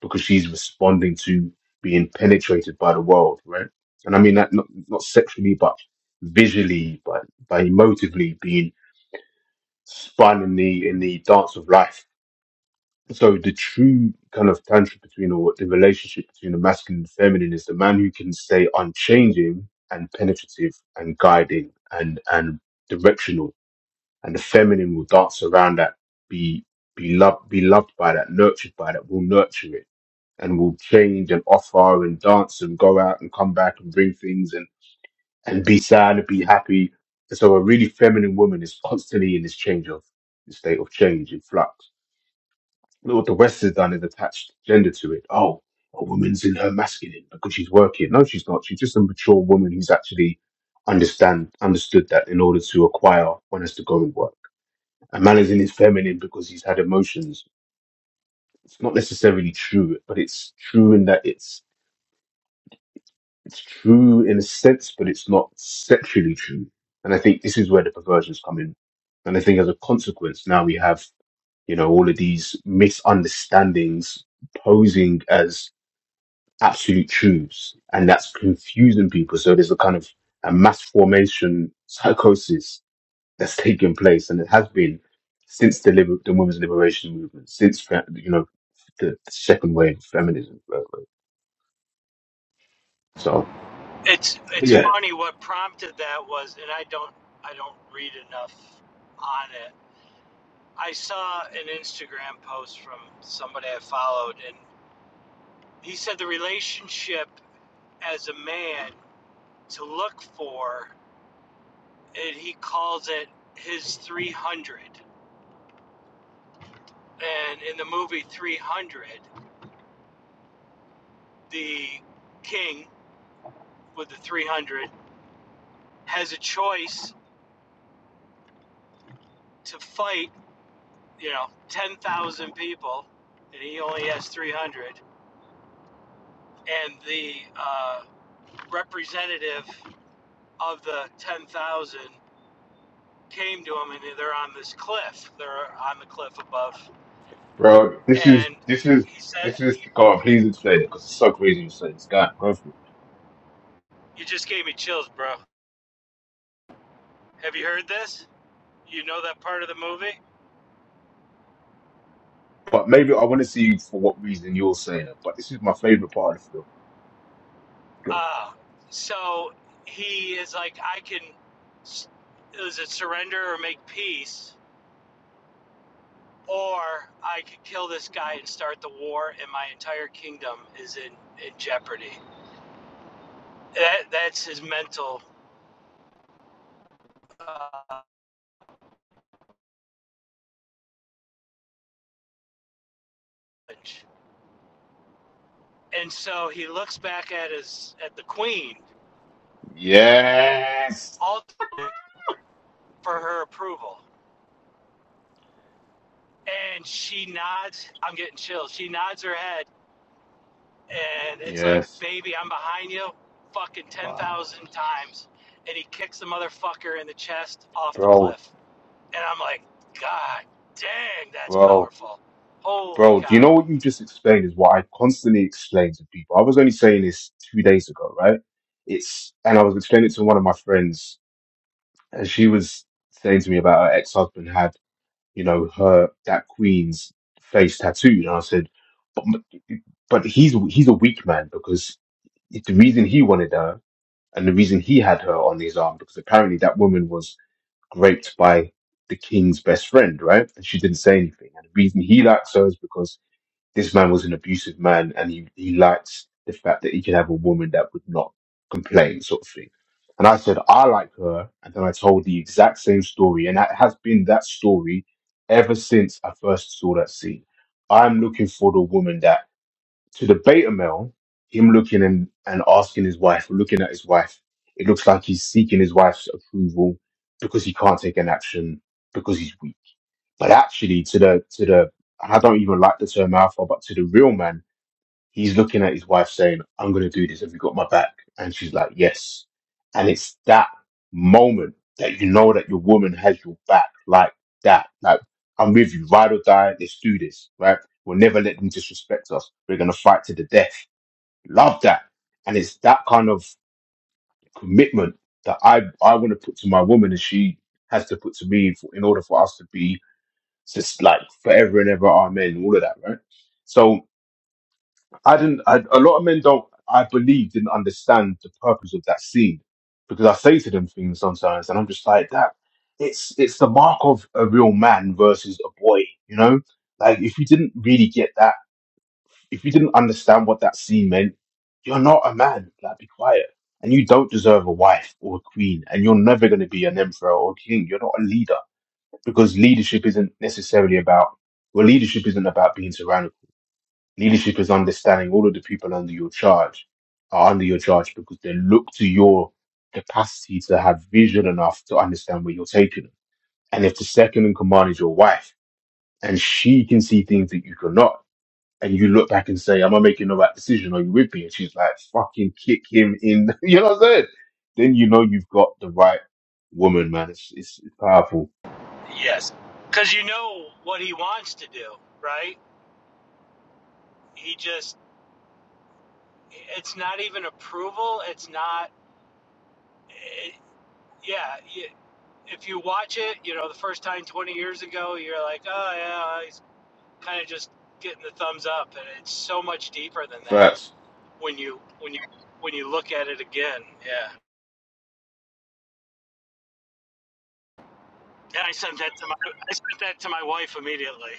Because she's responding to being penetrated by the world, right? And I mean that not, not sexually, but visually, but by emotively being spun in the in the dance of life. So the true kind of tantra between or the relationship between the masculine and feminine is the man who can stay unchanging and penetrative and guiding and and directional, and the feminine will dance around that, be be loved, be loved by that, nurtured by that, will nurture it and will change and offer and dance and go out and come back and bring things and be sad and be happy. And so a really feminine woman is constantly in this change of this state of change in flux. Look what the West has done is attached gender to it. Oh, a woman's in her masculine because she's working. No, she's not. She's just a mature woman who's actually understand understood that in order to acquire one has to go and work. A man is in his feminine because he's had emotions. It's not necessarily true, but it's true in that it's it's true in a sense, but it's not sexually true. And I think this is where the perversions come in. And I think as a consequence, now we have, you know, all of these misunderstandings posing as absolute truths. And that's confusing people. So there's a kind of a mass formation psychosis that's taking place. And it has been since the, liber- the women's liberation movement, since, fe- you know, the, the second wave of feminism. So, it's it's funny what prompted that was and i don't i don't read enough on it i saw an instagram post from somebody i followed and he said the relationship as a man to look for, and he calls it his 300. And in the movie 300, the king with the 300 has a choice to fight, you know, 10,000 people, and he only has 300. And the uh, representative of the 10,000 came to him, and they're on this cliff. They're on the cliff above. Bro, this is And this is he said, this is God. Please explain it because it's so crazy you're saying this guy. Go for it. You just gave me chills, bro. Have you heard this? You know that part of the movie? But maybe I want to see for what reason you're saying it. But this is my favorite part of the film. Go. Uh, so he is like, I can, is it surrender or make peace? Or I could kill this guy and start the war, and my entire kingdom is in, in jeopardy. That, that's his mental uh, and so he looks back at his at the queen, Yes, ultimately for her approval, and she nods. I'm getting chills. She nods her head and it's like, yes. baby, I'm behind you fucking Wow, 10,000 times. And he kicks the motherfucker in the chest off the bro, cliff. And I'm like, God dang, that's bro, powerful. Holy bro. Do you cow. know what you just explained is what I constantly explain to people. I was only saying this two days ago, right? It's and I was explaining it to one of my friends, and she was saying to me about her ex husband had you know, her that queen's face tattooed. And I said, but, but he's he's a weak man because the reason he wanted her and the reason he had her on his arm because apparently that woman was raped by the king's best friend, right? And she didn't say anything. And the reason he likes her is because this man was an abusive man, and he, he liked the fact that he could have a woman that would not complain, sort of thing. And I said, I like her. And then I told the exact same story. And that has been that story ever since I first saw that scene. I'm looking for the woman that, to the beta male, him looking and, and asking his wife, looking at his wife, it looks like he's seeking his wife's approval because he can't take an action because he's weak but actually, to the to the I don't even like the term alpha, but to the real man, he's looking at his wife saying, "I'm gonna do this. Have you got my back?" And she's like, "Yes." And it's that moment that you know that your woman has your back, like that. Like I'm with you, ride or die. Let's do this, right? We'll never let them disrespect us. We're gonna fight to the death. Love that, and it's that kind of commitment that I I want to put to my woman, and she has to put to me for, in order for us to be so It's just like forever and ever, amen, all of that, right? So I didn't. I, a lot of men don't. I believe didn't understand the purpose of that seed because I say to them things sometimes, and I'm just like that. It's it's the mark of a real man versus a boy, you know. Like if you didn't really get that, if you didn't understand what that seed meant, you're not a man. Like be quiet. And you don't deserve a wife or a queen, and you're never going to be an emperor or a king. You're not a leader because leadership isn't necessarily about well leadership isn't about being tyrannical leadership is understanding all of the people under your charge are under your charge because they look to your capacity to have vision enough to understand where you're taking them and if the second in command is your wife and she can see things that you cannot and you look back and say am i making the right decision are you with me and she's like fucking kick him in you know what i'm saying then you know you've got the right woman man it's, it's powerful Yes. Because you know what he wants to do, right? He just, it's not even approval. It's not, it, yeah. You, if you watch it, you know, the first time 20 years ago, you're like, oh, yeah, he's kind of just getting the thumbs up. And it's so much deeper than that Facts. when you when you when you look at it again. Yeah. And I sent that to my I sent that to my wife immediately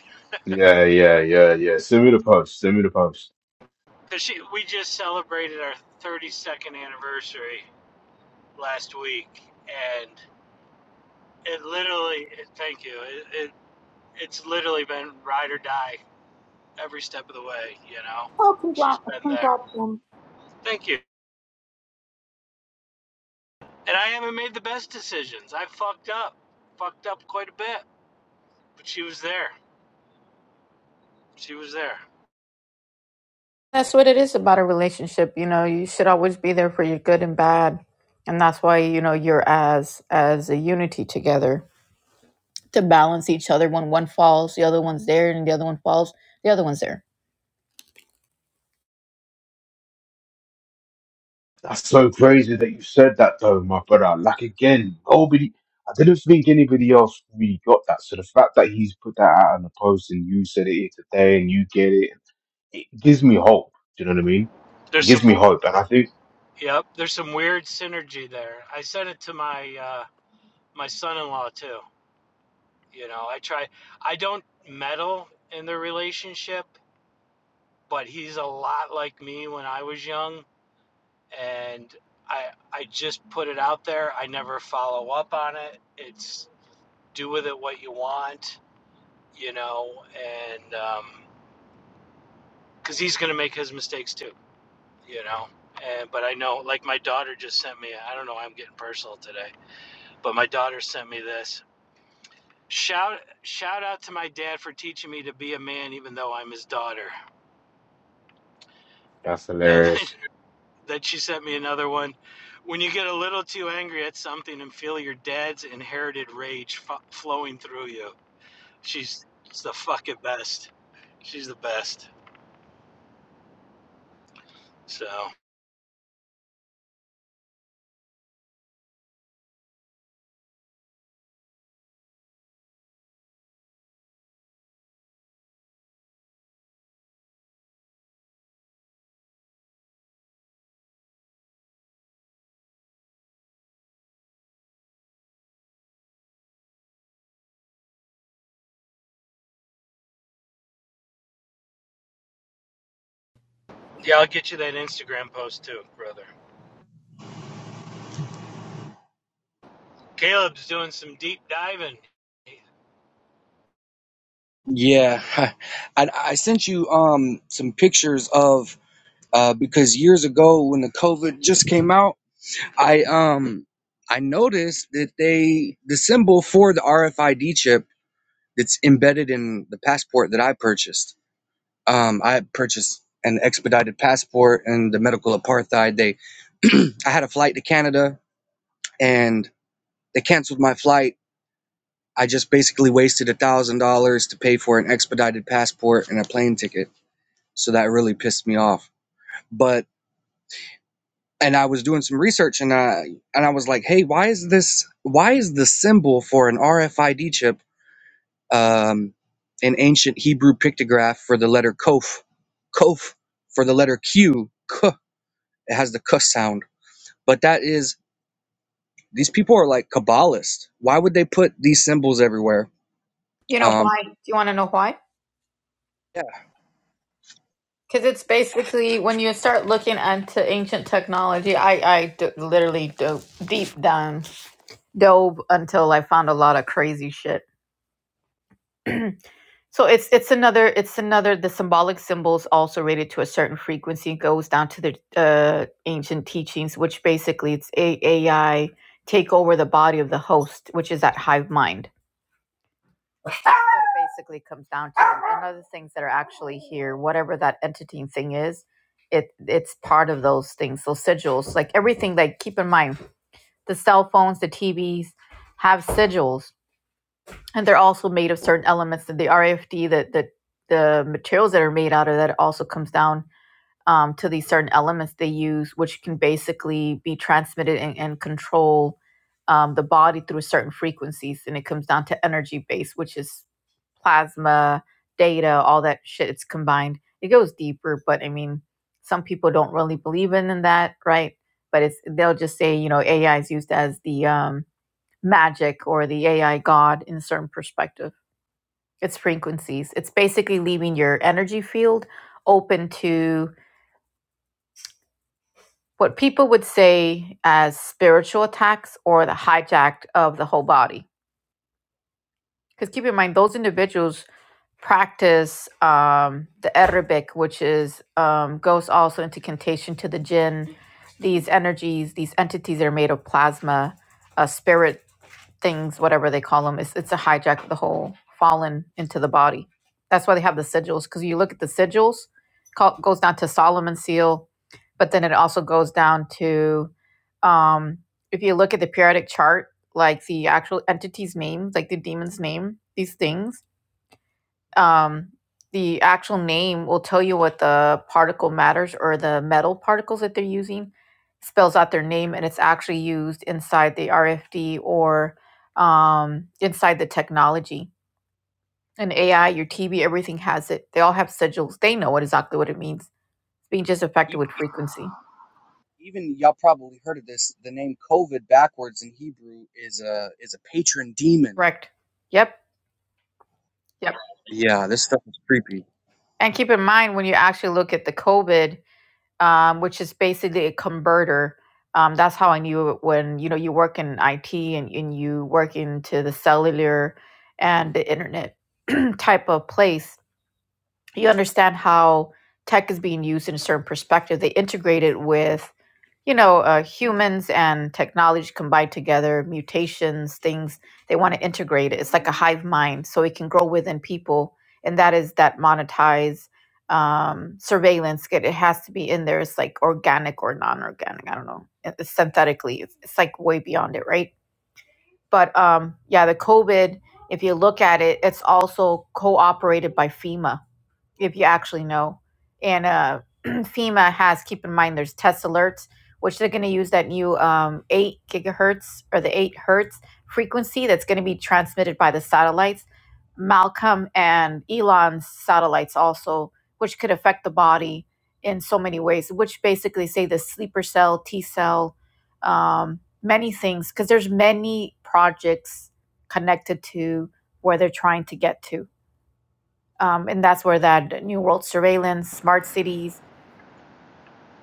Yeah, yeah, yeah, yeah. Send me the post. Send me the post. because she we just celebrated our 32nd anniversary last week, and it literally it, thank you it, it it's literally been ride or die every step of the way. You know, Oh, she's congrats, been there. congrats, um, Thank you. And I haven't made the best decisions. I fucked up, fucked up quite a bit, but she was there. She was there. That's what it is about a relationship. You know, you should always be there for your good and bad, and that's why you know you're as as a unity together to balance each other. When one falls, the other one's there, and the other one falls, the other one's there. That's so crazy that you said that, though, my brother. Like again, nobody. I didn't think anybody else really got that. So the fact that he's put that out on the post and you said it here today and you get it, it gives me hope. Do you know what I mean? It There's some gives me hope, and I think Yep, there's some weird synergy there. I sent it to my uh, my son-in-law too. You know, I try. I don't meddle in the relationship, but he's a lot like me when I was young, and I I just put it out there. I never follow up on it. It's do with it what you want, you know, and um, because he's gonna make his mistakes too, you know. And but I know, like my daughter just sent me. I don't know. I'm getting personal today, but my daughter sent me this Shout shout out to my dad for teaching me to be a man even though I'm his daughter. that's And then, hilarious. then she sent me another one. When you get a little too angry at something and feel your dad's inherited rage f- flowing through you. She's, she's the fucking best. She's the best. So, yeah, I'll get you that Instagram post too, brother. Caleb's doing some deep diving. Yeah, I, I sent you um some pictures of uh because years ago when the COVID just came out. I um I noticed that they the symbol for the RFID chip that's embedded in the passport that I purchased. Um, I purchased an expedited passport and the medical apartheid. They I had a flight to Canada and they canceled my flight. I just basically wasted a thousand dollars to pay for an expedited passport and a plane ticket. So that really pissed me off. But and I was doing some research and I and I was like, hey, why is this why is the symbol for an RFID chip um an ancient Hebrew pictograph for the letter Kof, Kof for the letter Q, K, it has the K sound. But that is these people are like Kabbalists. Why would they put these symbols everywhere? You know Um why? Do you want to know why? yeah, Because it's basically when you start looking into ancient technology, I I d- literally do deep down. dove until I found a lot of crazy shit. So it's it's another it's another the symbolic symbols also rated to a certain frequency It goes down to the uh, ancient teachings, which basically it's AI take over the body of the host, which is that hive mind. That's what it basically comes down to. And other things that are actually here, whatever that entity thing is, it it's part of those things, those sigils. Like everything, like keep in mind the cell phones, the TVs have sigils and they're also made of certain elements that the RFD that the the materials that are made out of that also comes down um, to these certain elements they use, which can basically be transmitted and, and control um, the body through certain frequencies, and it comes down to energy base, which is plasma, data, all that shit. It's combined. It goes deeper, but I mean, some people don't really believe in, in that, right? But it's they'll just say you know AI is used as the um, magic or the AI god in a certain perspective it's frequencies. It's basically leaving your energy field open to what people would say as spiritual attacks or the hijack of the whole body. Because keep in mind, those individuals practice um, the Arabic, which is um, goes also into contation to the jinn. These energies, these entities are made of plasma, uh, spirit things, whatever they call them. It's it's a hijack of the whole fallen into the body. That's why they have the sigils because you look at the sigils, call, goes down to Solomon's seal, but then it also goes down to um, if you look at the periodic chart, like the actual entity's name, like the demon's name, these things um, the actual name will tell you what the particle matters or the metal particles that they're using spells out their name and it's actually used inside the rfd or um, inside the technology and ai your tv everything has it they all have sigils they know what exactly what it means it's being just e- affected with frequency even y'all probably heard of this. The name COVID backwards in Hebrew is a is a patron demon. correct yep yep Yeah, this stuff is creepy. and keep in mind when you actually look at the covid um, which is basically a converter. Um, that's how I knew it when you know you work in IT and, and you work into the cellular and the internet type of place. You understand how tech is being used in a certain perspective. They integrate it with you know, uh, humans and technology combined together, mutations, things, they want to integrate it. It's like a hive mind, so it can grow within people. And that is that monetize um, surveillance. It, it has to be in there. It's like organic or non organic. I don't know. It- It's synthetically, it's, it's like way beyond it, right? But um, yeah, the COVID, if you look at it, it's also cooperated by FEMA if you actually know. And uh, FEMA has, keep in mind, there's test alerts, which they're going to use that new um, 8 gigahertz or the 8 hertz frequency that's going to be transmitted by the satellites. Malcolm and Elon's satellites also, which could affect the body in so many ways, which basically say the sleeper cell, T cell, um, many things, because there's many projects connected to where they're trying to get to um, and that's where that New World Surveillance, Smart Cities,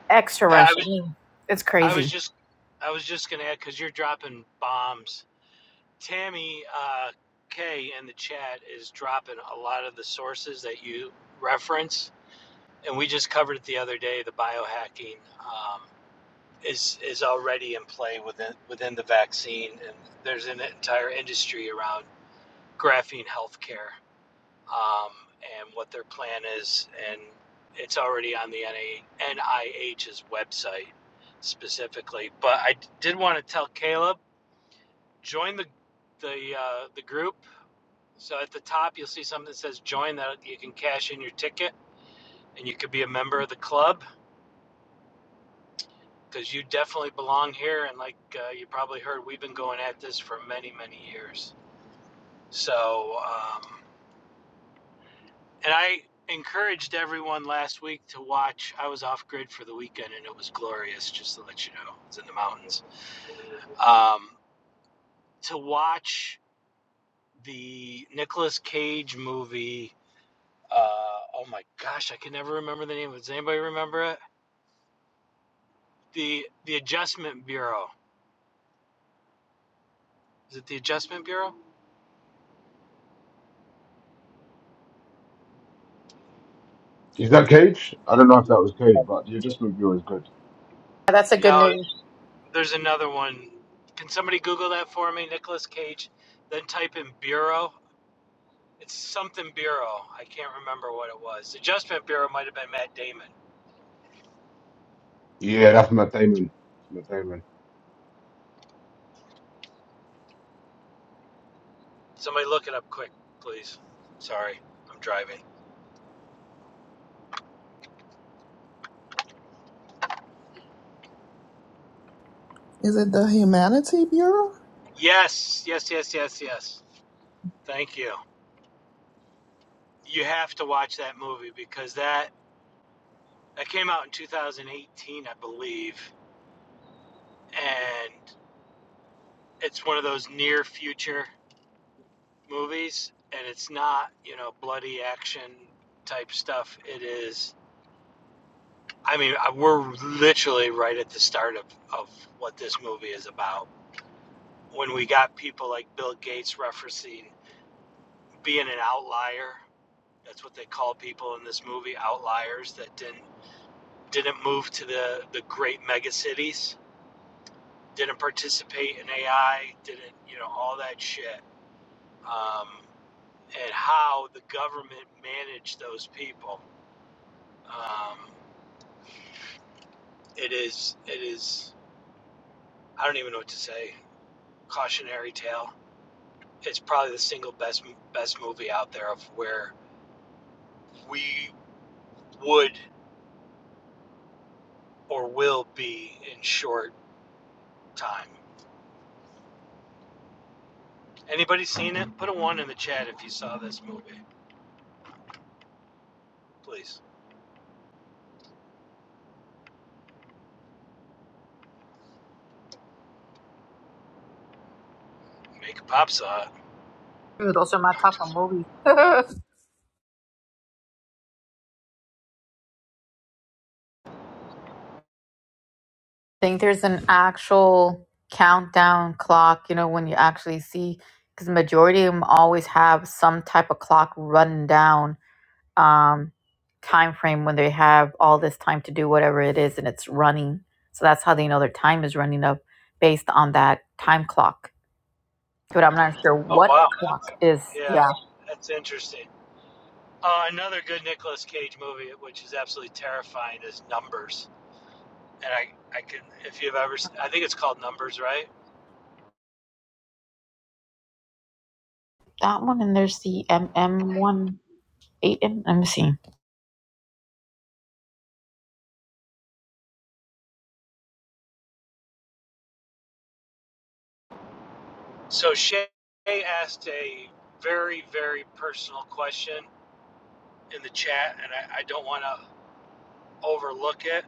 Extra I Rush. I was mean, it's I crazy. was just I was just going to add cuz you're dropping bombs Tammy uh, K in the chat is dropping a lot of the sources that you reference, and we just covered it the other day. The biohacking um, is is already in play within within the vaccine, and there's an entire industry around graphene healthcare um, and what their plan is, and it's already on the NA NIH's website specifically. But I did want to tell Caleb join the the uh, the group So at the top, you'll see something that says join that you can cash in your ticket and you could be a member of the club because you definitely belong here. And like uh, you probably heard, we've been going at this for many, many years. So, um, and I encouraged everyone last week to watch. I was off grid for the weekend and it was glorious, just to let you know. It's in the mountains. Um, to watch the Nicolas Cage movie. Uh, oh my gosh, I can never remember the name. Does anybody remember it? the the Adjustment Bureau. Is it the Adjustment Bureau? Is that Cage? I don't know if that was Cage, but the adjustment viewer is good. That's a good No, movie. there's another one. Can somebody Google that for me, Nicolas Cage? Then type in Bureau. It's something Bureau. I can't remember what it was. Adjustment Bureau might have been Matt Damon. Yeah, that's Matt Damon. Matt Damon. Somebody look it up quick, please. Sorry, I'm driving. Is it the Humanity Bureau? Yes, yes, yes, yes, yes. Thank you. You have to watch that movie because that that came out in 2018, I believe. and it's one of those near future movies and it's not you know bloody action type stuff it is i mean we're literally right at the start of, of what this movie is about when we got people like bill gates referencing being an outlier that's what they call people in this movie outliers that didn't didn't move to the the great mega cities didn't participate in ai didn't you know all that shit um, at how the government managed those people. Um, it is, it is. I don't even know what to say. Cautionary tale. It's probably the single best best movie out there of where we would or will be in short time. Anybody seen it? Put a one in the chat if you saw this movie, please. Make a pop saw. Those are my it. top of movies. I think there's an actual countdown clock, you know, when you actually see, because the majority of them always have some type of clock run down um, time frame when they have all this time to do whatever it is and it's running. So that's how they know their time is running up based on that time clock. But I'm not sure Oh what wow, clock that's is. yeah, Yeah. that's interesting. Uh, another good Nicolas Cage movie, which is absolutely terrifying, is Numbers. and I, I can, if you've ever, I think it's called Numbers, right? That one and there's the M M one eight and let me see. So Shay asked a very, very personal question in the chat, and I, I don't want to overlook it.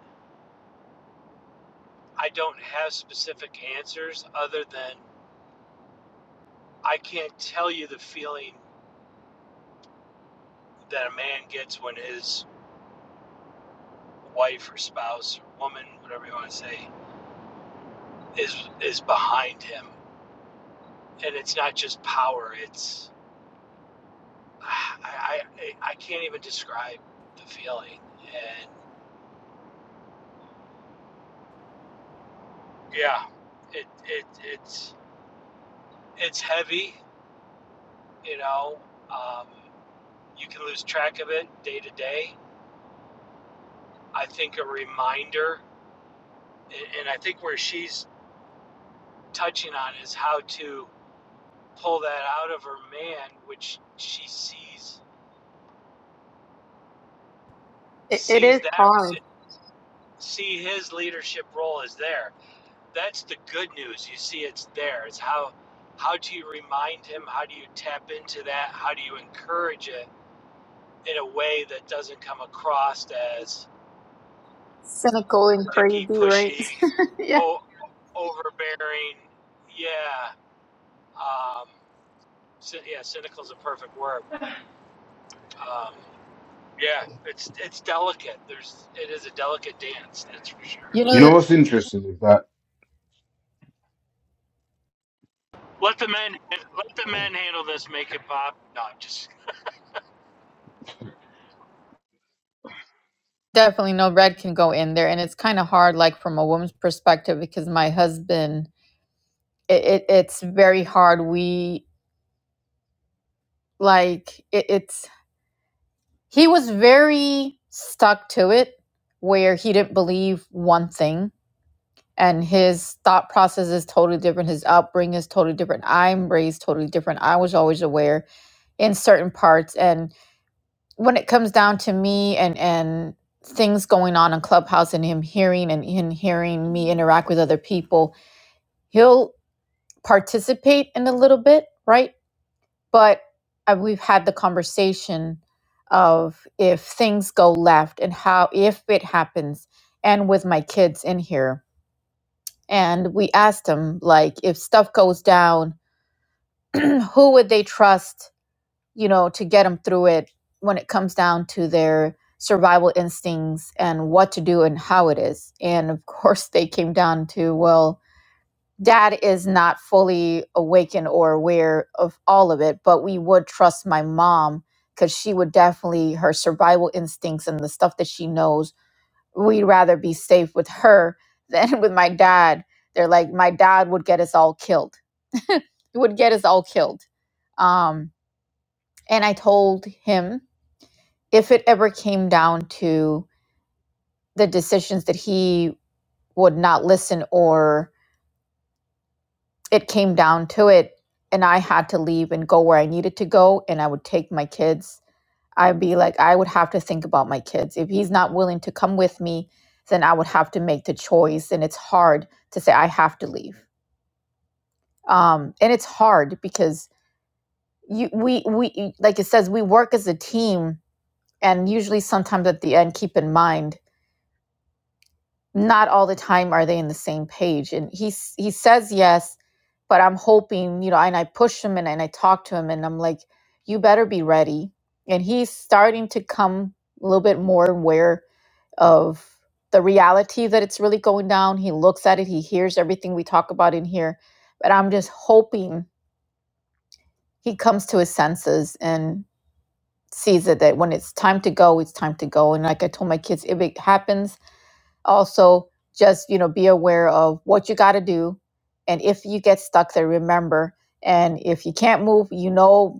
I don't have specific answers other than I can't tell you the feeling that a man gets when his wife or spouse or woman, whatever you want to say, is is behind him, and it's not just power. It's I, I I can't even describe the feeling, and yeah, it, it it's it's heavy. You know, um, you can lose track of it day to day. I think a reminder, a- and I think where she's touching on is how to pull that out of her man, which she sees It, it sees is that hard. see his leadership role is there. That's the good news. You see, it's there. It's how how do you remind him? How do you tap into that? How do you encourage it? in a way that doesn't come across as Cynical and picky, crazy, right? pushy, yeah. o- overbearing. Yeah, um, yeah, cynical is a perfect word. Um, yeah, it's it's delicate. There's it is a delicate dance, that's for sure. You You know know, what's interesting is that Let the men let the men handle this. Make it pop. No, I'm just definitely no red can go in there. And it's kind of hard, like from a woman's perspective, because my husband, it, it, it's very hard. We, like, it, it's, he was very stuck to it where he didn't believe one thing. and his thought process is totally different his upbringing is totally different i'm raised totally different i was always aware in certain parts and when it comes down to me and and things going on in clubhouse and him hearing and him hearing me interact with other people he'll participate in a little bit right but uh, we've had the conversation of if things go left and how if it happens and with my kids in here and we asked them like if stuff goes down who would they trust you know to get them through it when it comes down to their survival instincts and what to do and how it is and of course they came down to well dad is not fully awakened or aware of all of it but we would trust my mom because she would definitely her survival instincts and the stuff that she knows we'd rather be safe with her than with my dad. They're like, my dad would get us all killed. He would get us all killed. Um, and I told him if it ever came down to the decisions that he would not listen or it came down to it and I had to leave and go where I needed to go and I would take my kids, I'd be like, I would have to think about my kids. If he's not willing to come with me, then I would have to make the choice. And it's hard to say, I have to leave. um, and it's hard because you we we like it says we work as a team and usually sometimes at the end keep in mind not all the time are they in the same page and he he says yes but i'm hoping you know and i push him and, and i talk to him and i'm like you better be ready and he's starting to come a little bit more aware of the reality that it's really going down he looks at it he hears everything we talk about in here but i'm just hoping he comes to his senses and sees that, that when it's time to go, it's time to go. And like I told my kids, if it happens, also just you know be aware of what you got to do, and if you get stuck there, remember. And if you can't move, you know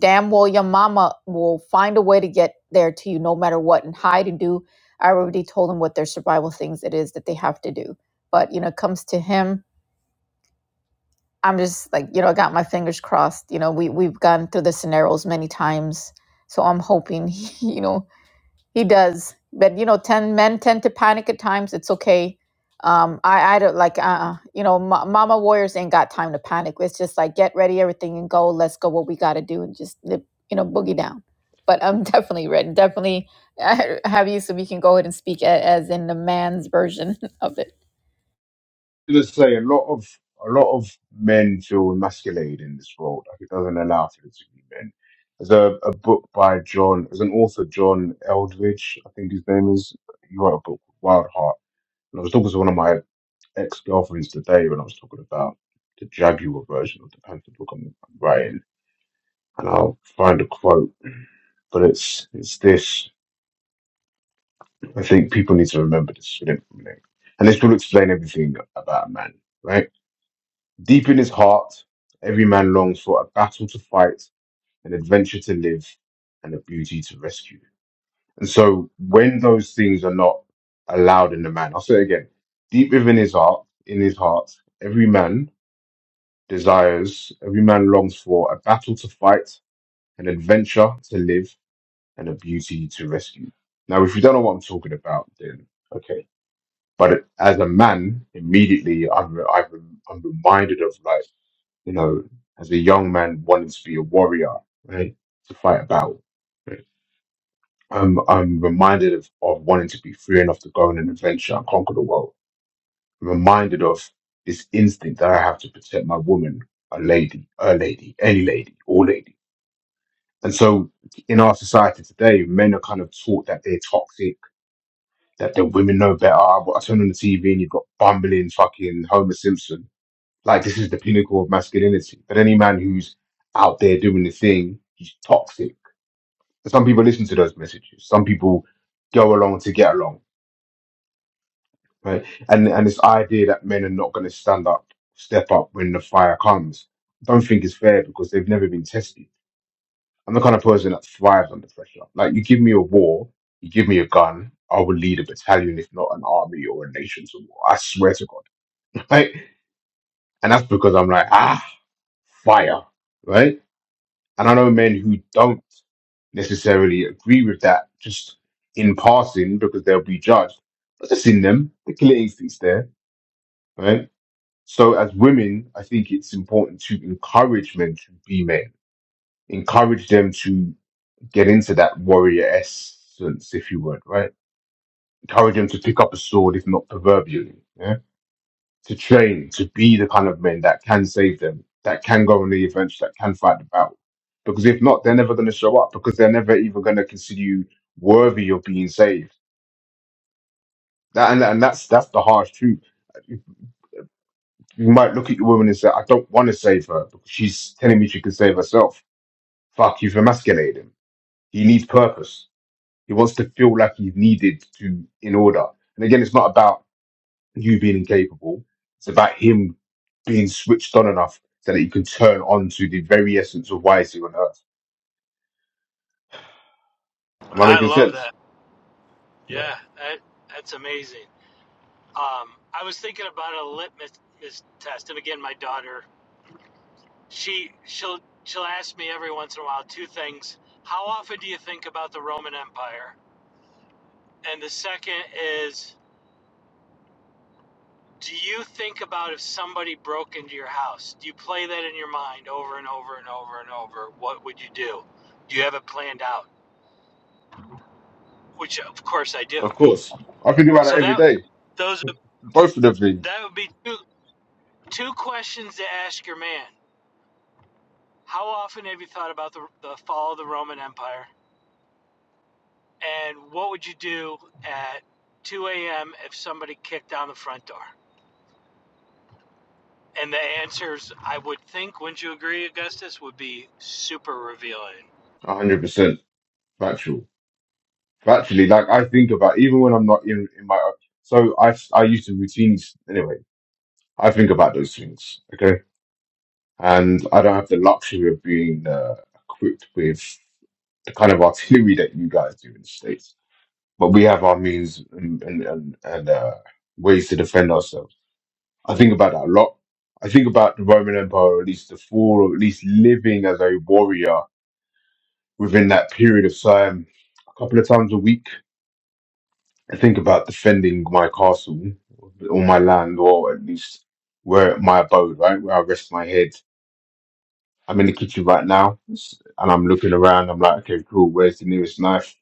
damn well your mama will find a way to get there to you no matter what and hide and do. I already told them what their survival things it is that they have to do. But you know, it comes to him I'm just like, you know, I got my fingers crossed. You know, we we've gone through the scenarios many times, so I'm hoping, he, you know, he does. But you know, ten men tend to panic at times. It's okay. Um, I I don't like, uh, you know, ma mama warriors ain't got time to panic. It's just like get ready, everything, and go. Let's go. What we got to do, and just live, you know, boogie down. But I'm definitely ready. Definitely have you, so we can go ahead and speak a- as in the man's version of it. let's say a lot of a lot of men feel emasculated in this world. Like it doesn't allow for this to be men. There's a, a book by John, there's an author John Eldridge, I think his name is. He wrote a book, Wild Heart. And I was talking to one of my ex girlfriends today when I was talking about the Jaguar version of the Panther book I'm I'm writing and I'll find a quote. But it's it's this. I think people need to remember this, you know, you know. and this will explain everything about a man. Right, deep in his heart, every man longs for a battle to fight, an adventure to live, and a beauty to rescue. And so, when those things are not allowed in the man, I'll say it again: deep within his heart, in his heart, every man desires, every man longs for a battle to fight, an adventure to live, and a beauty to rescue. Now, if you don't know what I'm talking about, then okay. But as a man, immediately I'm re- I've, rem- I'm reminded of like you know, as a young man wanting to be a warrior, right, to fight a battle. Right? I'm I'm reminded of, of wanting to be free enough to go on an adventure and conquer the world. I'm reminded of this instinct that I have to protect my woman, a lady, a lady, any lady, all lady. And so in our society today, men are kind of taught that they're toxic that the women know better. I, I turn on the TV and you've got bumbling fucking Homer Simpson. Like this is the pinnacle of masculinity. But any man who's out there doing the thing, he's toxic. Some people listen to those messages. Some people go along to get along, right? And and this idea that men are not going to stand up, step up when the fire comes, I don't think is fair because they've never been tested. I'm the kind of person that thrives under pressure. Like you give me a war, you give me a gun, I will lead a battalion, if not an army or a nation to war. I swear to God. right? And that's because I'm like, ah, fire, right? And I know men who don't necessarily agree with that just in passing because they'll be judged, but it's in them, the killer instinct's there, right? So as women, I think it's important to encourage men to be men, encourage them to get into that warrior essence, if you would, right? Encourage them to pick up a sword, if not proverbially. yeah? to train to be the kind of men that can save them, that can go on the adventure, that can fight the battle. Because if not, they're never going to show up because they're never even going to consider you worthy of being saved. That, and, and that's that's the harsh truth. You might look at your woman and say, "I don't want to save her because she's telling me she can save herself." Fuck, you've emasculated him. He needs purpose. He wants to feel like he's needed to in order. And again, it's not about you being incapable. It's about him being switched on enough so that he can turn on to the very essence of why is he on earth. Am I I making love sense? that. Yeah. Yeah, that that's amazing. Um, I was thinking about a litmus test, and again, my daughter. She she'll she'll ask me every once in a while two things. How often do you think about the Roman Empire? And the second is do you think about if somebody broke into your house? Do you play that in your mind over and over and over and over? What would you do? Do you have it planned out? Which of course I do. Of course. I think about So that every that day. those Both of the things, that would be two two questions to ask your man. How often have you thought about the the fall of the Roman Empire? And what would you do at 2 a.m. if somebody kicked down the front door? And the answers, I would think, wouldn't you agree, Augustus, would be super revealing. 100% factual. Factually, like I think about, even when I'm not in, in my, so I, I used to routines, anyway, I think about those things, okay? And I don't have the luxury of being uh, equipped with the kind of artillery that you guys do in the States. but we have our means and and, and, and uh, ways to defend ourselves. I think about that a lot. I think about the Roman Empire, or at least the fall, or at least living as a warrior within that period of time, a couple of times a week. I think about defending my castle or my land, or at least where my abode, right, where I rest my head. I'm in the kitchen right now, and I'm looking around. I'm like, okay, cool. Where's the nearest knife?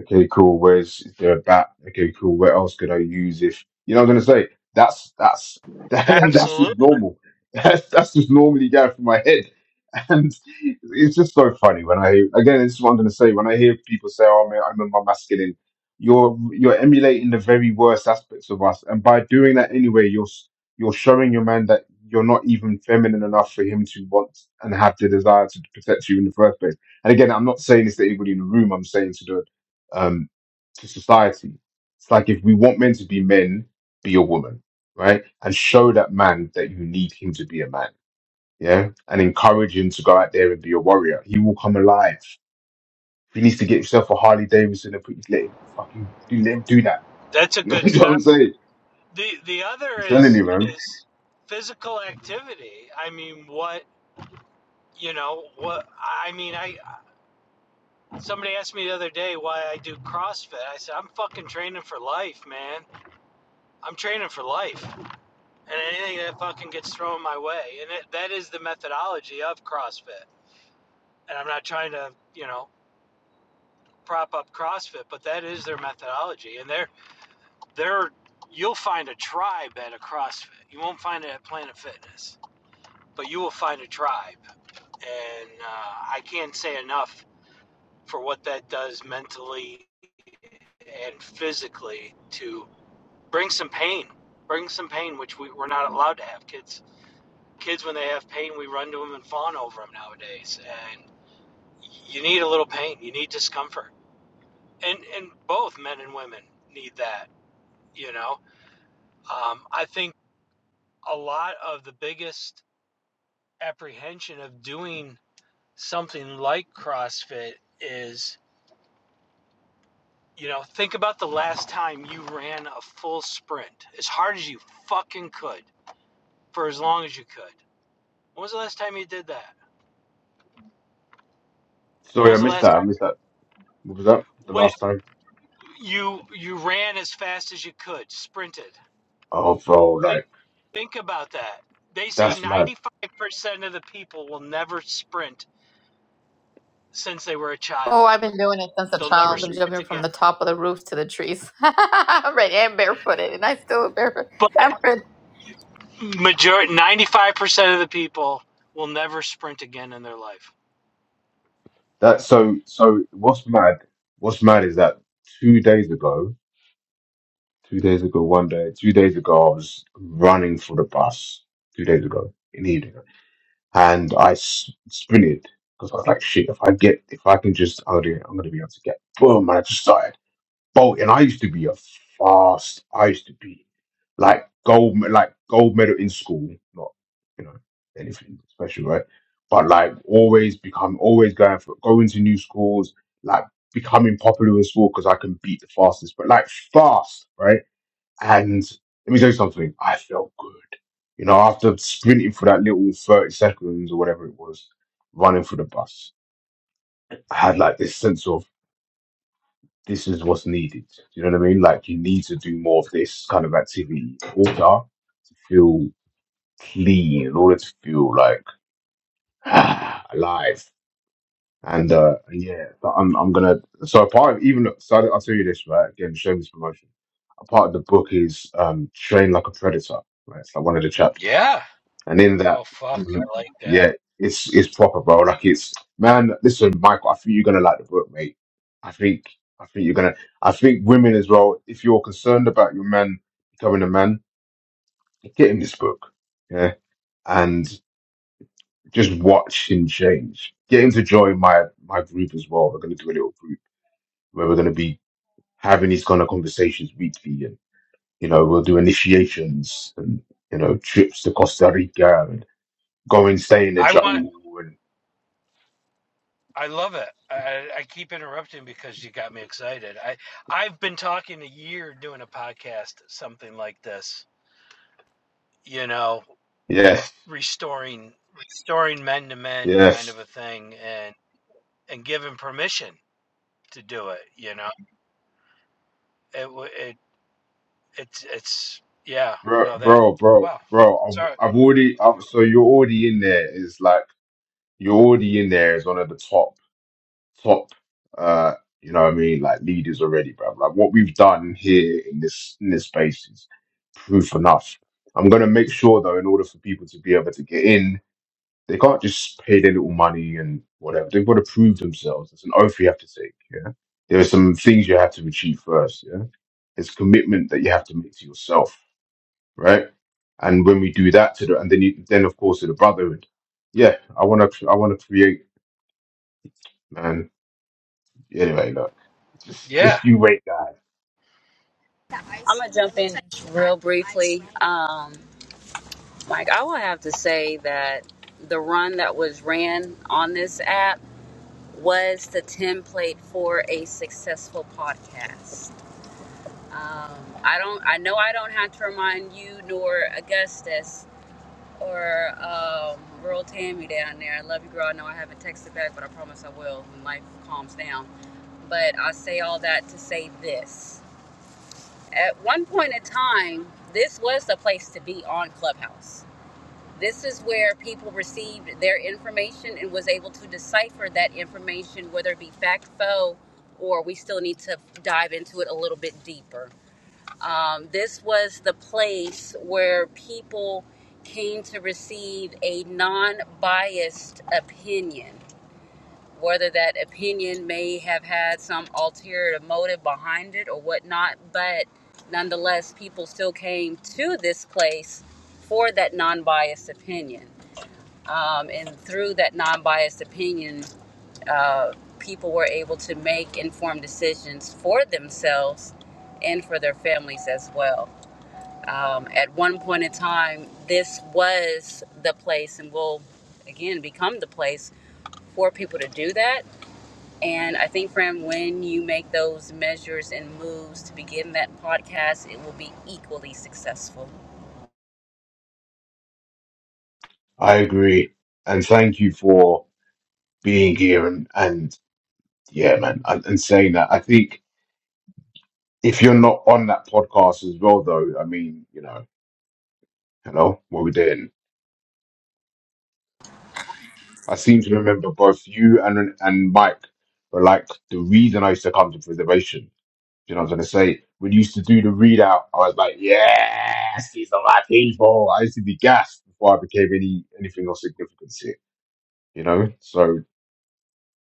Okay, cool. Where's is there a bat? Okay, cool. What else could I use if you know what I'm gonna say? That's that's that that's just Absolutely, normal. That's that's just normally going through my head. And it's just so funny when I again, this is what I'm gonna say. When I hear people say, Oh man, I remember my masculine, you're you're emulating the very worst aspects of us. And by doing that anyway, you're s- you're showing your man that you're not even feminine enough for him to want and have the desire to protect you in the first place. And again, I'm not saying this to anybody in the room. I'm saying to the um, to society. It's like if we want men to be men, be a woman, right? And show that man that you need him to be a man, yeah? And encourage him to go out there and be a warrior. He will come alive. If he needs to get himself a Harley Davidson and put his let him fucking do let him do that. that's a You know good what start. I'm saying? the The other I'm telling is you, man. is physical activity. I mean, what you know, what I mean, I somebody asked me the other day why I do CrossFit. I said I'm fucking training for life, man. I'm training for life. and anything that fucking gets thrown my way. And it, that is the methodology of CrossFit. And I'm not trying to, you know, prop up CrossFit, but that is their methodology. And they're they're you'll find a tribe at a CrossFit. You won't find it at Planet Fitness, but you will find a tribe. And uh, I can't say enough for what that does mentally and physically to bring some pain, bring some pain, which we, we're not allowed to have kids kids when they have pain, we run to them and fawn over them nowadays. And you need a little pain, you need discomfort, and and both men and women need that. You know, um, I think a lot of the biggest apprehension of doing something like CrossFit is, you know, think about the last time you ran a full sprint as hard as you fucking could for as long as you could. When was the last time you did that? When Sorry, I was the missed last that. I time? missed that. What was that? The When, last time? You you ran as fast as you could, sprinted. Oh, bro, Think like think about that. They say that's mad. 95% of the people will never sprint since they were a child. Oh, I've been doing it since a They'll That's never child. Been crazy. sprint jumping from again. the top of the roof to the trees. I'm ready. I'm barefooted, and I still barefoot. But I'm majority 95% of the people will never sprint again in their life. That so so. What's mad? What's mad is that two days ago, two days ago, one day, two days ago, I was running for the bus two days ago in the evening, and I s- sprinted because I was like, shit, if I get, if I can just, I'm gonna, I'm gonna be able to get, boom, and I just started bolting. I used to be a fast, I used to be like gold, me- like gold medal in school, not, you know, anything special, right? But like always become, always going for, going to new schools, like becoming popular in school because I can beat the fastest, but like fast, right? And let me tell you something, I felt good. You know, after sprinting for that little 30 seconds or whatever it was, running for the bus, I had like this sense of this is what's needed. You know what I mean? Like you need to do more of this kind of activity in order to feel clean, in order to feel like alive. And uh, yeah, so I'm I'm gonna so a part of even so I'll I'll tell you this right again, showing this promotion. A part of the book is um train like a predator. Right, it's like one of the chapters Yeah. And in Oh that, fuck, I'm gonna, I like yeah, that. it's it's proper, bro. Like it's man. Listen, Michael, I think you're gonna like the book, mate. I think I think you're gonna. I think women as well. If you're concerned about your man becoming a man, get him this book, yeah, and just watch him change. Get him to join my my group as well. We're gonna do a little group where we're gonna be having these kind of conversations weekly, and you know we'll do initiations and you know trips to Costa Rica and go and stay in the I want. jungle I love it. I, I keep interrupting because you got me excited. I I've been talking a year doing a podcast, something like this. You know. Yes, restoring restoring men to men kind yes, of a thing and and given permission to do it you know it w- it it's it's yeah bro, no that bro, bro, wow bro. sorry I've, I've already. i so you're already in there. Is like you're already in there as one of the top, top. Uh, you know what I mean? Like leaders already, bro. Like what we've done here in this in this space is proof enough. I'm gonna make sure though, in order for people to be able to get in, they can't just pay their little money and whatever. They've got to prove themselves. It's an oath you have to take. Yeah, there are some things you have to achieve first. Yeah. It's commitment that you have to make to yourself right? And when we do that to the, and then you, then of course to the brotherhood, yeah, I want to, I want to create, man. Anyway, look, just, yeah just you wait, guys. I'm gonna jump in real briefly. Um, Mike, I will have to say that the run that was ran on this app was the template for a successful podcast. Um, I don't. I know I don't have to remind you nor Augustus or um, Rural Tammy down there. I love you, girl. I know I haven't texted back, but I promise I will when life calms down. But I say all that to say this. At one point in time, this was the place to be on Clubhouse. This is where people received their information and was able to decipher that information, whether it be fact, faux, or we still need to dive into it a little bit deeper. Um, this was the place where people came to receive a non biased opinion, whether that opinion may have had some ulterior motive behind it or whatnot, but nonetheless, people still came to this place for that non biased opinion. Um, and through that non biased opinion, uh, people were able to make informed decisions for themselves and for their families as well um, at one point in time, this was the place and will again become the place for people to do that. And I think, Fran, when you make those measures and moves to begin that podcast, it will be equally successful. I agree, and thank you for being here and and yeah, man, and, and saying that. I think if you're not on that podcast as well, though, I mean, you know, hello, what we doing? I seem to remember both you and and Mike were like the reason I used to come to preservation You know what i was gonna say? When you used to do the readout, I was like, yes, these are my people. I used to be gassed before I became any anything of significance here. You know, so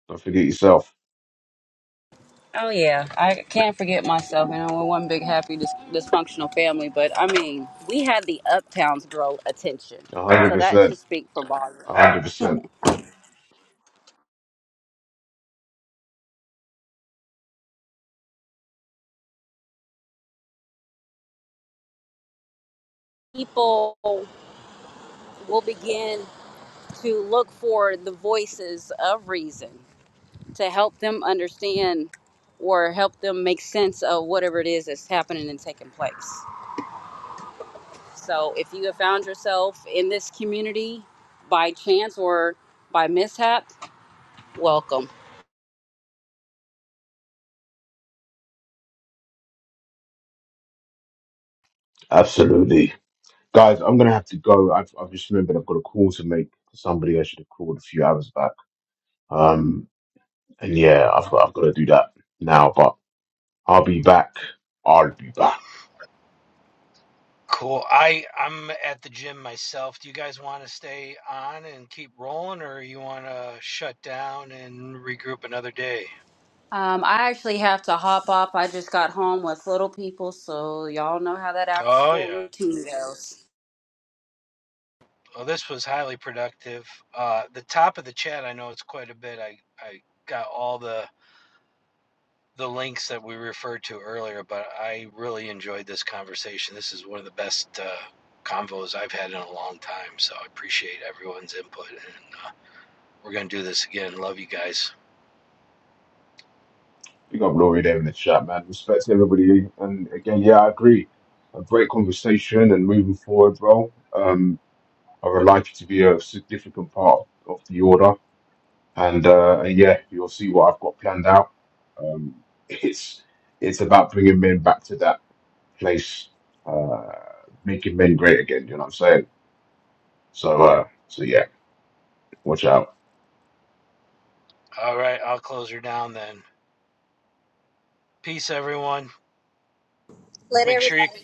don't forget yourself. Oh, yeah. I can't forget myself. You know, we're one big, happy, dis- dysfunctional family. But I mean, we had the Uptowns grow attention. A hundred So that percent, should speak for volume. a hundred percent, People will begin to look for the voices of reason to help them understand or help them make sense of whatever it is that's happening and taking place. So if you have found yourself in this community by chance or by mishap, welcome. absolutely, guys. I'm gonna have to go. I've, I've just remembered I've got a call to make to somebody I should have called a few hours back. Um, and yeah, I've got I've got to do that now. But I'll be back. I'll be back. cool i i'm at the gym myself do you guys want to stay on and keep rolling or you want to shut down and regroup another day Um, I actually have to hop off. I just got home with little people, so y'all know how that after oh school yeah routine goes. well this was highly productive uh the top of the chat i know it's quite a bit i i got all the the links that we referred to earlier, but I really enjoyed this conversation. This is one of the best uh, convos I've had in a long time, so I appreciate everyone's input. And uh, we're going to do this again. Love you guys. Big up Laurie there in the chat, man. Respect to everybody. And again, yeah, I agree. A great conversation and moving forward, bro. Um, I would like you to be a significant part of the order. And, uh, and yeah, you'll see what I've got planned out. Um, it's, it's about bringing men back to that. place, uh, making men great again. You know what I'm saying? So, uh, so yeah, watch out. All right, I'll close her down then. Peace, everyone. Let Make sure you. everybody.